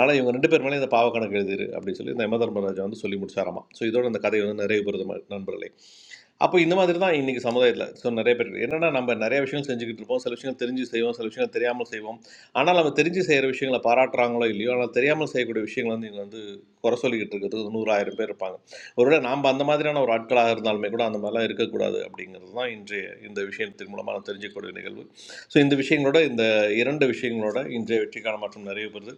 P: ஆனால் இவங்க ரெண்டு பேர் மேலே இந்த பாவக்கணக்கு எழுதிரு அப்படின்னு சொல்லி இந்த யம தர்மராஜா வந்து சொல்லி முடிச்சாராமா ஸோ இதோட அந்த கதை வந்து நிறைவு பெறுது ம- நண்பர்களே அப்போ இந்த மாதிரி தான் இன்றைக்கி சமுதாயத்தில் ஸோ நிறைய பேர் என்னென்னா நம்ம நிறைய விஷயம் செஞ்சுக்கிட்டு இருப்போம் சில விஷயங்கள் தெரிஞ்சு செய்வோம் சில விஷயங்கள் தெரியாமல் செய்வோம் ஆனால் நம்ம தெரிஞ்சு செய்கிற விஷயங்களை பாராட்டுறாங்களோ இல்லையோ ஆனால் தெரியாமல் செய்யக்கூடிய விஷயங்களை வந்து இங்கே வந்து குறை சொல்லிக்கிட்டு இருக்கிறதுக்கு நூறாயிரம் பேர் இருப்பாங்க ஒருவேளை நாம் அந்த மாதிரியான ஒரு ஆட்களாக இருந்தாலுமே கூட அந்த மாதிரிலாம் இருக்கக்கூடாது அப்படிங்கிறது தான் இன்றைய இந்த விஷயத்தின் மூலமாக நான் தெரிஞ்சுக்கக்கூடிய நிகழ்வு ஸோ இந்த விஷயங்களோட இந்த இரண்டு விஷயங்களோட இன்றைய வெற்றிக்கான மாற்றம் நிறைய பெறுது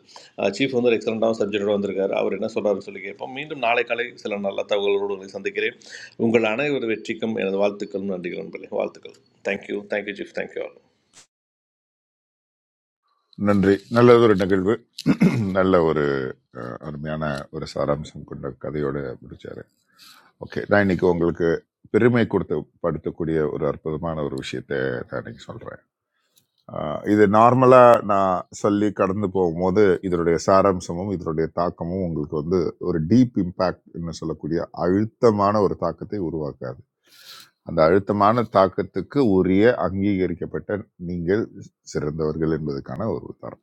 P: சீஃப் வந்து ஒரு எக்ஸலண்ட்டான சப்ஜெக்டோட வந்திருக்காரு அவர் என்ன சொல்கிறாருன்னு சொல்லி கேட்போம் மீண்டும் நாளை காலை சில நல்ல தகவல்களோடு உங்களை சந்திக்கிறேன் உங்கள் அனைவர் வெற்றிக்கும் எனது வாழ்த்துக்களும் நன்றிகள் நண்பர்களே வாழ்த்துக்கள் thank you thank you chief thank you all
F: நன்றி நல்லது ஒரு நிகழ்வு நல்ல ஒரு அஹ், அருமையான ஒரு சாராம்சம் கொண்ட கதையோட முடிச்சாரு ஓகே நான் இன்னைக்கு உங்களுக்கு பெருமை கொடுத்து படுத்தக்கூடிய ஒரு அற்புதமான ஒரு விஷயத்த நான் இன்னைக்கு சொல்றேன் ஆஹ் இது நார்மலாக நான் சொல்லி கடந்து போகும்போது இதனுடைய சாராம்சமும் இதனுடைய தாக்கமும் உங்களுக்கு வந்து ஒரு டீப் இம்பேக்ட் என்று சொல்லக்கூடிய அழுத்தமான ஒரு தாக்கத்தை உருவாக்காது அந்த அழுத்தமான தாக்கத்துக்கு உரிய அங்கீகரிக்கப்பட்ட நீங்கள் சிறந்தவர்கள் என்பதற்கான ஒரு உதாரணம்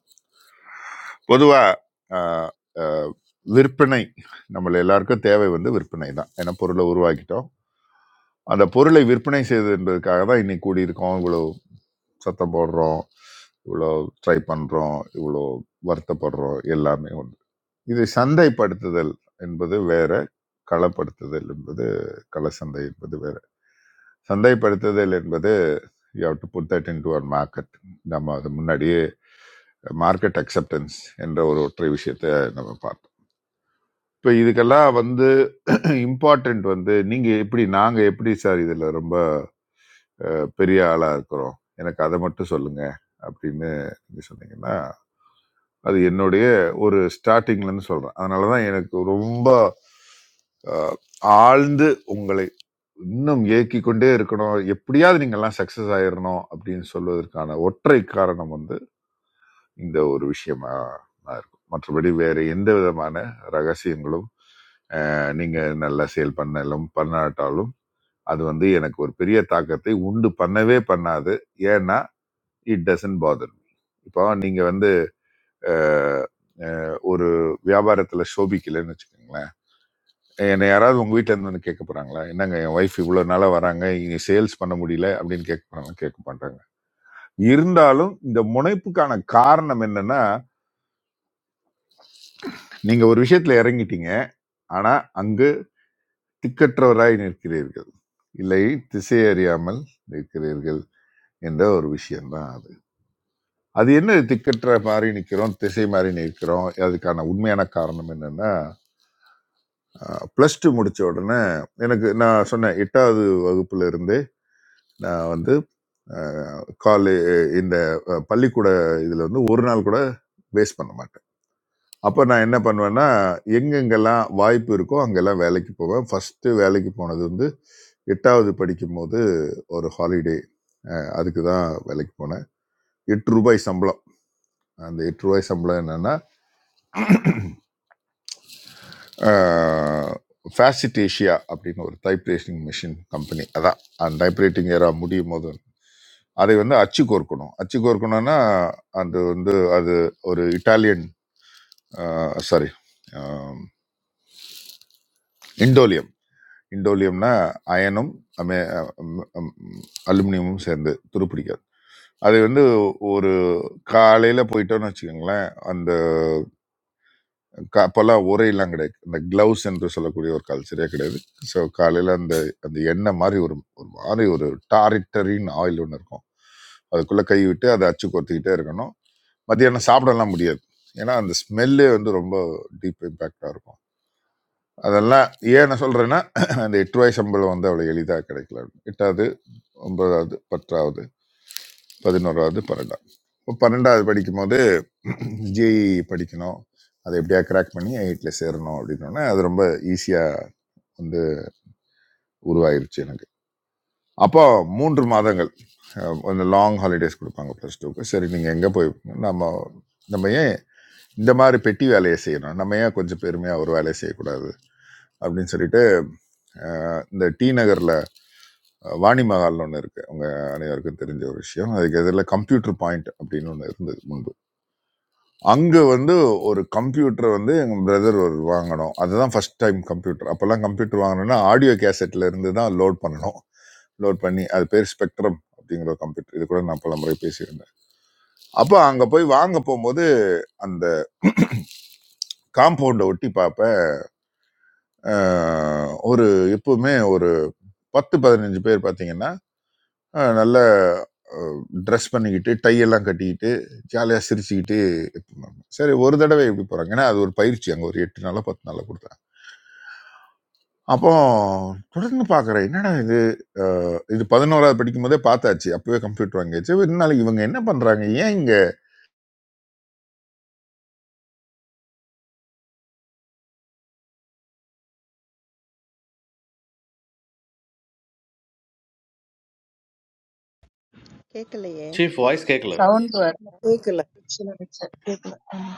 F: பொதுவாக விற்பனை நம்ம எல்லாருக்கும் தேவை வந்து விற்பனை தான் ஏன்னா பொருளை உருவாக்கிட்டோம் அந்த பொருளை விற்பனை செய்வது என்பதற்காக தான் இன்னைக்கு கூடியிருக்கோம் இவ்வளோ சத்தம் போடுறோம் இவ்வளோ ட்ரை பண்ணுறோம் இவ்வளோ வருத்தப்படுறோம் எல்லாமே ஒன்று இது சந்தைப்படுத்துதல் என்பது வேற களப்படுத்துதல் என்பது கள சந்தை என்பது வேற சந்தைப்படுத்துதல் என்பது you have to put that into our market நம்ம அது முன்னாடியே மார்க்கெட் அக்செப்டன்ஸ் என்ற ஒரு ஒற்றை விஷயத்தை நம்ம பார்த்தோம் இப்போ இதுக்கெல்லாம் வந்து *clears throat* இம்பார்ட்டன்ட் வந்து நீங்கள் எப்படி நாங்கள் எப்படி சார் இதில் ரொம்ப பெரிய ஆளாக இருக்கிறோம் எனக்கு அதை மட்டும் சொல்லுங்க அப்படின்னு நீங்க சொன்னீங்கன்னா அது என்னுடைய ஒரு ஸ்டார்டிங்லேருந்து சொல்கிறேன் அதனால தான் எனக்கு ரொம்ப அஹ், ஆழ்ந்து உங்களை இன்னும் ஏக்கிக் கொண்டே இருக்கணும் எப்படியாவது நீங்கள்லாம் சக்ஸஸ் ஆயிடணும் அப்படின்னு சொல்வதற்கான ஒற்றை காரணம் வந்து இந்த ஒரு விஷயமா தான் இருக்கும் மற்றபடி வேற எந்த விதமான ரகசியங்களும் அஹ், நீங்க நல்லா சேல் பண்ணலும் பண்ணாட்டாலும் அது வந்து எனக்கு ஒரு பெரிய தாக்கத்தை உண்டு பண்ணவே பண்ணாது ஏன்னா இட் டசன்ட் பாதர் மீ. இப்போ நீங்க வந்து அஹ், அஹ், ஒரு வியாபாரத்துல சோபிக்கலைன்னு வச்சுக்கோங்களேன் என்னை யாராவது உங்க வீட்ல இருந்து வந்து கேட்க போறாங்களா என்னங்க என் ஒய்ஃப் இவ்வளவு நாளா வராங்க இங்க சேல்ஸ் பண்ண முடியல அப்படின்னு கேட்க போறாங்க கேட்க மாட்டாங்க இருந்தாலும் இந்த முனைப்புக்கான காரணம் என்னன்னா நீங்க ஒரு விஷயத்துல இறங்கிட்டீங்க ஆனா அங்கு திக்கற்றவராய் நிற்கிறீர்கள் இல்லை திசை அறியாமல் நிற்கிறீர்கள் என்ற ஒரு விஷயம்தான் அது அது என்ன திக்கற்ற மாதிரி நிற்கிறோம் திசை மாதிரி நிற்கிறோம் அதுக்கான உண்மையான காரணம் என்னன்னா ப்ளஸ் டூ முடிச்ச உடனே எனக்கு நான் சொன்னேன் எட்டாவது வகுப்புல இருந்தே நான் வந்து காலே இந்த அஹ், பள்ளிக்கூட இதுல வந்து ஒரு நாள் கூட வேஸ்ட் பண்ண மாட்டேன் அப்போ நான் என்ன பண்ணுவேன்னா எங்கெங்கெல்லாம் வாய்ப்பு இருக்கோ அங்கெல்லாம் வேலைக்கு போவேன். ஃபர்ஸ்ட்டு வேலைக்கு போனது வந்து 8வது படிக்கும்போது ஒரு ஹாலிடே அதுக்கு தான் வேலைக்கு போனேன். ரூ. 8 சம்பளம். அந்த ரூ. 8 சம்பளம் என்னன்னா, ஆ ஃபேசிட் ஏஷியா அப்படின்னு ஒரு டைப் ரைட்டிங் மிஷின் கம்பெனி. அதான் அந்த டைப் ரைட்டிங் எரா முடியும்போது அதை வந்து அச்சு கோர்க்கணும். அச்சு கோர்க்கணும்னா அது வந்து அது ஒரு இட்டாலியன் அ சாரி அ இண்டோலியம்னா அயனும் அமே அலுமினியமும் சேர்ந்து துருப்பிடிக்காது அது வந்து ஒரு காலையில் போயிட்டோன்னு வச்சுக்கோங்களேன் அந்த க- அப்போல்லாம் உரையெல்லாம் கிடையாது இந்த க்ளவுஸ் என்று சொல்லக்கூடிய ஒரு கல்ச்சரே கிடையாது ஸோ காலையில் அந்த அந்த எண்ணெய் மாதிரி ஒரு ஒரு மாதிரி ஒரு டாரிட்டரின் ஆயில் ஒன்று இருக்கும் அதுக்குள்ளே கை விட்டு அதை அச்சு கொத்திக்கிட்டே இருக்கணும் மத்தியானம் சாப்பிடலாம் முடியாது ஏன்னா அந்த ஸ்மெல்லே வந்து ரொம்ப டீப் இம்பேக்டாக இருக்கும் அதெல்லாம் ஏன் நான் சொல்கிறேன்னா அந்த எட்டு ரூபாய் சம்பளம் வந்து அவ்வளோ எளிதாக கிடைக்கல எட்டாவது ஒன்பதாவது பத்தாவது பதினோராவது பன்னெண்டாவது இப்போ பன்னெண்டாவது படிக்கும்போது *clears throat* ஜேஇ படிக்கணும் அதை எப்படியா கிராக் பண்ணி எயிட்ல சேரணும் அப்படின்னோடனே அது ரொம்ப ஈஸியாக வந்து உருவாயிருச்சு எனக்கு அப்போ மூன்று மாதங்கள் அஹ், அந்த லாங் ஹாலிடேஸ் கொடுப்பாங்க ப்ளஸ் டூக்கு சரி நீங்கள் எங்கே போய் நம்ம நம்ம ஏன் இந்த மாதிரி பெட்டி வேலையை செய்யணும் நம்ம ஏன் கொஞ்சம் பெருமையாக ஒரு வேலையை செய்யக்கூடாது அப்படின்னு சொல்லிட்டு அஹ், இந்த டி நகரில் அஹ் வாணி மகால்னு ஒன்று இருக்குது உங்கள் அனைவருக்கும் தெரிஞ்ச ஒரு விஷயம் அதுக்கு எதிரில் கம்ப்யூட்டர் பாயிண்ட் அப்படின்னு ஒன்று இருந்தது முன்பு அங்கே வந்து ஒரு கம்ப்யூட்டர் வந்து எங்கள் பிரதர் ஒரு வாங்கினோம் அதுதான் ஃபர்ஸ்ட் டைம் கம்ப்யூட்டர் அப்போல்லாம் கம்ப்யூட்டர் வாங்கணும்னா ஆடியோ கேசட்ல இருந்து தான் லோட் பண்ணணும் லோட் பண்ணி அது பேர் ஸ்பெக்ட்ரம் அப்படிங்கிற ஒரு கம்ப்யூட்டர் இது கூட நான் பல முறை பேசியிருந்தேன் அப்போ அங்கே போய் வாங்க போகும்போது அந்த காம்பவுண்டை ஒட்டி பார்ப்பேன் அஹ் ஒரு எப்பவுமே ஒரு பத்து பதினஞ்சு பேர் பார்த்தீங்கன்னா அஹ் நல்ல ட்ரெஸ் பண்ணிக்கிட்டு டை எல்லாம் கட்டிக்கிட்டு ஜாலியாக சிரிச்சுக்கிட்டு இருந்தாங்க சரி ஒரு தடவை எப்படி போகிறாங்க ஏன்னா அது ஒரு பயிற்சி அங்கே ஒரு எட்டு நாளாக பத்து நாளாக கொடுத்தாங்க அப்போ தொடர்ந்து பார்க்குறேன் என்னடா இது அஹ் இது பதினோராவது படிக்கும் போதே பார்த்தாச்சு அப்பவே கம்ப்யூட்டர் வாங்கியாச்சு இருந்தாலும் இவங்க என்ன பண்ணுறாங்க ஏன் இங்கே
B: கேட்கலையே
P: சீஃப் வாய்ஸ் கேட்கல
Q: soundware
O: say.
A: சொல்லுங்க sir. கேக்கல. ஆமா.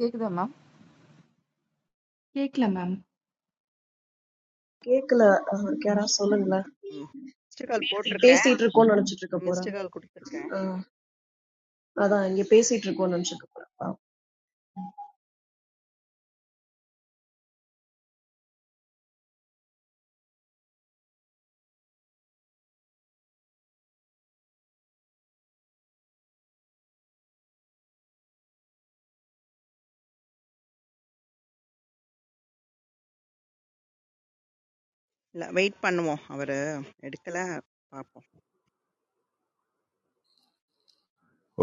L: கேக்குதா ma'am?
H: கேட்கல மேம்
A: கேக்கல. அஹ் யாராவது சொல்லுங்களேன்.
B: ம் மிஸ்டு கால் போட்டிருக்கேன்
A: பேசிட்டு இருக்கோம்னு நினைச்சிட்டு இருக்க
B: மிஸ்டு
A: போறாரு.
B: கால் கொடுத்துருக்கேன்
A: அஹ் அதான் இங்க பேசிட்டு இருக்கோம்னு நினைச்சிட்டு இருக்க போறாரு. பாவம்.
B: இல்லை வெயிட் பண்ணுவோம் அவர் எடுக்கல பார்ப்போம்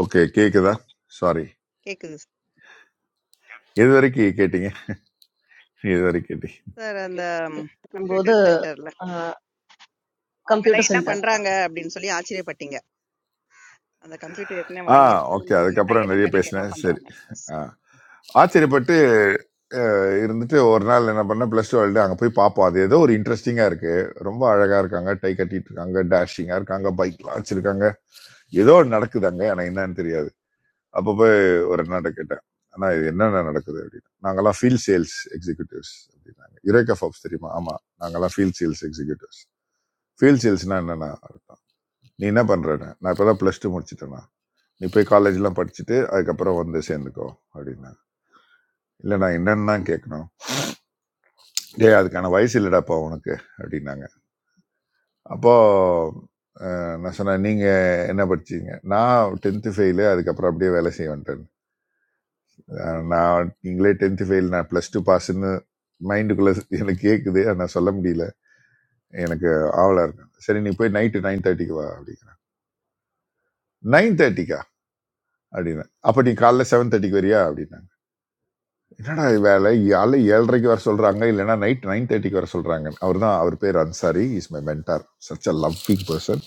F: ஓகே கேட்குதா சாரி
B: கேட்குது
F: எது வரைக்கும் கேட்டீங்க எது வரைக்கும் கேட்டீங்க
B: சார் அந்த
A: கேட்கும்போது
B: கம்ப்யூட்டர் சென்டரில் அவங்கெல்லாம்
A: கம்ப்யூட்டர்
B: என்ன
A: சென்டர்
B: பண்ணுறாங்க அப்படின்னு சொல்லி ஆச்சரியப்பட்டீங்க அந்த கம்ப்யூட்டர் ஏற்கனவே
F: ஆ
B: வாங்கியாச்சு
F: ஓகே.
B: இருந்தாலும் இவங்க
F: அதுக்கப்புறம்
B: கையெல்லாம்
F: நெறைய
B: கட்டிட்டு என்ன
F: பேசினேன். சரி.
B: பண்ணுறாங்க
F: ஆ. ஆச்சரியப்பட்டு அ இருந்துட்டு ஒரு நாள் என்ன பண்ணேன், பிளஸ் 2 எழுத அங்க போய் பார்ப்போம். அது ஏதோ ஒரு இன்ட்ரெஸ்டிங்கா இருக்கு. ரொம்ப அழகா இருக்காங்க. டை கட்டிட்டு இருக்காங்க. டாஷிங்கா இருக்காங்க. பைக்லாம் வச்சிருக்காங்க. ஏதோ ஒண்ணு நடக்குது அங்க. ஆனா என்னன்னு தெரியாது. அப்ப போய் ஒரு அண்ணாட்ட கேட்டேன். "அண்ணா இது என்னண்ணா நடக்குது?" அப்படின்னு. "நாங்கலாம் ஃபீல்ட் சேல்ஸ் எக்ஸிக்யூட்டிவ்ஸ்" அப்படின்னாங்க. யுரேகா ஃபார்ப்ஸ் தெரியுமா? ஆமா. நாங்கலாம் ஃபீல்ட் சேல்ஸ் எக்ஸிக்யூட்டிவ்ஸ். "ஃபீல்ட் சேல்ஸ்னா என்னண்ணா?" அப்படின்னா. "நீ என்ன பண்றண்ணா?" "நான் இப்பதான் பிளஸ் 2 முடிச்சிட்டேண்ணா." நீ போய் காலேஜ்லாம் படிச்சுட்டு அதுக்கப்புறம் வந்து சேர்ந்துக்கோ அப்படின்னாங்க இல்லை நான் என்னன்னு தான் கேட்கணும் டேய் அதுக்கான வயசு இல்லைடாப்பா உனக்கு அப்படின்னாங்க அப்போது நான் சொன்னேன் நீங்கள் என்ன படிச்சீங்க நான் டென்த்து ஃபெயிலு அதுக்கப்புறம் அப்படியே வேலை செய்ய வந்துட்டேன் அஹ் நான் நீங்களே டென்த்து ஃபெயில் நான் ப்ளஸ் டூ பாஸ்ன்னு மைண்டுக்குள்ளே எனக்கு கேட்குது ஆனா நான் சொல்ல முடியல எனக்கு ஆவலாக இருக்கேன் சரி நீ போய் நைட்டு நைன் தேர்ட்டிக்கு வா அப்படிங்கிற நைன் தேர்ட்டிக்கா அப்படின்னு அப்போ நீ காலைல செவன் தேர்ட்டிக்கு வரியா அப்படின்னு என்னடா இது வேலை காலை ஏழரைக்கு வர சொல்றாங்க இல்லைன்னா நைட் நைன் தேர்ட்டிக்கு வர சொல்றாங்க அவர் தான் அவர் பேர் Ansari is my mentor such a loving person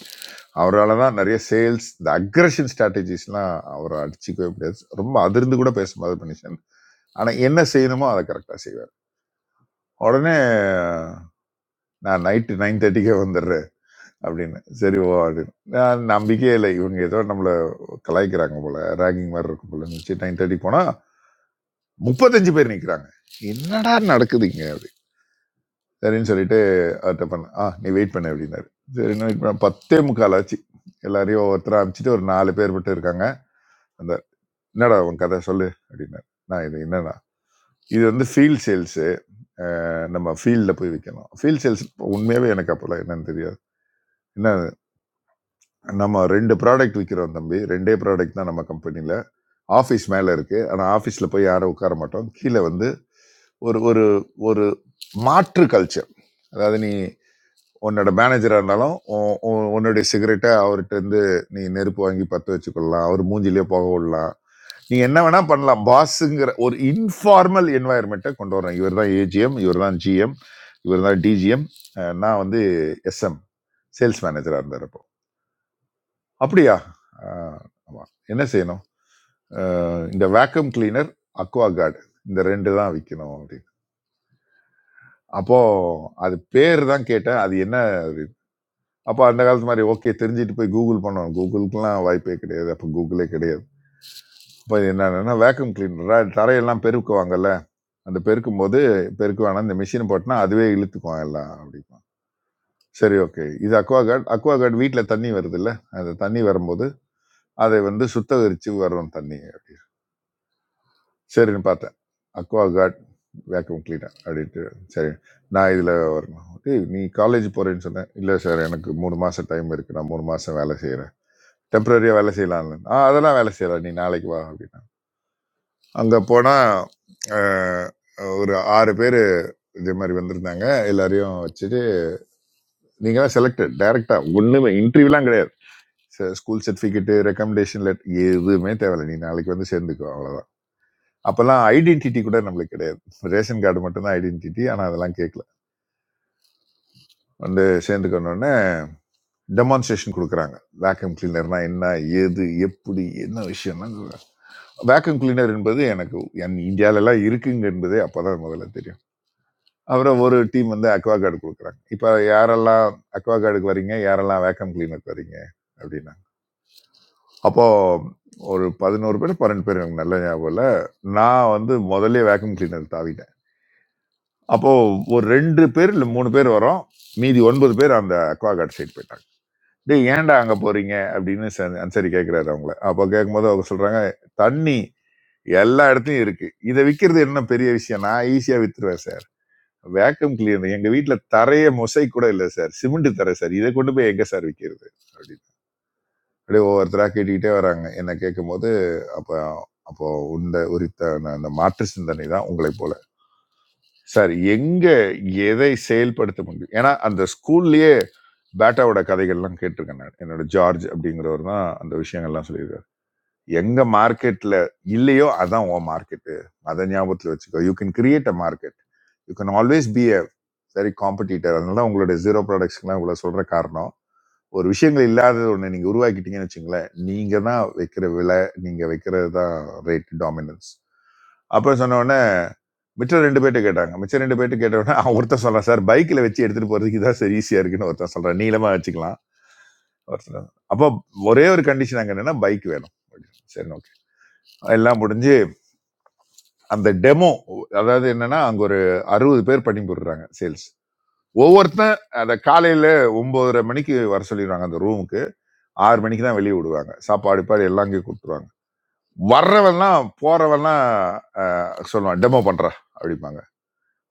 F: அவரால் தான் நிறைய சேல்ஸ் இந்த அக்ரஷன் ஸ்ட்ராட்டஜிஸ்லாம் அவரை அடிச்சுக்கவே முடியாது ரொம்ப அதிர்ந்து கூட பேச மாதிரி பண்ணிச்சேன் ஆனால் என்ன செய்யணுமோ அதை கரெக்டாக செய்வார் உடனே நான் நைட்டு நைன் தேர்ட்டிக்கே வந்துடுறேன் அப்படின்னு சரி ஓ அப்படின்னு நான் நம்பிக்கையே இல்லை இவங்க ஏதோ நம்மளை கலாய்க்கிறாங்க போல ரேகிங் மாதிரி இருக்கும் போல இருந்துச்சு நைன் தேர்ட்டி போனால் முப்பத்தஞ்சு பேர் நிற்கிறாங்க என்னடா நடக்குதுங்க சரின்னு சொல்லிட்டு அவர்கிட்ட பண்ண ஆ நீ வெயிட் பண்ணு அப்படின்னாரு சரி இன்னும் வெயிட் பண்ண பத்தே முக்கால் ஆச்சு எல்லாரையும் ஒவ்வொருத்தராக அனுப்பிச்சிட்டு ஒரு நாலு பேர் மட்டும் இருக்காங்க அந்த என்னடா உன் கதை சொல்லு அப்படின்னாரு நான் இது என்னன்னா இது வந்து ஃபீல்ட் சேல்ஸு நம்ம ஃபீல்டில் போய் விற்கணும் ஃபீல்ட் சேல்ஸ் உண்மையாகவே எனக்கு அப்போல்லாம் என்னன்னு தெரியாது என்ன நம்ம ரெண்டு ப்ராடக்ட் விற்கிறோம் தம்பி ரெண்டே ப்ராடக்ட் தான் நம்ம கம்பெனியில் ஆஃபீஸ் மேலே இருக்குது ஆனால் ஆஃபீஸில் போய் யாரும் உட்கார மாட்டோம் கீழே வந்து ஒரு ஒரு ஒரு மாற்று கல்ச்சர் அதாவது நீ உன்னோட மேனேஜராக இருந்தாலும் உன் உன்- உன்னுடைய சிகரெட்டை அவர்கிட்ட இருந்து நீ நெருப்பு வாங்கி பற்ற வச்சுக்கொள்ளலாம் அவர் மூஞ்சிலேயே போக விடலாம் நீ என்ன வேணா பண்ணலாம் பாஸுங்கிற ஒரு இன்ஃபார்மல் என்வாயர்மெண்ட்டை கொண்டு வரணும் இவர் தான் ஏஜிஎம் இவர் தான் ஜிஎம் இவர் தான் டிஜிஎம் நான் வந்து எஸ்எம் சேல்ஸ் மேனேஜராக இருந்தாரப்போ அப்படியா அஹ், ஆமா என்ன செய்யணும் அஹ், இந்த வேக்யூம் கிளீனர் அக்வா கார்டு இந்த ரெண்டு தான் விற்கணும் அப்படின்னு அப்போ அது பேர் தான் கேட்டேன் அது என்ன அப்போ அந்த காலத்து மாதிரி ஓகே தெரிஞ்சுட்டு போய் கூகுள் பண்ணோம் கூகுளுக்குலாம் வாய்ப்பே கிடையாது அப்போ கூகுளே கிடையாது அப்போ என்னன்னா வேக்யூம் கிளீனராக தரையெல்லாம் பெருக்குவாங்கல்ல அந்த பெருக்கும் போது பெருக்கு வேணாம் இந்த மிஷினை போட்டுனா அதுவே இழுத்துக்கும் எல்லாம் அப்படிமா சரி ஓகே இது அக்வாகார்டு அக்வாகார்டு வீட்டில் தண்ணி வருது இல்லை அந்த தண்ணி வரும்போது அதை வந்து சுத்தகரித்து வரும் தண்ணி அப்படி சரின்னு பார்த்தேன் அக்வாகார்டு வேக்யூம் கிளீனர் அப்படின்ட்டு சரி நான் இதில் வரணும் டேய் நீ காலேஜ் போகிறேன்னு சொன்னேன் இல்லை சார் எனக்கு மூணு மாதம் டைம் இருக்குது நான் மூணு மாதம் வேலை செய்கிறேன் டெம்பரரியாக வேலை செய்யலாம்னு ஆ அதெல்லாம் வேலை செய்யலாம் நீ நாளைக்கு வா அப்படின்னா அங்கே போனால் ஒரு ஆறு பேர் இதே மாதிரி வந்திருந்தாங்க எல்லாரையும் வச்சுட்டு நீங்களாம் செலக்டட் டைரெக்டாக ஒன்றுமே இன்டர்வியூலாம் கிடையாது ஸ்கூல் சர்டிஃபிகேட்டு ரெக்கமெண்டேஷன் லெட் எதுவுமே தேவையில்லை நீ நாளைக்கு வந்து சேர்ந்துக்கோ அவ்வளோதான் அப்போல்லாம் ஐடென்டிட்டி கூட நம்மளுக்கு கிடையாது ரேஷன் கார்டு மட்டும்தான் ஐடென்டிட்டி ஆனால் அதெல்லாம் கேட்கல வந்து சேர்ந்துக்கணுன்னே டெமான்ஸ்ட்ரேஷன் கொடுக்குறாங்க வேக்கம் கிளீனர்னா என்ன ஏது எப்படி என்ன விஷயம்லாம் வேக்யூம் கிளீனர் என்பது எனக்கு என் இந்தியாவிலலாம் இருக்குங்க என்பதே அப்போ தான் முதல்ல தெரியும் அப்புறம் ஒரு டீம் வந்து அக்வா கார்டு கொடுக்குறாங்க இப்போ யாரெல்லாம் அக்வா கார்டுக்கு வரீங்க யாரெல்லாம் வேக்யூம் கிளீனருக்கு வரீங்க அப்படின்னா அப்போது ஒரு பதினோரு பேர் பன்னெண்டு பேர் எனக்கு நல்ல ஞாபகம் இல்லை நான் வந்து முதல்ல வேக்யூம் கிளீனர் தாவிட்டேன் அப்போது ஒரு ரெண்டு பேர் இல்லை மூணு பேர் வரோம் மீதி ஒன்பது பேர் அந்த அக்வா கார்டு சைடு போயிட்டாங்க டேய் ஏன்டா அங்கே போறீங்க அப்படின்னு ச- அன்சாரி கேட்குறாரு அவங்கள அப்போ கேட்கும்போது அவங்க சொல்றாங்க தண்ணி எல்லா இடத்துலயும் இருக்கு இதை விற்கிறது என்ன பெரிய விஷயம் நான் ஈஸியா வித்துருவேன் சார் வேக்கம் கிளீனர் எங்க வீட்ல தரைய மொசை கூட இல்லை சார் சிமெண்ட் தரை சார் இதை கொண்டு போய் எங்க சார் விற்கிறது அப்படின்னு அப்படியே ஒவ்வொருத்தராக கேட்டுக்கிட்டே வராங்க என்ன கேட்கும்போது அப்போ அப்போ உண்ட உரித்த அந்த மாற்று சிந்தனை தான் உங்களை போல சார் எங்க எதை செயல்படுத்த முடியும் ஏன்னா அந்த ஸ்கூல்லயே பேட்டாவோட கதைகள்லாம் கேட்டிருக்கேன் நான் என்னோட ஜார்ஜ் அப்படிங்கிறவர் தான் அந்த விஷயங்கள்லாம் சொல்லியிருக்காரு எங்க மார்க்கெட்ல இல்லையோ அதான் உன் மார்க்கெட்டு அதை ஞாபகத்தில் வச்சுக்கோ you can create a market you can always be a very competitor அதனால தான் உங்களுடைய ஜீரோ ப்ராடக்ட்ஸ்க்குலாம் இவ்வளோ சொல்ற காரணம் ஒரு விஷயங்கள் இல்லாதது ஒன்று நீங்கள் உருவாக்கிட்டீங்கன்னு வச்சுங்களேன் நீங்கள் தான் வைக்கிற விலை நீங்கள் வைக்கிறது தான் ரேட் டாமினன்ஸ் அப்புறம் சொன்ன உடனே மிச்சம் ரெண்டு பேர்ட்ட கேட்டாங்க மிச்சம் ரெண்டு பேர்ட்ட கேட்ட உடனே *laughs* அவன் ஒருத்தன் சொல்கிறான் சார் பைக்கில் வச்சு எடுத்துகிட்டு போகிறதுக்கு இதான் சார் ஈஸியாக இருக்குன்னு ஒருத்தன் சொல்கிறான் நீளமாக வச்சுக்கலாம் ஒருத்தன் அப்போ ஒரே ஒரு கண்டிஷன் அங்கே என்னென்னா பைக் வேணும் Okay, சரி ஓகே எல்லாம் முடிஞ்சு அந்த டெமோ அதாவது என்னன்னா அங்கே ஒரு அறுபது பேர் பண்ணி போடுறாங்க சேல்ஸ் ஒவ்வொருத்தன் அதை காலையில ஒன்பதரை மணிக்கு வர சொல்லிடுவாங்க அந்த ரூமுக்கு ஆறு மணிக்கு தான் வெளியே விடுவாங்க சாப்பாடு பாடு எல்லாம் அங்கேயே கொடுத்துருவாங்க வர்றவன்லாம் போறவன்லாம் ஆஹ், சொல்லுவான் டெமோ பண்ற அப்படிம்பாங்க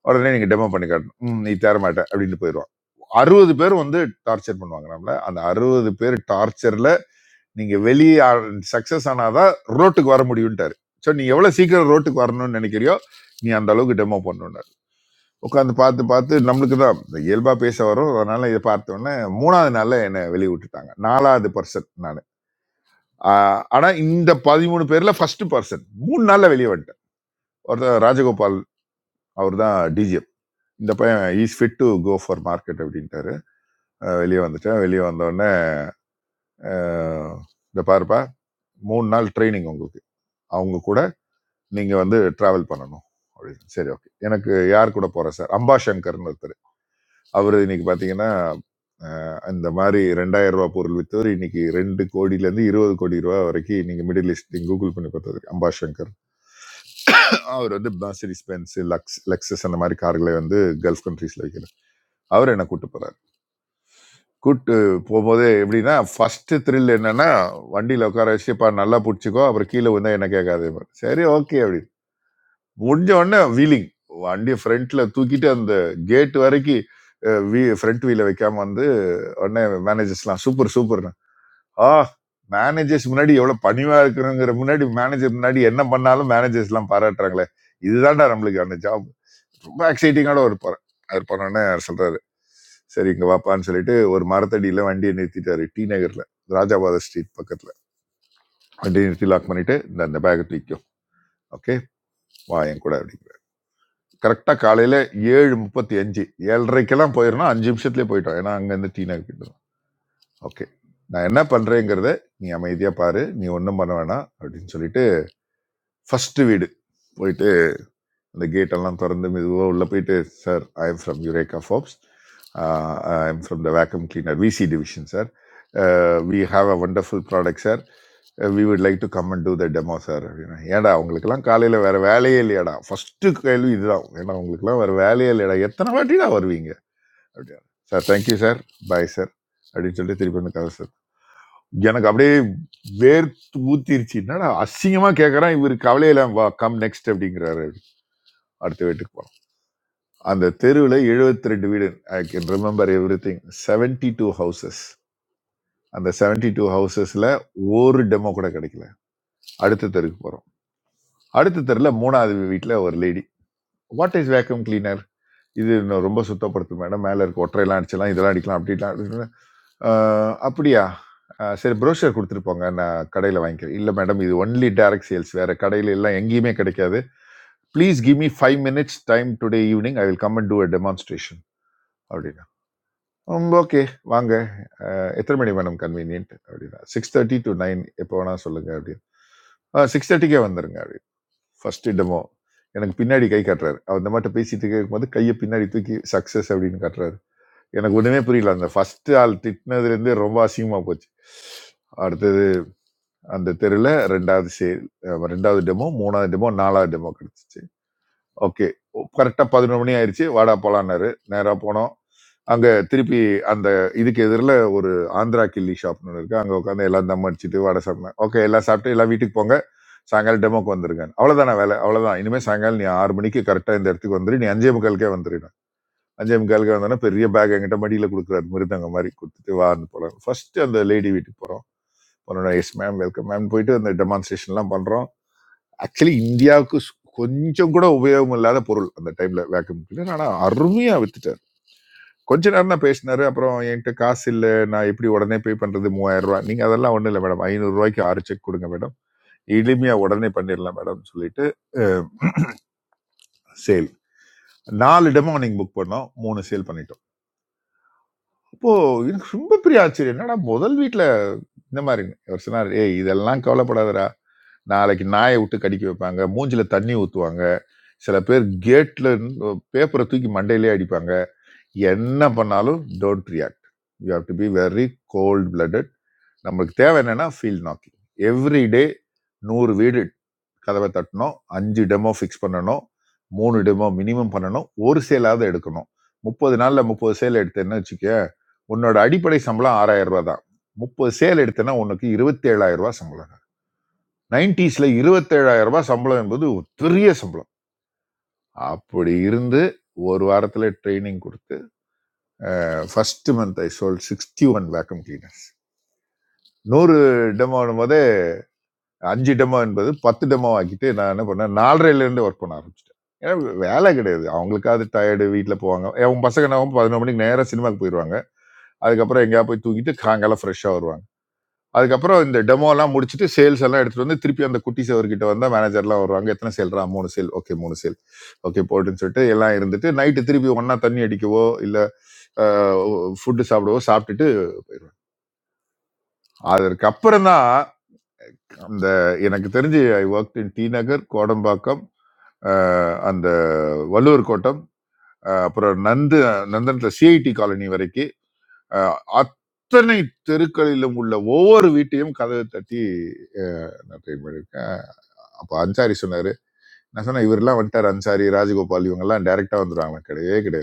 F: உடனே நீங்க டெமோ பண்ணி காட்டணும் "ம், நீ தேர மாட்ட அப்படின்னு போயிடுவான் அறுபது பேர் வந்து டார்ச்சர் பண்ணுவாங்க நம்மள அந்த அறுபது பேர் டார்ச்சர்ல நீங்க வெளியே சக்சஸ் ஆனாதான் ரோட்டுக்கு வர முடியும்ட்டாரு ஸோ நீ எவ்வளவு சீக்கிரம் ரோட்டுக்கு வரணும்னு நினைக்கிறியோ நீ அந்த அளவுக்கு டெமோ பண்ணணும் உட்காந்து பார்த்து பார்த்து நம்மளுக்கு தான் இயல்பாக பேச வரும் அதனால இதை பார்த்த உடனே மூணாவது நாளில் என்னை வெளியே விட்டுட்டாங்க நாலாவது பர்சன் நான் ஆனால் இந்த பதிமூணு பேரில் ஃபர்ஸ்ட் பர்சன் மூணு நாளில் வெளியே வந்துட்டேன் ஒருத்தர் ராஜகோபால் அவர் தான் டிஜிஎம் இந்த பையன் is fit to go for market அப்படின்ட்டாரு அஹ் வெளியே வந்துட்டேன் வெளியே வந்தோடனே இந்த பாருப்பா மூணு நாள் ட்ரைனிங் உங்களுக்கு அவங்க கூட நீங்கள் வந்து ட்ராவல் பண்ணணும் அப்படின்னு சரி ஓகே எனக்கு யார் கூட போகிறேன் சார் அம்பா சங்கர்னு ஒருத்தர் அவர் இன்னைக்கு பார்த்தீங்கன்னா அஹ், இந்த மாதிரி ரெண்டாயிரம் ரூபாய் பொருள் விற்றவர் இன்னைக்கு ரெண்டு கோடியிலேருந்து இருபது கோடி ரூபா வரைக்கும் இன்னைக்கு மிடில் ஈஸ்ட் கூகுள் பண்ணி பார்த்தது அம்பா சங்கர் அவர் வந்து மர்சிடிஸ் பென்ஸ் லக்ஸ் லெக்ஸஸ் அந்த மாதிரி கார்களை வந்து கல்ஃப் கண்ட்ரீஸில் வைக்கிறார் அவர் என்ன கூட்டு போறாரு கூட்டு போகும்போது எப்படின்னா ஃபர்ஸ்ட் த்ரில் என்னன்னா வண்டியில் உட்கார வச்சுப்பா நல்லா பிடிச்சிக்கோ அப்புறம் கீழே வந்தா என்ன கேட்காது சரி ஓகே அப்படி முடிஞ்ச உடனே வீலிங் வண்டியை ஃப்ரண்ட்ல தூக்கிட்டு அந்த கேட் வரைக்கும் ஃப்ரண்ட் வீல வைக்காம வந்து உடனே மேனேஜர்ஸ்லாம் சூப்பர் சூப்பர்ண்ணா ஆ மேனேஜர்ஸ் முன்னாடி எவ்வளவு பணிவா இருக்கணுங்கிற முன்னாடி மேனேஜர் முன்னாடி என்ன பண்ணாலும் மேனேஜர்ஸ்லாம் பாராட்டுறாங்களே இதுதான்டா நம்மளுக்கு அந்த ஜாப் ரொம்ப எக்ஸைட்டிங்கான ஒரு படம் அவர் பண்ணோடனே சொல்றாரு சரி இங்க வாப்பான்னு சொல்லிட்டு ஒரு மரத்தடியில வண்டியை நிறுத்திட்டாரு டி நகர்ல ராஜாபாத ஸ்ட்ரீட் பக்கத்துல வண்டியை நிறுத்தி லாக் பண்ணிட்டு இந்த அந்த பேக்கை தூக்கிக்கும் ஓகே வா என் கூட அப்படிங்கிறார் கரெக்டா காலையில ஏழு முப்பத்தி அஞ்சு ஏழரைக்கெல்லாம் போயிடணும் அஞ்சு நிமிஷத்துலயே போயிட்டோம் ஏன்னா அங்க இருந்து டி நகர் கிட்ட ஓகே நான் என்ன பண்றேங்கிறத நீ அமைதியா பாரு நீ ஒன்றும் பண்ண வேணாம் அப்படின்னு சொல்லிட்டு ஃபர்ஸ்ட் வீடு போயிட்டு அந்த கேட் எல்லாம் திறந்து மெதுவாக உள்ள போயிட்டு sir I am from Eureka Forbes I am from the vacuum cleaner VC division sir we have a wonderful product sir we would like to come and do the demo sir அப்படின்னா ஏடா அவங்களுக்குலாம் காலையில் வேற வேலையே இல்லையாடா first கேள்வி இதுதான் ஏன்னா அவங்களுக்குலாம் வேற வேலையே இல்லையாடா எத்தனை வாட்டிடா வருவீங்க அப்படின்னா sir thank you sir bye sir அப்படின்னு சொல்லிட்டு திருப்பி வந்து கதை சார். எனக்கு அப்படியே வேர்த்து ஊத்திருச்சு என்னடா அசிங்கமா கேட்கறான் இவர் கவலையில வா கம் நெக்ஸ்ட் அப்படிங்கிறாரு அடுத்த வீட்டுக்கு போனோம் அந்த தெருவில் 72 ரெண்டு வீடு I can remember everything seventy two houses அந்த 72 டூ ஹவுசஸில் ஒரு டெமோ கூட கிடைக்கல அடுத்த தெருக்கு போகிறோம் அடுத்த தெருவில் மூணாவது வீட்டில் ஒரு lady what is vacuum cleaner இது இன்னும் ரொம்ப சுத்தப்படுத்தும் மேடம் மேலே இருக்க ஒற்றையெல்லாம் அடிச்சலாம் இதெல்லாம் அடிக்கலாம் அப்படிலாம் அடிக்கலாம். ஆஹ் அப்படியா ஆஹ் சரி ப்ரோஷர் கொடுத்துருப்போங்க நான் கடையில் வாங்கிக்கிறேன் இல்லை மேடம் இது ஒன்லி டைரக்ட் சேல்ஸ் வேறு கடையில் எல்லாம் எங்கேயுமே கிடைக்காது please give me five minutes time today evening I will come and do a demonstration அப்படின்னா ஓகே வாங்க ஆஹ் எத்தனை மணி மேடம் கன்வீனியன்ட் அப்படின்னா சிக்ஸ் தேர்ட்டி டு நைன் எப்போ வேணால் சொல்லுங்கள் அப்படின்னு சிக்ஸ் தேர்ட்டிக்கே வந்துருங்க ஃபர்ஸ்ட் டெமோ எனக்கு பின்னாடி கை காட்டுறாரு அவர் இந்த மாட்ட பேசிட்டு இருக்கும்போது கையை பின்னாடி தூக்கி சக்சஸ் அப்படின்னு காட்டுறாரு எனக்கு ஒண்ணுமே புரியல அந்த ஃபர்ஸ்ட் ஆள் திட்டினதுலேருந்தே ரொம்ப அசிங்கமா போச்சு அடுத்தது அந்த தெருவில் ரெண்டாவது சேல் ரெண்டாவது டெமோ மூணாவது டெமோ நாலாவது டெமோ கிடைச்சிச்சு ஓகே கரெக்டாக பதினொரு மணி ஆயிடுச்சு வாடா போலான்னாரு நேராக போனோம் அங்கே திருப்பி அந்த இதுக்கு எதிரில் ஒரு ஆந்திரா கில்லி ஷாப்னு ஒன்று இருக்கு அங்கே உட்காந்து எல்லாம் தம் அடிச்சுட்டு வடை சாப்பிட்டேன் ஓகே எல்லாம் சாப்பிட்டு எல்லாம் வீட்டுக்கு போங்க சாயங்காலம் டெமோக்கு வந்துருங்க அவ்வளோதான வேலை அவ்வளோதான் இனிமேல் சாயங்காலம் நீ ஆறு மணிக்கு கரெக்டாக இந்த இடத்துக்கு வந்துரு நீ அஞ்சே முக்காலுக்கே வந்துடுனா அஞ்சே முக்காலுக்கே வந்தோன்னா பெரிய பேக் என்கிட்ட மடியில் கொடுக்குறாரு மிருதங்க மாதிரி கொடுத்துட்டு வா வந்து போகலாம் ஃபர்ஸ்ட் அந்த லேடி வீட்டுக்கு போகிறோம் போனோம் எஸ் மேம் வெல்கம் மேம் போயிட்டு அந்த டெமான்ஸ்ட்ரேஷன்லாம் பண்ணுறோம் ஆக்சுவலி இந்தியாவுக்கு சு- கொஞ்சம் கூட உபயோகம் இல்லாத பொருள் அந்த டைம்ல வேக்கம் கிளீனர் ஆனா அருமையா வித்துட்டார் கொஞ்ச நேரம் தான் பேசினாரு அப்புறம் என்கிட்ட காசு இல்லை நான் எப்படி உடனே பே பண்றது மூவாயிரம் ரூபாய் நீங்க அதெல்லாம் ஒண்ணும் இல்லை மேடம் ஐநூறு ரூபாய்க்கு ஆறு செக் கொடுங்க மேடம் எளிமையா உடனே பண்ணிடலாம் மேடம் சொல்லிட்டு சேல் நாலு இடமும் அன்னைக்கு புக் பண்ணோம் மூணு சேல் பண்ணிட்டோம் அப்போ எனக்கு ரொம்ப பெரிய ஆச்சரியம் என்னடா முதல் வீட்டில் இந்த மாதிரி அவர் சொன்னார் ஏய் இதெல்லாம் கவலைப்படாதடா நாளைக்கு நாயை விட்டு கடிக்க வைப்பாங்க மூஞ்சில தண்ணி ஊற்றுவாங்க சில பேர் கேட்ல பேப்பரை தூக்கி மண்டையிலே அடிப்பாங்க என்ன பண்ணாலும் don't react you have to be very cold blooded நம்மளுக்கு தேவை என்னன்னா ஃபீல்ட் நாக்கிங் எவ்ரி டே நூறு வீடு கதவை தட்டணும் அஞ்சு டெமோ ஃபிக்ஸ் பண்ணணும் மூணு டெமோ மினிமம் பண்ணணும் ஒரு சேலாவது எடுக்கணும் முப்பது நாளில் முப்பது சேல் எடுத்தேன்னு வச்சுக்க உன்னோட அடிப்படை சம்பளம் ஆறாயிரம் ரூபாய் தான் முப்பது சேல் எடுத்தேன்னா உனக்கு இருபத்தேழாயிரம் ரூபாய் சம்பளம் 90s ல இருபத்தேழாயிரம் ரூபாய் சம்பளம் என்பது ஒரு பெரிய சம்பளம் அப்படி இருந்து ஒரு வாரத்தில் ட்ரைனிங் கொடுத்து first month I sold sixty one vacuum cleaners நூறு டெமோ போதே அஞ்சு டெமோ என்பது பத்து டெமோ ஆக்கிட்டு நான் என்ன பண்ணேன் நாலரைலேருந்து ஒர்க் பண்ண ஆரம்பிச்சிட்டேன் ஏன்னா வேலை கிடையாது அவங்களுக்காவது டயர்டு வீட்டில் போவாங்க அவங்க பசங்க என்ன ஆகும்? பதினொரு மணிக்கு நேராக சினிமாக்கு போயிடுவாங்க அதுக்கப்புறம் எங்கேயாவது போய் தூங்கிட்டு காங்காலம் ஃப்ரெஷ்ஷாக வருவாங்க அதுக்கப்புறம் இந்த டெமோலாம் முடிச்சுட்டு சேல்ஸ் எல்லாம் எடுத்துட்டு வந்து திருப்பி அந்த குட்டி சவர்கிட்ட வந்தால் மேனேஜர்லாம் வருவாங்க எத்தனை சேல்ரா மூணு சேல் ஓகே மூணு சேல் ஓகே போட்டுன்னு சொல்லிட்டு எல்லாம் இருந்துட்டு நைட்டு திருப்பி ஒன்றா தண்ணி அடிக்கவோ இல்லை ஃபுட்டு சாப்பிடவோ சாப்பிட்டுட்டு போயிடுவேன் அதற்கப்புறம் தான் அந்த எனக்கு தெரிஞ்சு I work in D Nagar Kodambakkam அஹ், அந்த வள்ளுவர் கோட்டம் அஹ், அப்புறம் நந்து நந்தனத்தில் சிஐடி காலனி வரைக்கும் அஹ், அத்தனை தெருக்களிலும் உள்ள ஒவ்வொரு வீட்டையும் கதவை தட்டி அஹ், நான் ட்ரை பண்ணியிருக்கேன் அப்போ அன்சாரி சொன்னார் நான் சொன்னேன் இவரெல்லாம் வந்துட்டார் அன்சாரி ராஜகோபால் இவங்கெல்லாம் டைரெக்டாக வந்துடுவாங்களா கிடையவே கிடையாது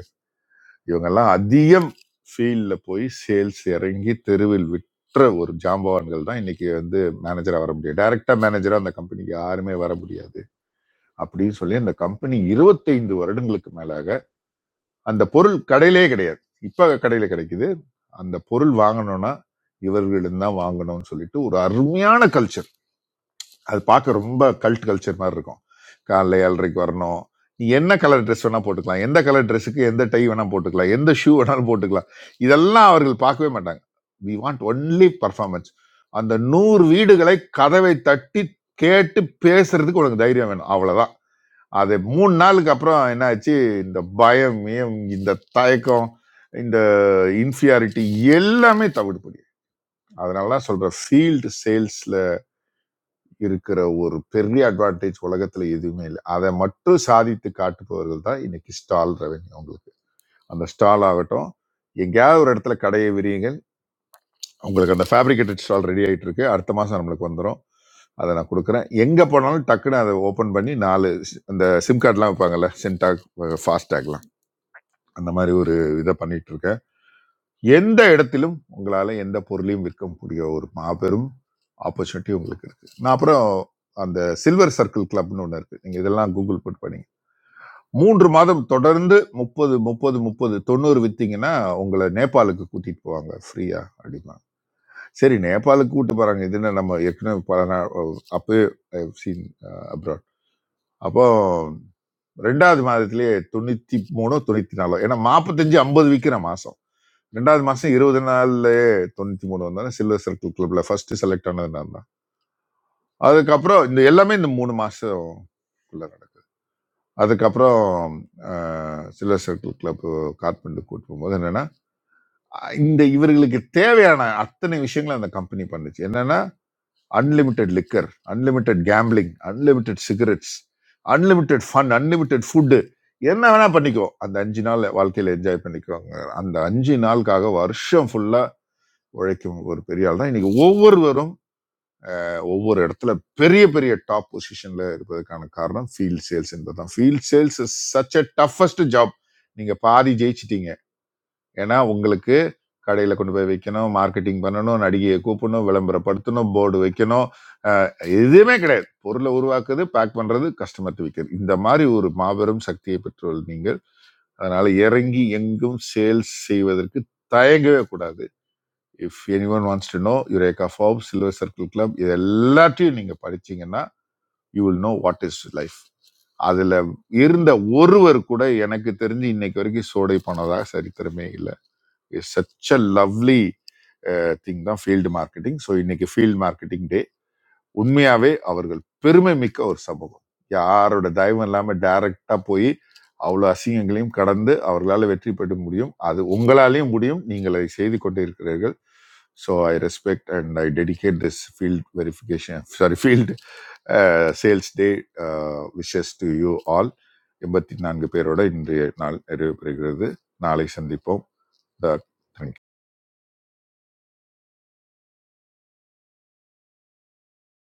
F: இவங்கெல்லாம் அதிகம் ஃபீல்டில் போய் சேல்ஸ் இறங்கி தெருவில் விற்ற ஒரு ஜாம்பவான்கள் தான் இன்னைக்கு வந்து மேனேஜராக வர முடியும் டைரக்டா மேனேஜராக அந்த கம்பெனிக்கு யாருமே வர முடியாது அப்படின்னு சொல்லி அந்த கம்பெனி இருபத்தைந்து வருடங்களுக்கு மேலாக அந்த பொருள் கடையிலே கிடையாது இப்போ கடையில கிடைக்குது அந்த பொருள் வாங்கணும்னா இவர்களிடம் தான் வாங்கணும்னு சொல்லிட்டு ஒரு அருமையான கல்ச்சர் அது பார்க்க ரொம்ப கல்ட் கல்ச்சர் மாதிரி இருக்கும் காலைல ஏழரைக்கு வரணும் நீ என்ன கலர் ட்ரெஸ் வேணால் போட்டுக்கலாம் எந்த கலர் ட்ரெஸ்ஸுக்கு எந்த டை வேணால் போட்டுக்கலாம் எந்த ஷூ வேணாலும் போட்டுக்கலாம் இதெல்லாம் அவர்கள் பார்க்கவே மாட்டாங்க வி வாண்ட் ஒன்லி பர்ஃபார்மன்ஸ் அந்த நூறு வீடுகளை கதவை தட்டி கேட்டு பேசுறதுக்கு உனக்கு தைரியம் வேணும் அவ்வளவுதான் அது மூணு நாளுக்கு அப்புறம் என்ன ஆச்சு இந்த பயம் ஏம், இந்த தயக்கம் இந்த இன்ஃபியாரிட்டி எல்லாமே தவிடுபடி அதனால தான் சொல்றேன் ஃபீல்டு சேல்ஸ்ல இருக்கிற ஒரு பெரிய அட்வான்டேஜ் உலகத்துல எதுவுமே இல்லை அதை மட்டும் சாதித்து காட்டுபவர்கள் தான் இன்னைக்கு ஸ்டால் ரெவன்யூ உங்களுக்கு அந்த ஸ்டால் ஆகட்டும் எங்கேயாவது ஒரு இடத்துல கடையை விரியுங்கள் உங்களுக்கு அந்த ஃபேப்ரிகேட்டட் ஸ்டால் ரெடி ஆயிட்டு இருக்கு அடுத்த மாசம் நம்மளுக்கு வந்துடும் அதை நான் கொடுக்குறேன் எங்கே போனாலும் டக்குன்னு அதை ஓப்பன் பண்ணி நாலு சி- அந்த சிம் கார்டெலாம் வைப்பாங்கல்ல சென்டாக் ஃபாஸ்டாக்லாம் அந்த மாதிரி ஒரு இதை பண்ணிட்டு இருக்கேன் எந்த இடத்திலும் உங்களால எந்த பொருளையும் விற்க முடிய ஒரு மாபெரும் ஆப்பர்ச்சுனிட்டி உங்களுக்கு இருக்கு நான் அப்புறம் அந்த சில்வர் சர்க்கிள் கிளப்னு ஒன்று இருக்கு நீங்க இதெல்லாம் கூகுள் புட் பண்ணி மூன்று மாதம் தொடர்ந்து முப்பது முப்பது முப்பது தொண்ணூறு வித்தீங்கன்னா உங்களை நேபாளுக்கு கூட்டிட்டு போவாங்க ஃப்ரீயா அப்படிமா சரி நேபாளுக்கு கூட்டு போறாங்க இது என்ன நம்ம ஏற்கனவே பல நாள் அப்பவே சீன் அப்ராட் அப்போ ரெண்டாவது மாதத்திலேயே தொண்ணூத்தி மூணோ தொண்ணூத்தி நாலோ ஏன்னா நாற்பத்தஞ்சு ஐம்பது விற்கிற மாசம் ரெண்டாவது மாசம் இருபது நாள்லயே தொண்ணூத்தி மூணு வந்தோடனே சில்வர் சர்க்கிள் கிளப்ல ஃபர்ஸ்ட் செலக்ட் ஆனது நான் தான் அதுக்கப்புறம் இந்த எல்லாமே இந்த மூணு மாசம் நடக்குது அதுக்கப்புறம் ஆஹ், சில்வர் சர்க்கிள் கிளப் காத்மண்டு கூட்டு போகும்போது என்னன்னா இந்த இவர்களுக்கு தேவையான அத்தனை விஷயங்களும் அந்த கம்பெனி பண்ணுச்சு என்னன்னா unlimited liquor unlimited gambling unlimited cigarettes unlimited fun unlimited food என்ன வேணா பண்ணிக்கோ அந்த அஞ்சு நாள் வாழ்க்கையில என்ஜாய் பண்ணிக்குவாங்க அந்த அஞ்சு நாளுக்காக வருஷம் ஃபுல்லா உழைக்கும் ஒரு பெரிய ஆள் தான் இன்னைக்கு ஒவ்வொருவரும் அஹ், ஒவ்வொரு இடத்துல பெரிய பெரிய டாப் பொசிஷன்ல இருப்பதற்கான காரணம் ஃபீல்ட் சேல்ஸ் என்பதுதான் field sales is such a toughest job நீங்க பாதி ஜெயிச்சிட்டீங்க ஏன்னா உங்களுக்கு கடையில கொண்டு போய் வைக்கணும் மார்க்கெட்டிங் பண்ணணும் நடிகையை கூப்பிடணும் விளம்பரப்படுத்தணும் போர்டு வைக்கணும் அஹ், எதுவுமே கிடையாது பொருளை உருவாக்குறது பேக் பண்றது கஸ்டமர் விற்கிறது இந்த மாதிரி ஒரு மாபெரும் சக்தியை பெற்றுள்ள நீங்கள் அதனால இறங்கி எங்கும் சேல்ஸ் செய்வதற்கு தயங்கவே கூடாது if any one wants to know Eureka Forbes silver circle club இது எல்லாத்தையும் நீங்கள் படிச்சீங்கன்னா you will know what is life அதில் இருந்த ஒருவர் கூட எனக்கு தெரிஞ்சு இன்னைக்கு வரைக்கும் சோடை போனதாக சரித்திரமே இல்லை it's such a lovely thing தான் ஃபீல்டு மார்க்கெட்டிங் ஸோ இன்னைக்கு ஃபீல்டு மார்க்கெட்டிங் டே உண்மையாவே அவர்கள் பெருமை மிக்க ஒரு சமூகம் யாரோட தயவும் இல்லாம டைரக்டா போய் அவ்வளோ அசிங்கங்களையும் கடந்து அவர்களால் வெற்றி பெற முடியும் அது உங்களாலையும் முடியும் நீங்கள் அதை செய்து கொண்டு இருக்கிறீர்கள் so I respect and I dedicate this field verification sorry field sales day wishes to you all எண்பத்தி நான்கு பேரோட இன்றைய நாள் நிறைவு பெறுகிறது நாளை சந்திப்போம் த தேங்க்யூ.